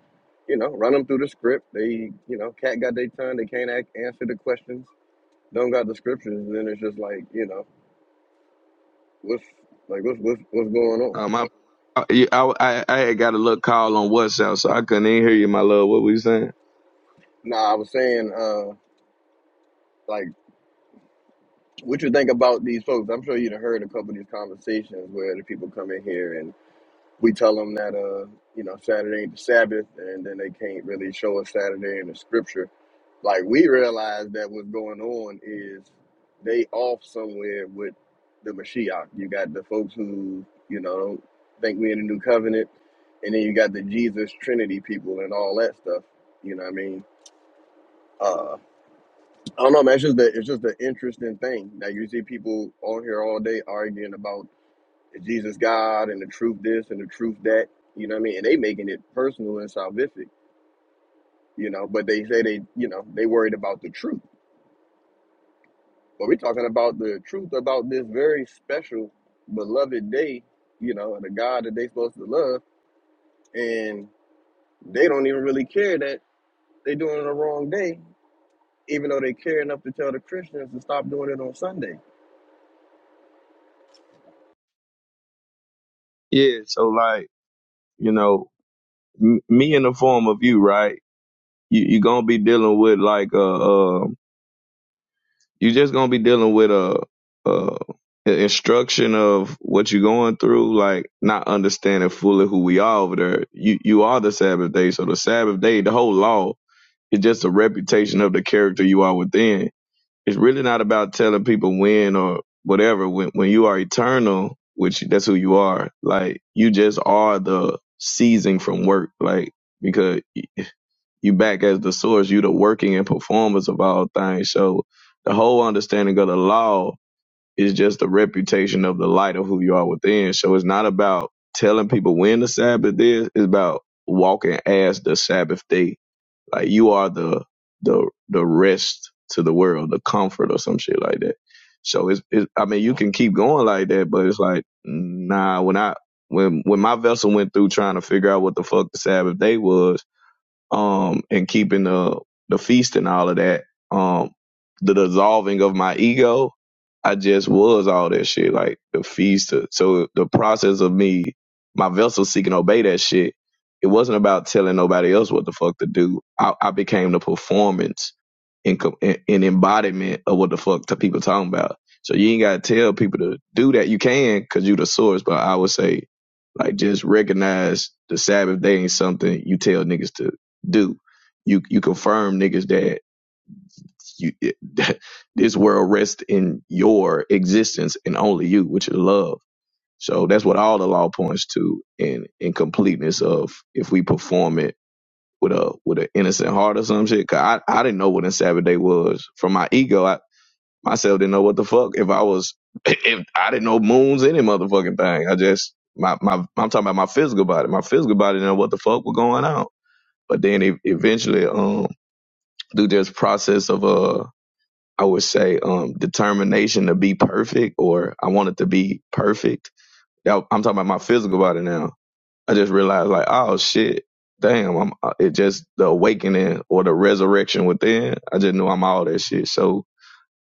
B: You know, run them through the script. They, you know, cat got their tongue. They can't act, answer the questions. Don't got the scriptures. And then it's just like, you know, what's like, what's what's, what's going on?
J: Um, I, yeah, I, I, I had got a little call on WhatsApp, so I couldn't even hear you, my love. What were you saying?
B: Nah, I was saying, uh, like. What you think about these folks? I'm sure you've heard a couple of these conversations where the people come in here and we tell them that uh you know Saturday ain't the Sabbath, and then they can't really show us Saturday in the Scripture. Like we realize that what's going on is they off somewhere with the Mashiach. You got the folks who you know don't think we in the New Covenant, and then you got the Jesus Trinity people and all that stuff. You know what I mean? Uh, I don't know, man. It's just that it's just an interesting thing that you see people on here all day arguing about Jesus God and the truth this and the truth that. You know what I mean? And they making it personal and salvific, you know, but they say they, you know, they worried about the truth. But we're talking about the truth about this very special, beloved day, you know, and the God that they supposed to love. And they don't even really care that they doing it the wrong day, even though they care enough to tell the Christians to stop doing it on Sunday.
J: Yeah, so like, you know, m- me in the form of you, right? You, you gonna be dealing with like, a. a you are just gonna be dealing with a, a a instruction of what you're going through, like not understanding fully who we are over there. You you are the Sabbath day, so the Sabbath day, the whole law is just a reputation of the character you are within. It's really not about telling people when or whatever. When when you are eternal, which that's who you are. Like you just are the ceasing from work, like. because you back as the source, you the working and performers of all things. So the whole understanding of the law is just the reputation of the light of who you are within. So it's not about telling people when the Sabbath is, it's about walking as the Sabbath day. Like you are the the the rest to the world, the comfort or some shit like that. So it's, it's I mean you can keep going like that, but it's like nah when I when when my vessel went through trying to figure out what the fuck the Sabbath day was, um, and keeping the the feast and all of that, um, the dissolving of my ego, I just was all that shit, like the feast. uh, So the process of me, my vessel seeking obey that shit, it wasn't about telling nobody else what the fuck to do. I, I became the performance and, co- and and embodiment of what the fuck the people talking about. So you ain't gotta tell people to do that. You can, cause you the source. But I would say, like, just recognize the Sabbath day ain't something you tell niggas to do. You you confirm niggas that you that this world rests in your existence and only you, which is love. So that's what all the law points to in in completeness of if we perform it with a with an innocent heart or some shit. Cause I, I didn't know what in Sabbath day was. From my ego, I myself didn't know what the fuck if I was if I didn't know moons any motherfucking thing. I just my my I'm talking about my physical body. My physical body didn't know what the fuck was going on. But then e- eventually, um, through this process of uh I would say um determination to be perfect or I wanted to be perfect. Now, I'm talking about my physical body now. I just realized like oh shit, damn, I'm uh, it just the awakening or the resurrection within. I just knew I'm all that shit. So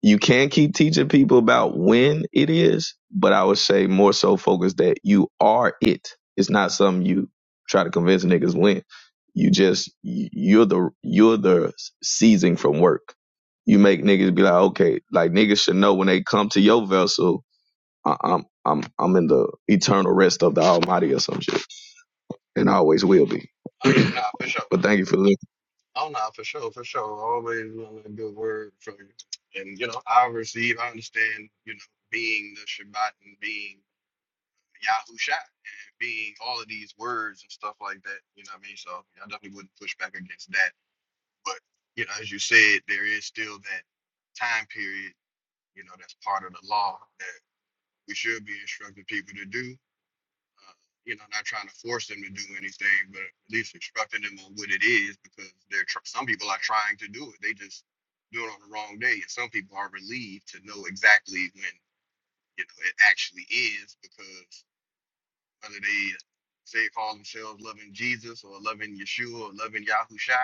J: you can keep teaching people about when it is, but I would say more so focus that you are it. It's not something you try to convince niggas when. You just you're the you're the seizing from work. You make niggas be like, okay, like niggas should know when they come to your vessel, I- I'm I'm I'm in the eternal rest of the Almighty or some shit, and I always will be.
B: Oh yeah, nah, for sure.
J: but thank you for listening.
B: Oh no, for sure, for sure. Always want a good word from you. And you know, I receive, I understand, you know, being the Shabbat and being Yahusha and being all of these words and stuff like that. You know what I mean? So yeah, I definitely wouldn't push back against that. But you know, as you said, there is still that time period, you know, that's part of the law that we should be instructing people to do uh, you know, not trying to force them to do anything, but at least instructing them on what it is because they're tr- some people are trying to do it. They just do it on the wrong day, and some people are relieved to know exactly when you know it actually is because whether they say call themselves loving Jesus or loving Yeshua or loving Yahusha,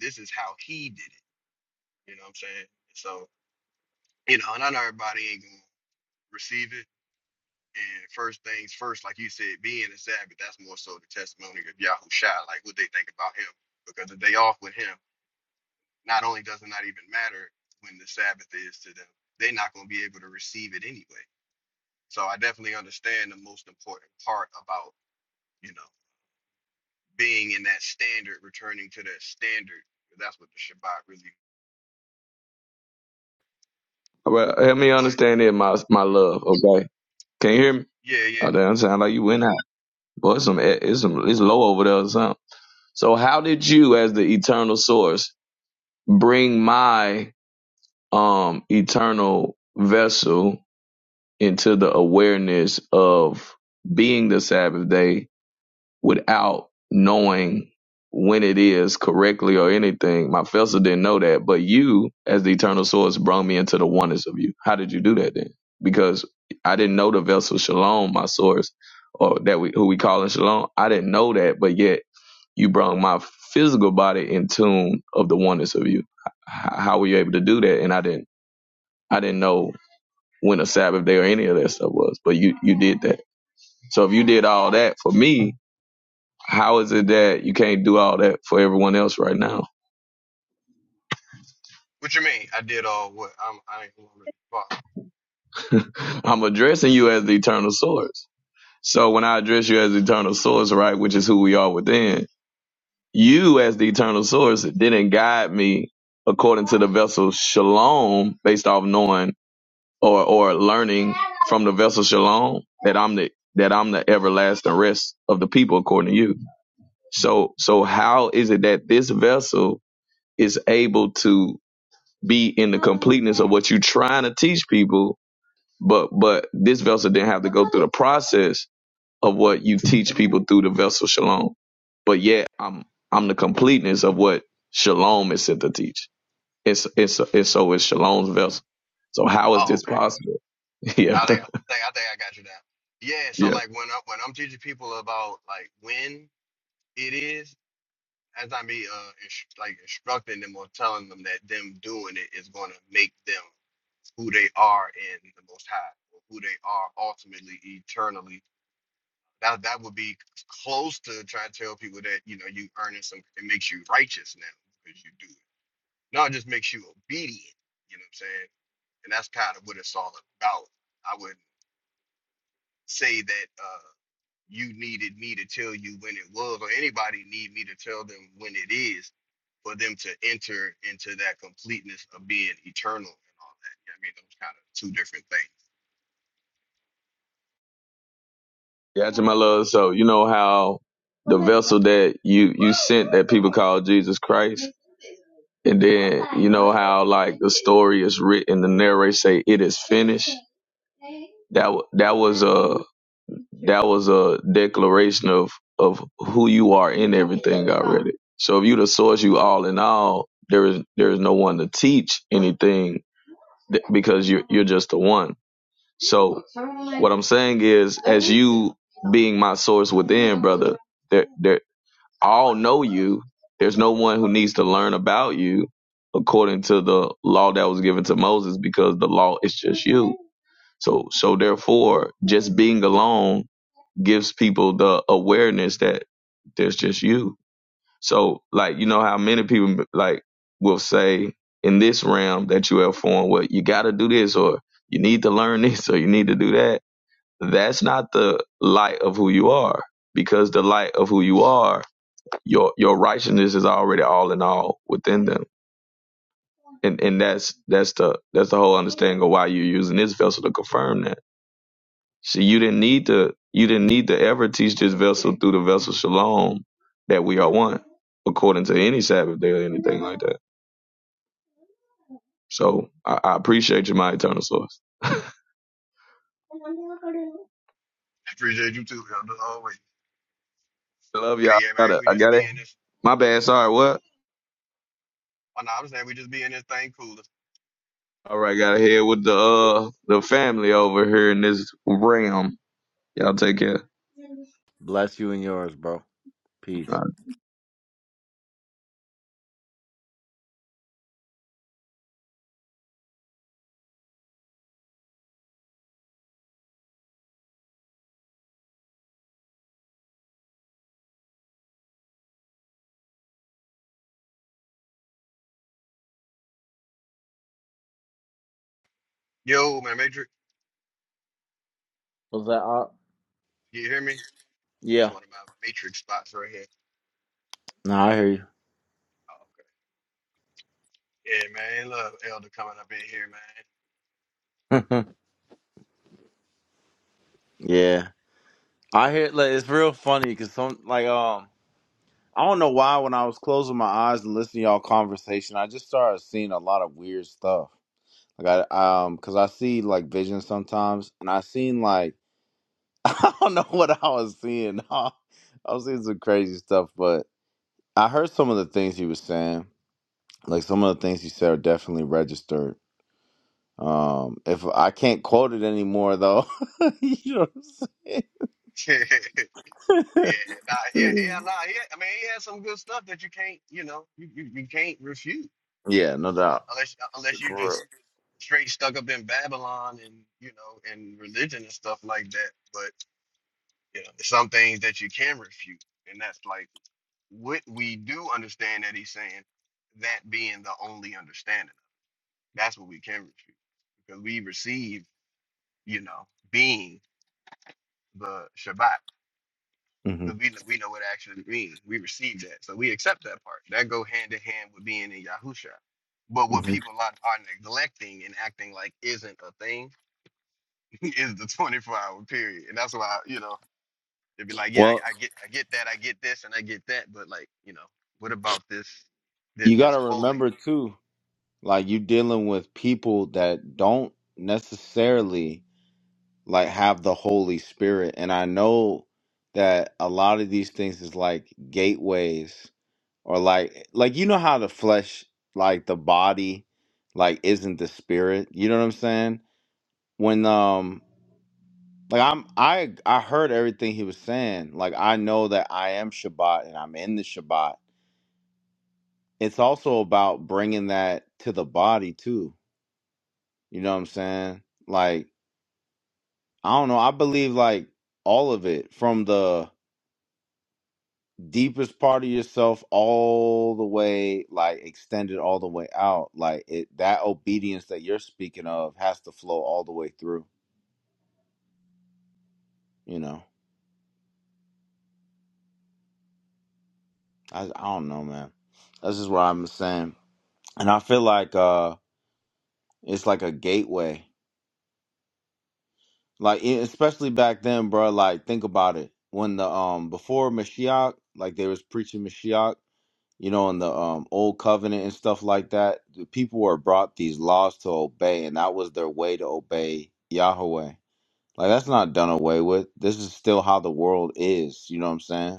B: this is how he did it. You know what I'm saying? So you know, and I everybody ain't gonna receive it And first things first, like you said, being a Sabbath, that's more so the testimony of Yahushua, like what they think about him. Because if they off with him, not only does it not even matter when the Sabbath is to them, they're not going to be able to receive it anyway. So I definitely understand the most important part about, you know, being in that standard, returning to that standard. That's what the Shabbat really,
J: All right, help me
B: but
J: understand it, my my love. Okay, can you hear me?
B: yeah, yeah.
J: Oh, damn, sound like you went out. Boy, it's some, it's some, it's low over there or something. So how did you, as the eternal source, bring my um eternal vessel into the awareness of being the Sabbath day without knowing when it is correctly or anything. My vessel didn't know that, but you, as the eternal source, brought me into the oneness of you. How did you do that then? Because I didn't know the vessel Shalom, my source, or that we who we call in Shalom. I didn't know that, but yet you brought my physical body in tune of the oneness of you. H- How were you able to do that? And I didn't, I didn't know when a Sabbath day or any of that stuff was, but you you did that. So if you did all that for me, how is it that you can't do all that for everyone else right now?
B: What you mean? I did all what? I'm, I ain't gonna really follow.
J: I'm addressing you as the eternal source. So when I address you as the eternal source, right, which is who we are within, you as the eternal source didn't guide me according to the vessel shalom based off knowing or, or learning from the vessel shalom that I'm the that I'm the everlasting rest of the people according to you. So so how is it that this vessel is able to be in the completeness of what you're trying to teach people, but but this vessel didn't have to go through the process of what you teach people through the vessel shalom. But yet I'm I'm the completeness of what shalom is sent to teach. It's it's it's so it's shalom's vessel. So how is
B: Oh,
J: this
B: okay.
J: possible? yeah,
B: I think I think I think I got you down. Yeah, so
J: yeah,
B: like when I when I'm teaching people about like when it is, as I be uh ins- like instructing them or telling them that them doing it is going to make them who they are in the Most High, or who they are ultimately eternally. That that would be c- close to trying to tell people that you know you earning some. It makes you righteous now because you do it. No, it just makes you obedient. You know what I'm saying? And that's kind of what it's all about. I would say that. uh, you needed me to tell you when it was, or anybody need me to tell them when it is, for them to enter into that completeness of being eternal and all that. I mean, those kind of two different things.
J: yeah, my love. So you know how the vessel that you you sent that people call Jesus Christ, and then you know how like the story is written, the narrator say it is finished that w- that was a that was a declaration of of who you are in everything already. So if you the source, you all in all. There is there is no one to teach anything th- because you're you're just the one. So what I'm saying is, as you being my source within, brother, there there all know you. There's no one who needs to learn about you according to the law that was given to Moses because the law is just you. So so therefore, just being alone gives people the awareness that there's just you. So like you know how many people like will say in this realm that you have formed, well, you got to do this or you need to learn this or you need to do that. That's not the light of who you are because the light of who you are your your righteousness is already all in all within them. And and that's that's the that's the whole understanding of why you're using this vessel to confirm that. See you didn't need to you didn't need to ever teach this vessel through the vessel shalom that we are one, according to any Sabbath day or anything like that. So I, I appreciate you, my eternal source.
B: I Appreciate you too, Elder, always.
J: I love
B: But
J: y'all.
B: yeah,
J: I
B: man,
J: got
B: we
J: I
B: just
J: got it.
B: be in this.
J: My bad. Sorry, what?
B: oh, no, I know I'm saying we just be in this thing cooler.
J: All right, got to head with the uh the family over here in this realm. Y'all take care.
D: Bless you and yours, bro.
J: All right.
D: Peace.
B: Yo, man, Matrix,
D: Was that up?
B: you hear me? This
D: Yeah.
B: one of my Matrix spots right here.
D: No, I hear you.
B: Oh, yeah, man, love Elder coming up in here,
D: yeah, I hear. Like, it's real funny because some like um, I don't know why when I was closing my eyes and listening to y'all conversation, I just started seeing a lot of weird stuff. Like I um, cause I see like visions sometimes, and I seen like. I don't know what I was seeing. I was seeing some crazy stuff, but I heard some of the things he was saying. Like some of the things he said are definitely registered. Um, if I can't quote it anymore, though, you know. What I'm saying?
B: man. Yeah, nah, yeah, yeah, nah. yeah. I mean, he had some good stuff that you can't, you know, you, you, you can't refute
D: Yeah, no
B: un-
D: doubt.
B: unless unless you
D: For
B: just straight stuck up in Babylon and you know and religion and stuff like that. But you know, some things that you can refute, and that's like what we do understand that he's saying. That being the only understanding, that's what we can refute because we receive, you know, being the Shabbat.
D: real. hmm
B: But we we know what it actually means. We receive that, so we accept that part. That go hand in hand with being in Yahusha. But what
D: hmm
B: people are, are neglecting and acting like isn't a thing is the 24 hour period, and that's why you know they'd be like, yeah,
D: Well,
B: I, I get I get that, I get this, and I get that, but like you know, what about this this,
D: you got
B: this
D: to
B: holy?
D: remember too, like you're dealing with people that don't necessarily like have the Holy Spirit, and I know that a lot of these things is like gateways or like like you know how the flesh like the body like isn't the spirit you know what i'm saying when um like i'm i i heard everything he was saying like i know that i am shabbat and i'm in the shabbat it's also about bringing that to the body too you know what i'm saying like i don't know i believe like all of it from the deepest part of yourself all the way like extended all the way out like it that obedience that you're speaking of has to flow all the way through you know i, I don't know man that's just what i'm saying and i feel like uh it's like a gateway like e- especially back then bro like think about it when the um before mashiach like they was preaching mashiach you know, in the um, old covenant and stuff like that, the people were brought these laws to obey, and that was their way to obey Yahweh. Like that's not done away with. This is still how the world is. You know what I'm saying?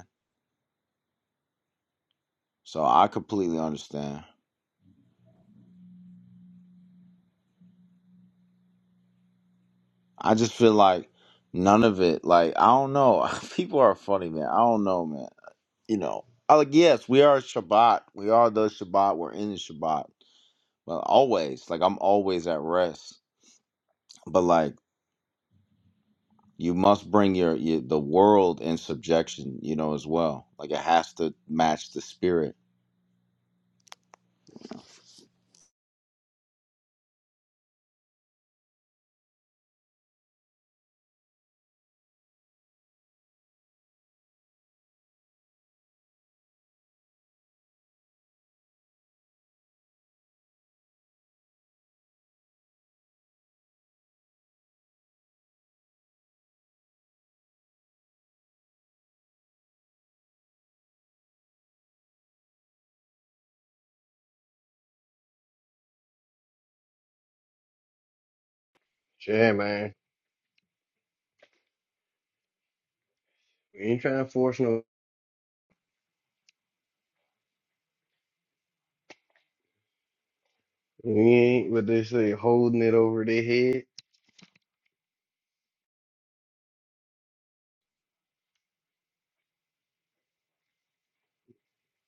D: So I completely understand. I just feel like none of it. Like I don't know. People are funny, man. I don't know, man. You know. I like yes, we are Shabbat. We are the Shabbat. We're in the Shabbat. But always, like I'm always at rest. But like you must bring your, your the world in subjection you know as well like it has to match the spirit
B: Yeah, man, we ain't trying to force no. We ain't what they say holding it over their head.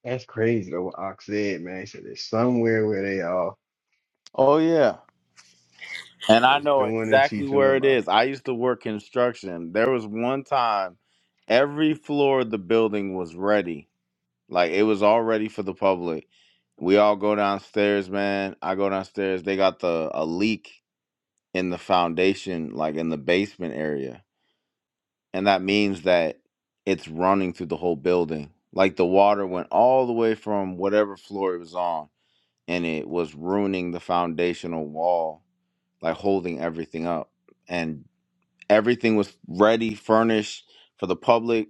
B: That's crazy though. What Ox said, man, he said it's somewhere where they are.
D: oh yeah and
B: It
D: i
B: is
D: know
B: doing and
D: exactly
B: teaching the
D: where it
B: law.
D: is i used to work construction there was one time every floor of the building was ready like it was all ready for the public we all go downstairs man i go downstairs they got the a leak in the foundation like in the basement area and that means that it's running through the whole building. Like the water went all the way from whatever floor it was on, and it was ruining the foundational wall, like holding everything up. And everything was ready, furnished for the public.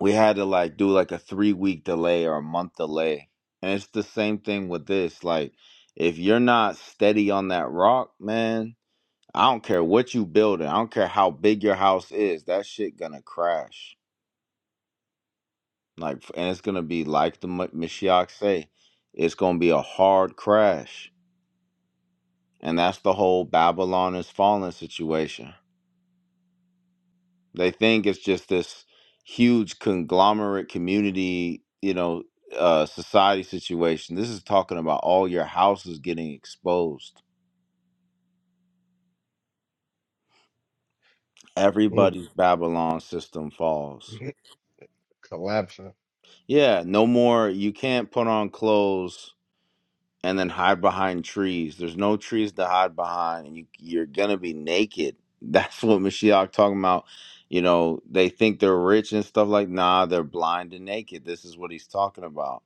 D: We had to like do like a three week delay or a month delay. And it's the same thing with this. Like, if you're not steady on that rock, man, I don't care what you building. I don't care how big your house is. That shit gonna crash Like, and it's gonna be like the Ma- Mashiach say, it's gonna be a hard crash, and that's the whole Babylon is fallen situation. They think it's just this huge conglomerate community, you know, uh, society situation. This is talking about all your houses getting exposed.
B: Mm.
D: Everybody's Babylon system falls.
B: Collapsing.
D: Yeah, no more. You can't put on clothes and then hide behind trees. There's no trees to hide behind, and you, you're gonna be naked. That's what Mashiach talking about. You know, they think they're rich and stuff like. Nah, they're blind and naked. This is what he's talking about.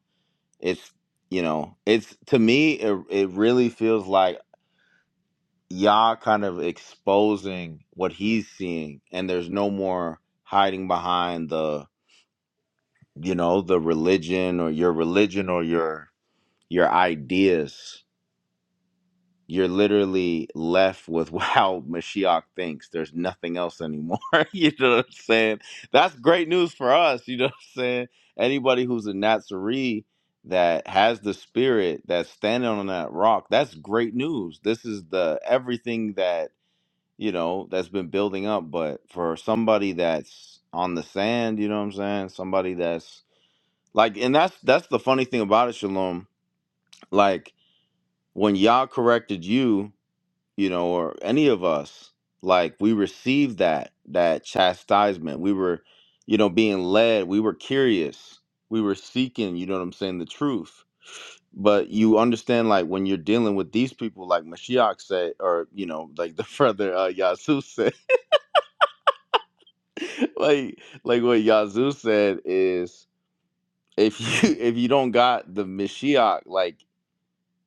D: It's you know, it's to me, it it really feels like Yah kind of exposing what he's seeing, and there's no more hiding behind the you know the religion or your religion or your your ideas you're literally left with how Mashiach thinks. There's nothing else anymore. you know what I'm saying? That's great news for us. You know what I'm saying? Anybody who's a Nazarene that has the spirit that's standing on that rock, that's great news. This is the everything that, you know, that's been building up. But for somebody that's on the sand, you know what I'm saying? Somebody that's like, and that's that's the funny thing about it, Shalom. Like when Yah corrected you you know, or any of us, like we received that that chastisement. We were, you know, being led. We were curious. We were seeking. You know what I'm saying? The truth. But you understand, like when you're dealing with these people, like Mashiach said, or you know, like the brother uh, Yazoo said, like like what Yazoo said is, if you if you don't got the Mashiach, like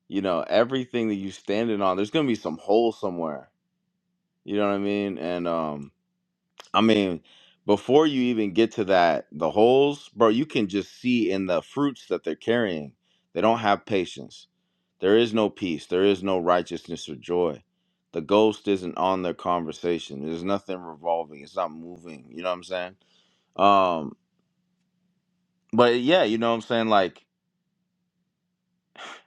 D: you know, everything that you standing on, there's gonna be some hole somewhere. You know what I mean? And um, I mean, before you even get to that, the holes, bro, you can just see in the fruits that they're carrying. They don't have patience. There is no peace. There is no righteousness or joy. The ghost isn't on their conversation. There's nothing revolving. It's not moving. You know what I'm saying? Um, but yeah, you know what I'm saying? Like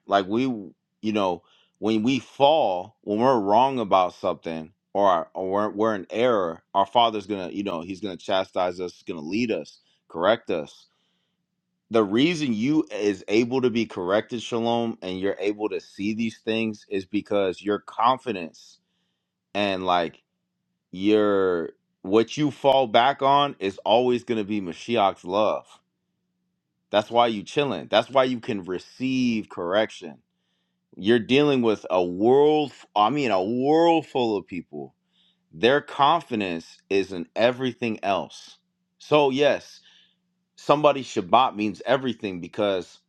D: Like we, you know, when we fall, when we're wrong about something or, or we're, we're in error, our Father's gonna, you know, He's gonna chastise us, He's gonna lead us, correct us. The reason you is able to be corrected, Shalom, and you're able to see these things is because your confidence and like your what you fall back on is always gonna be Mashiach's love. That's why you chilling. That's why you can receive correction You're dealing with a world, I mean, a world full of people. Their confidence is in everything else. So, yes, somebody Shabbat means everything because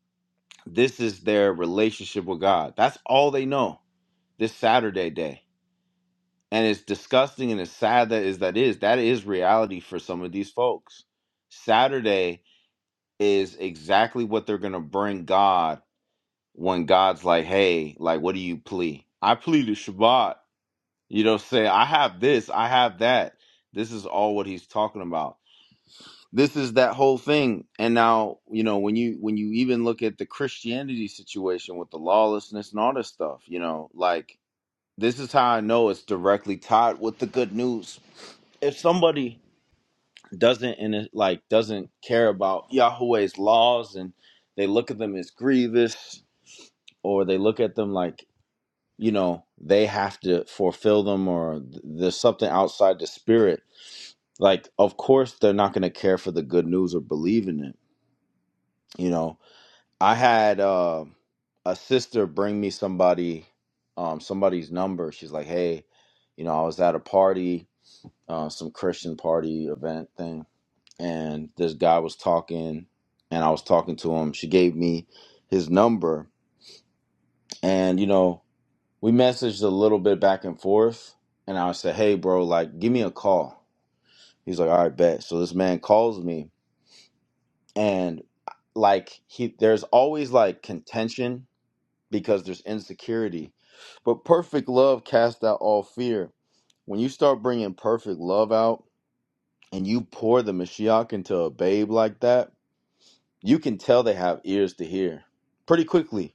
D: this is their relationship with God. That's all they know this Saturday day. And it's disgusting and it's sad that is that is. That is reality for some of these folks. Saturday is exactly what they're going to bring God when God's like, hey, like, what do you plea? I pleaded Shabbat. You know, say, I have this, I have that. This is all what he's talking about. This is that whole thing. And now, you know, when you when you even look at the Christianity situation with the lawlessness and all this stuff, you know, like this is how I know it's directly tied with the good news. If somebody doesn't and it like doesn't care about Yahweh's laws and they look at them as grievous or they look at them like, you know, they have to fulfill them or th- there's something outside the spirit like of course they're not going to care for the good news or believe in it you know i had uh, a sister bring me somebody um somebody's number she's like hey you know i was at a party uh, some christian party event thing and this guy was talking and i was talking to him she gave me his number and you know we messaged a little bit back and forth and i said hey bro like give me a call he's like all right bet so this man calls me and like he there's always like contention because there's insecurity but perfect love casts out all fear when you start bringing perfect love out and you pour the mashiach into a babe like that you can tell they have ears to hear pretty quickly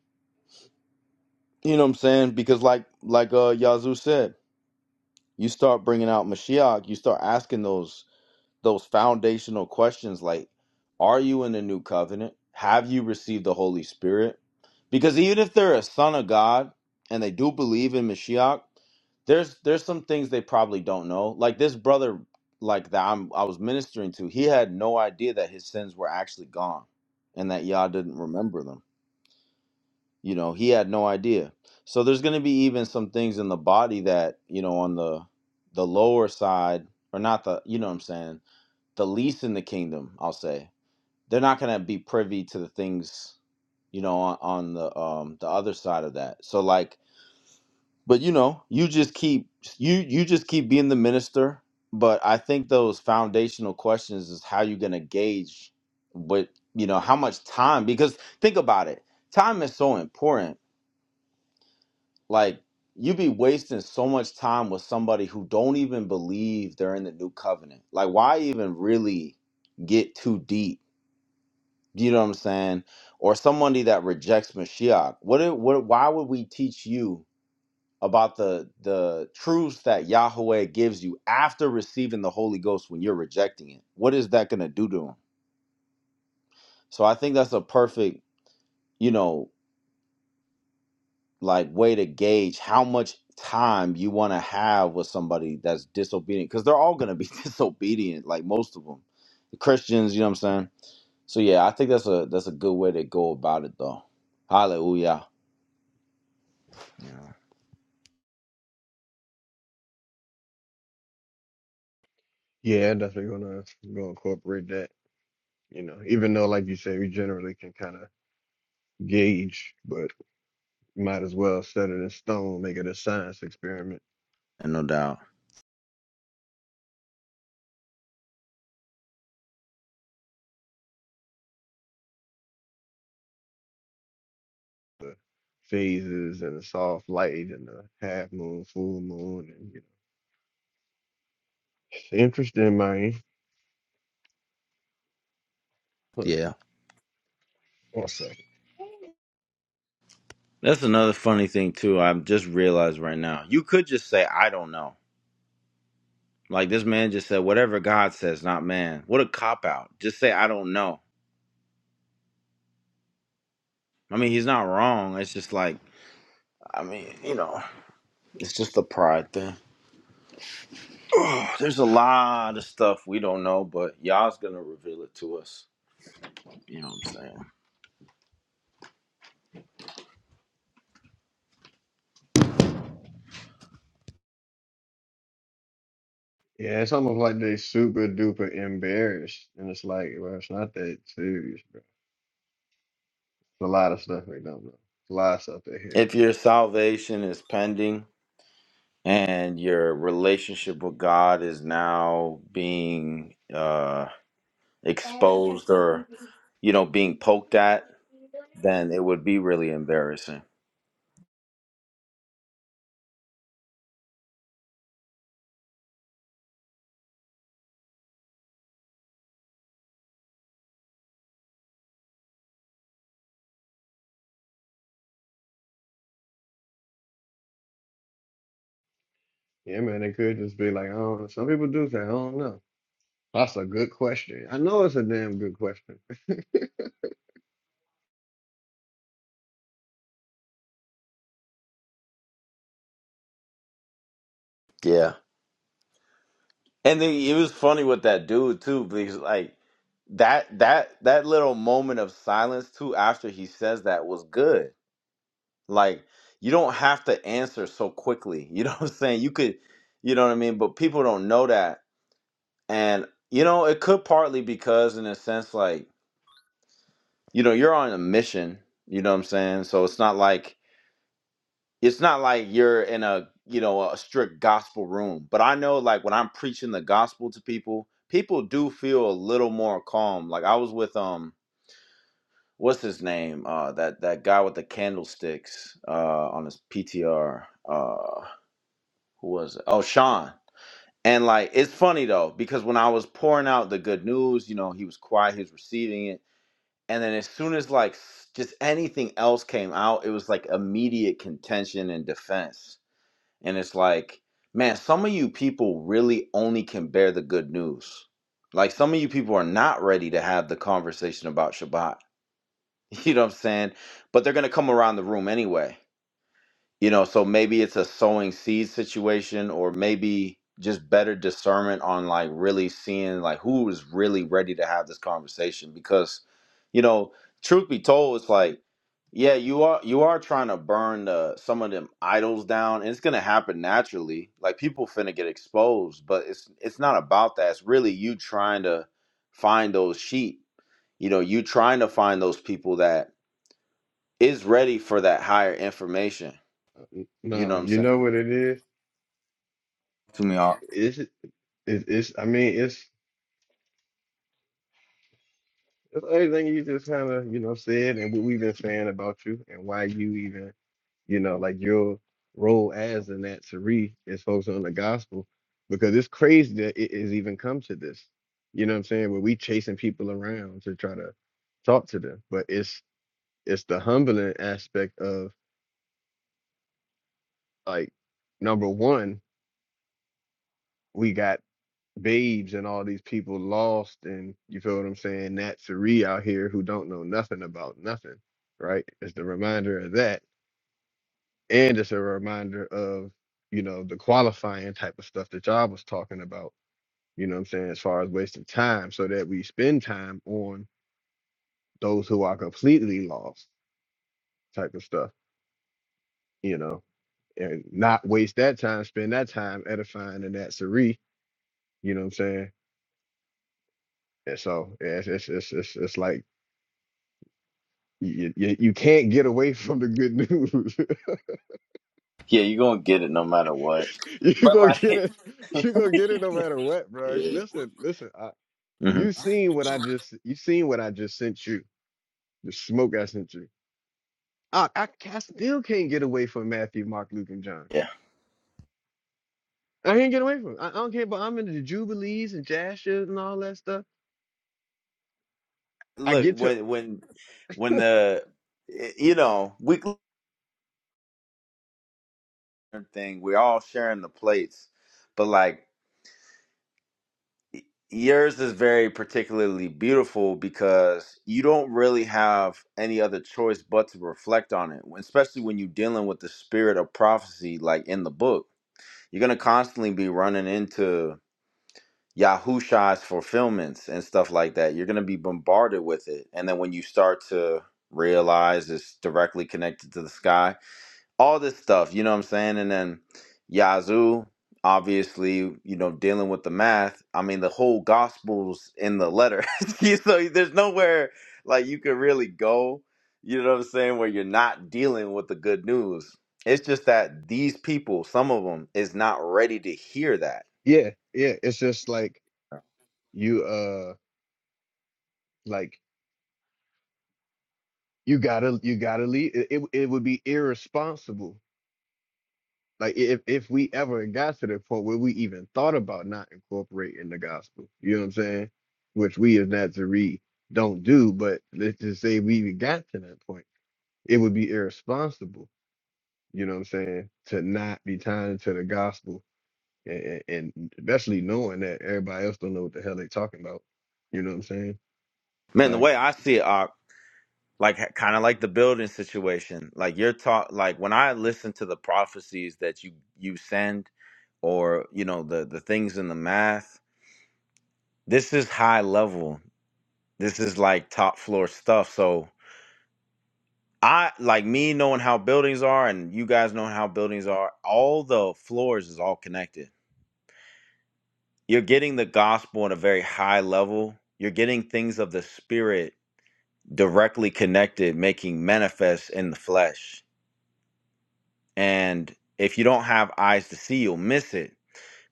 D: you know what i'm saying because like like uh yazoo said you start bringing out mashiach you start asking those those foundational questions like are you in the new covenant have you received the holy spirit because even if they're a son of god and they do believe in mashiach there's there's some things they probably don't know like this brother like that I'm, i was ministering to he had no idea that his sins were actually gone and that yah didn't remember them you know he had no idea so there's going to be even some things in the body that you know on the the lower side or not the you know what i'm saying the least in the kingdom, I'll say, they're not gonna be privy to the things, you know, on, on the um the other side of that. So like, but you know, you just keep you you just keep being the minister. But I think those foundational questions is how you're gonna gauge what you know, how much time because think about it. Time is so important. Like you be wasting so much time with somebody who don't even believe they're in the new covenant. Like why even really get too deep Do You know what I'm saying? Or somebody that rejects Mashiach. What, it- what why would we teach you about the the truths that Yahweh gives you after receiving the Holy Ghost when you're rejecting it? What is that gonna do to him? So I think that's a perfect, you know, like way to gauge how much time you want to have with somebody that's disobedient because they're all gonna be disobedient, like most of them. The Christians, you know what I'm saying? So yeah, I think that's a that's a good way to go about it though. Hallelujah.
B: Yeah, definitely gonna go incorporate that. You know, even though like you say, we generally can kind of gauge, but might as well set it in stone, make it a science experiment.
D: And no doubt.
B: The phases and the soft light and the half moon, full moon, and you know. It's interesting, man. Hold on
D: Yeah.
B: One second.
D: That's another funny thing too. I just realized right now. You could just say I don't know. Like this man just said whatever God says, not man. What a cop out. Just say I don't know. I mean, he's not wrong. It's just like I mean, you know, it's just the pride thing. there's a lot of stuff we don't know, but Yah's going to reveal it to us. You know what I'm saying?
B: Yeah, it's almost like they super duper embarrassed, and it's like, well, it's not that serious, bro. It's a lot of stuff they don't know. It's a lot of stuff they hear
D: If
B: from.
D: your salvation is pending and your relationship with God is now being uh exposed or you know being poked at, then it would be really embarrassing.
B: Yeah, man, they could just be like, I don't know. Some people do say, I don't know. That's a good question. I know it's a damn good question.
D: Yeah. And then it was funny with that dude too, because like that that that little moment of silence too after he says that was good. Like you don't have to answer so quickly. You know what I'm saying? You could you know what I mean? But people don't know that. And you know, it could partly because in a sense like, you know, you're on a mission, you know what I'm saying? So it's not like it's not like you're in a, you know, a strict gospel room. But I know like when I'm preaching the gospel to people, people do feel a little more calm. Like I was with um what's his name? Uh that that guy with the candlesticks uh on his PTR. Uh who was it? Oh, Sean. And like it's funny though because when I was pouring out the good news, you know, he was quiet, he was receiving it and then as soon as like s- just anything else came out it was like immediate contention and defense and it's like man some of you people really only can bear the good news like some of you people are not ready to have the conversation about shabbat you know what i'm saying but they're gonna come around the room anyway you know so maybe it's a sowing seed situation or maybe just better discernment on like really seeing like who is really ready to have this conversation because you know truth be told it's like yeah you are you are trying to burn uh, some of them idols down and it's gonna happen naturally like people finna get exposed but it's it's not about that it's really you trying to find those sheep you know you trying to find those people that is ready for that higher information you know
B: No,
D: what i'm
B: you
D: saying
B: know what it is?
D: to me off.
B: It's, it, it's, I mean, it's, it's everything you just kind of, you know, said and what we've been saying about you and why you even, you know, like your role as an at Sari is focused on the gospel because it's crazy that it has even come to this. You know what I'm saying? Where we chasing people around to try to talk to them, but it's, it's the humbling aspect of like number one, we got babes and all these people lost, and you feel what I'm saying? Nat Suri out here who don't know nothing about nothing, right? It's the reminder of that, and it's a reminder of you know the qualifying type of stuff that y'all was talking about. You know what I'm saying? As far as wasting time, so that we spend time on those who are completely lost type of stuff, you know, and not waste that time, spend that time edifying the Nat Suri, you know what I'm saying? And so yeah, it's it's it's it's, it's like you, you you can't get away from the good news.
D: Yeah, you're gonna get it no matter what.
B: you
D: But
B: gonna get
D: like,
B: it. You gonna get it no matter what, bro.
D: yeah,
B: Listen, listen. I,
D: hmm
B: you seen what I just you seen what I just sent you. The smoke I sent you. I I, ca- I still can't get away from Matthew, Mark, Luke, and John.
D: yeah.
B: I can't get away from. It. I, I don't care. But I'm into the jubilees and jazz shit and all that stuff. I
D: Look,
B: get to
D: when when when the you know weekly thing, we're all sharing the plates, but like yours is very particularly beautiful because you don't really have any other choice but to reflect on it, especially when you're dealing with the spirit of prophecy, like in the book. You're gonna constantly be running into. Yahusha's fulfillments and stuff like that. You're going to be bombarded with it. And then when you start to realize it's directly connected to the sky, all this stuff, you know what I'm saying? And then Yazoo, obviously, you know, dealing with the math. I mean, the whole gospel's in the letter. so there's nowhere like you could really go, you know what I'm saying, where you're not dealing with the good news. It's just that these people, some of them, is not ready to hear that.
B: yeah yeah. It's just like you uh like you gotta you gotta leave. It, it it would be irresponsible Like if if we ever got to the point where we even thought about not incorporating the gospel, you know what I'm saying? Which we as Nazarene don't do, but let's just say we even got to that point, it would be irresponsible, you know what I'm saying, to not be tying into the gospel and, and and especially knowing that everybody else don't know what the hell they talking about. You know what I'm saying?
D: Man, the
B: Like
D: way I see it, Ak, like kind of like the building situation like you're taught like when i listen to the prophecies that you you send or you know the the things in the math this is high level this is like top floor stuff so i like me knowing how buildings are and you guys knowing how buildings are all the floors is all connected you're getting the gospel at a very high level you're getting things of the spirit directly connected making manifest in the flesh and if you don't have eyes to see you'll miss it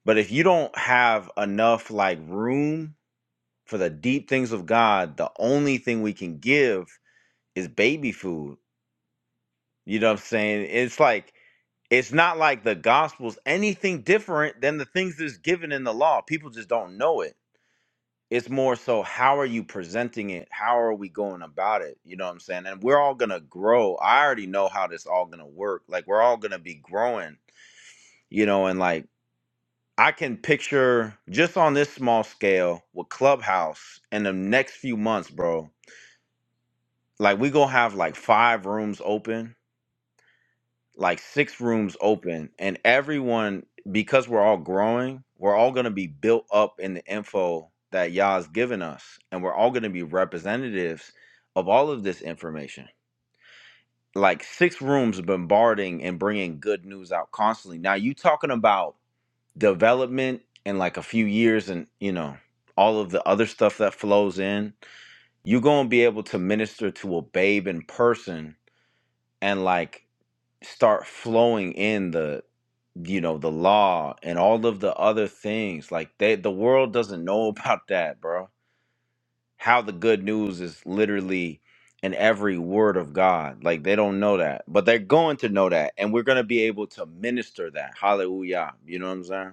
D: but if you don't have enough like room for the deep things of god the only thing we can give is baby food you know what i'm saying it's like it's not like the gospel's anything different than the things that's given in the law people just don't know it it's more so how are you presenting it how are we going about it you know what i'm saying and we're all gonna grow i already know how this all gonna work like we're all gonna be growing you know and like I can picture just on this small scale with Clubhouse in the next few months, bro. Like we gonna have like five rooms open, like six rooms open, and everyone because we're all growing, we're all gonna be built up in the info that y'all's given us, and we're all gonna be representatives of all of this information. Like six rooms bombarding and bringing good news out constantly. Now you talking about? development and like a few years and you know all of the other stuff that flows in you're going to be able to minister to a babe in person and like start flowing in the you know the law and all of the other things like they the world doesn't know about that bro how the good news is literally in every word of god like they don't know that but they're going to know that and we're going to be able to minister that hallelujah you know what i'm saying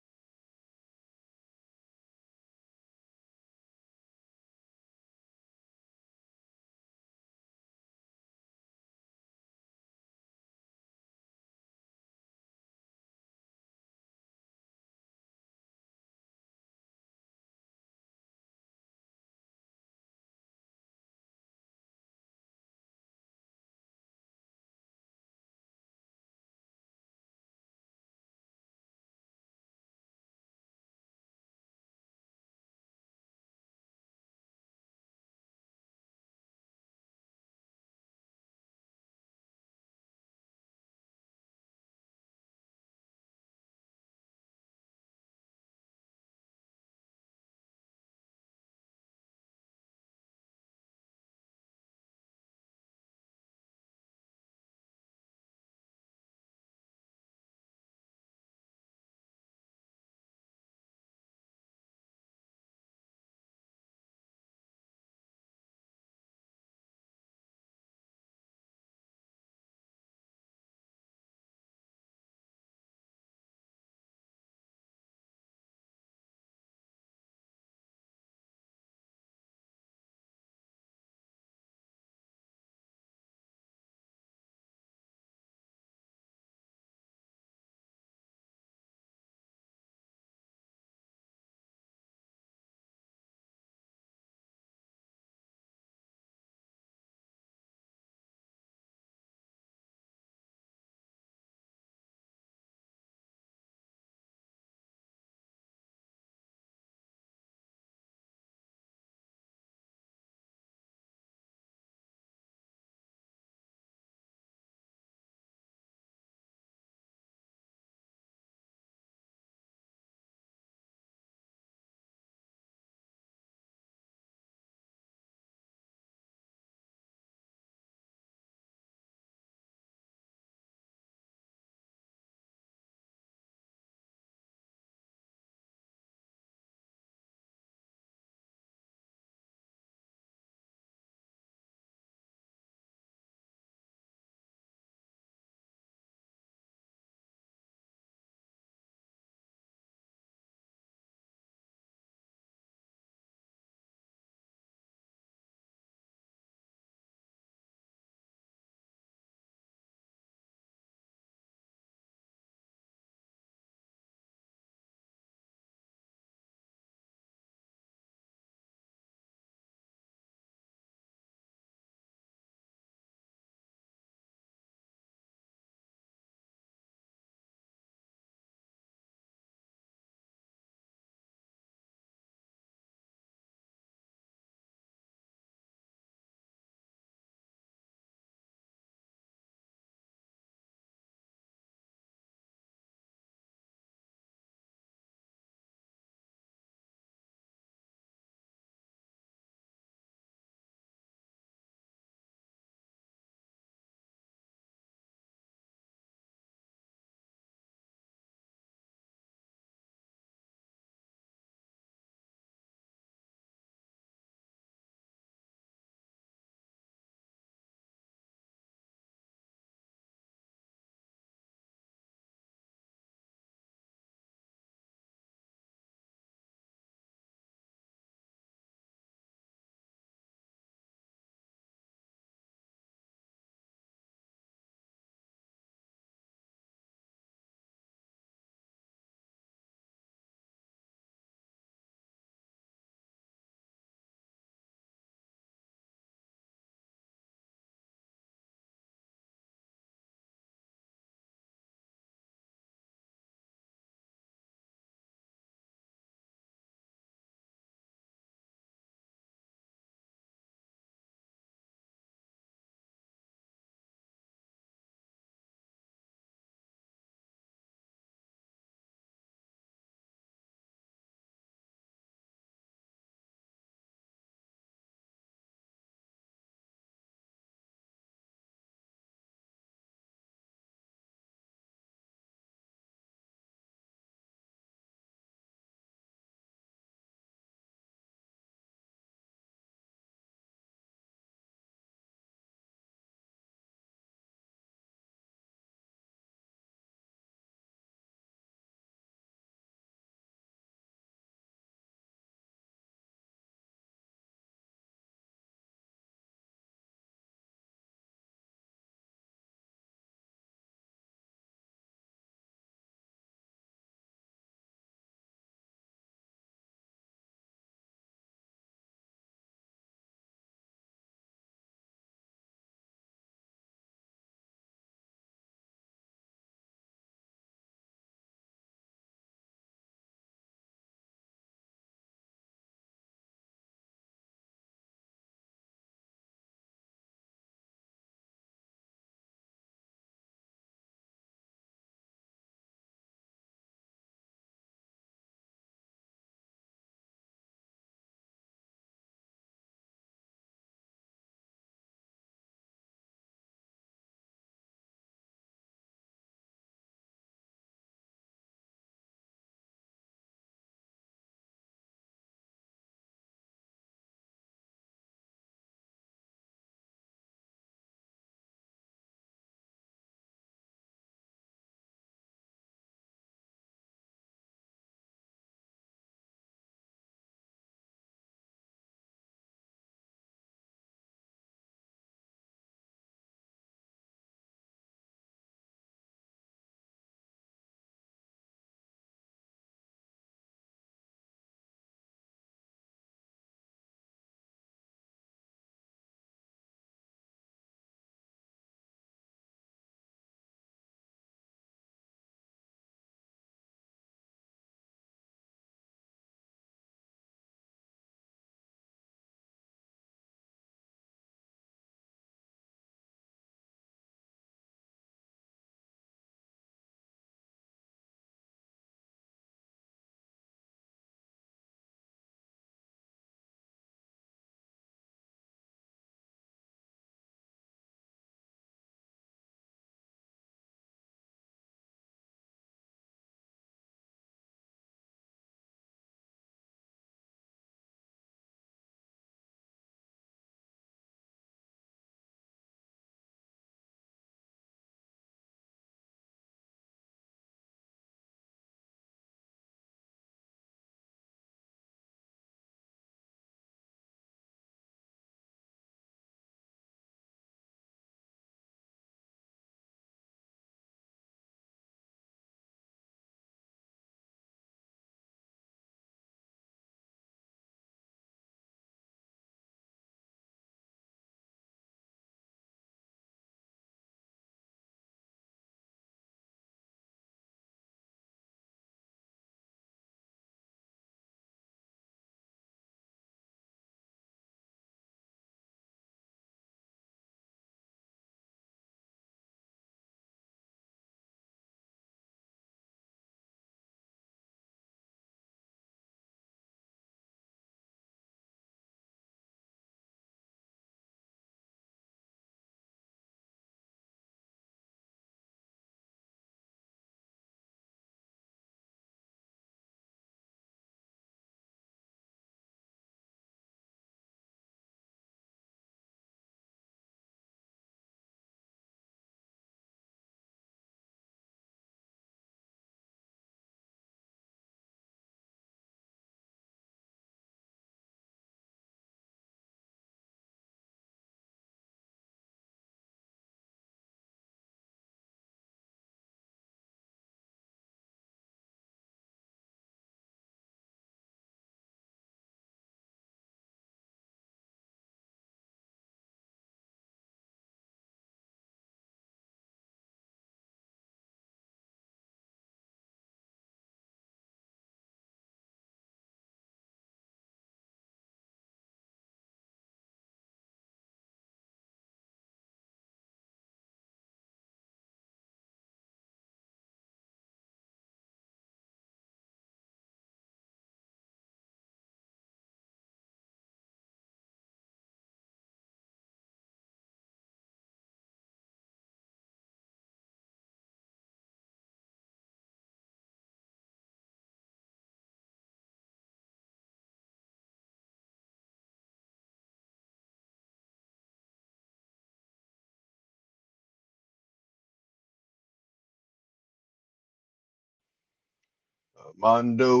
B: uh, Mondo,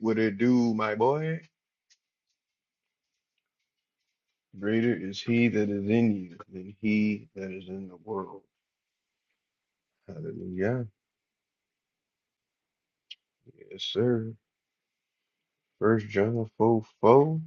B: what it do, my boy? Greater is he that is in you than he that is in the world. Hallelujah. Yes, sir. First John 4 4.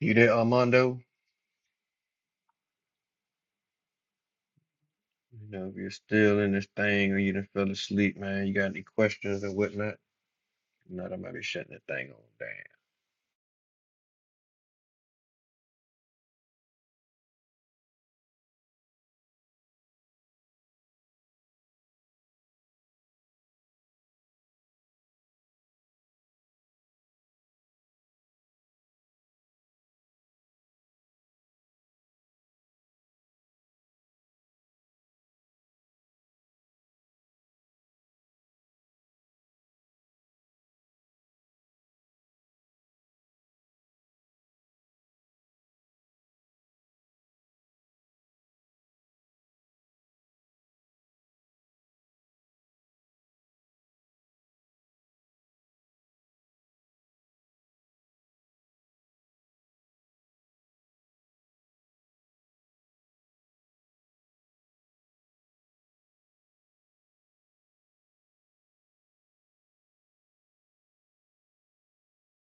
B: You there, Armando? You know, if you're still in this thing or you done fell asleep, man, you got any questions or whatnot? If not, I might be shutting the thing on down.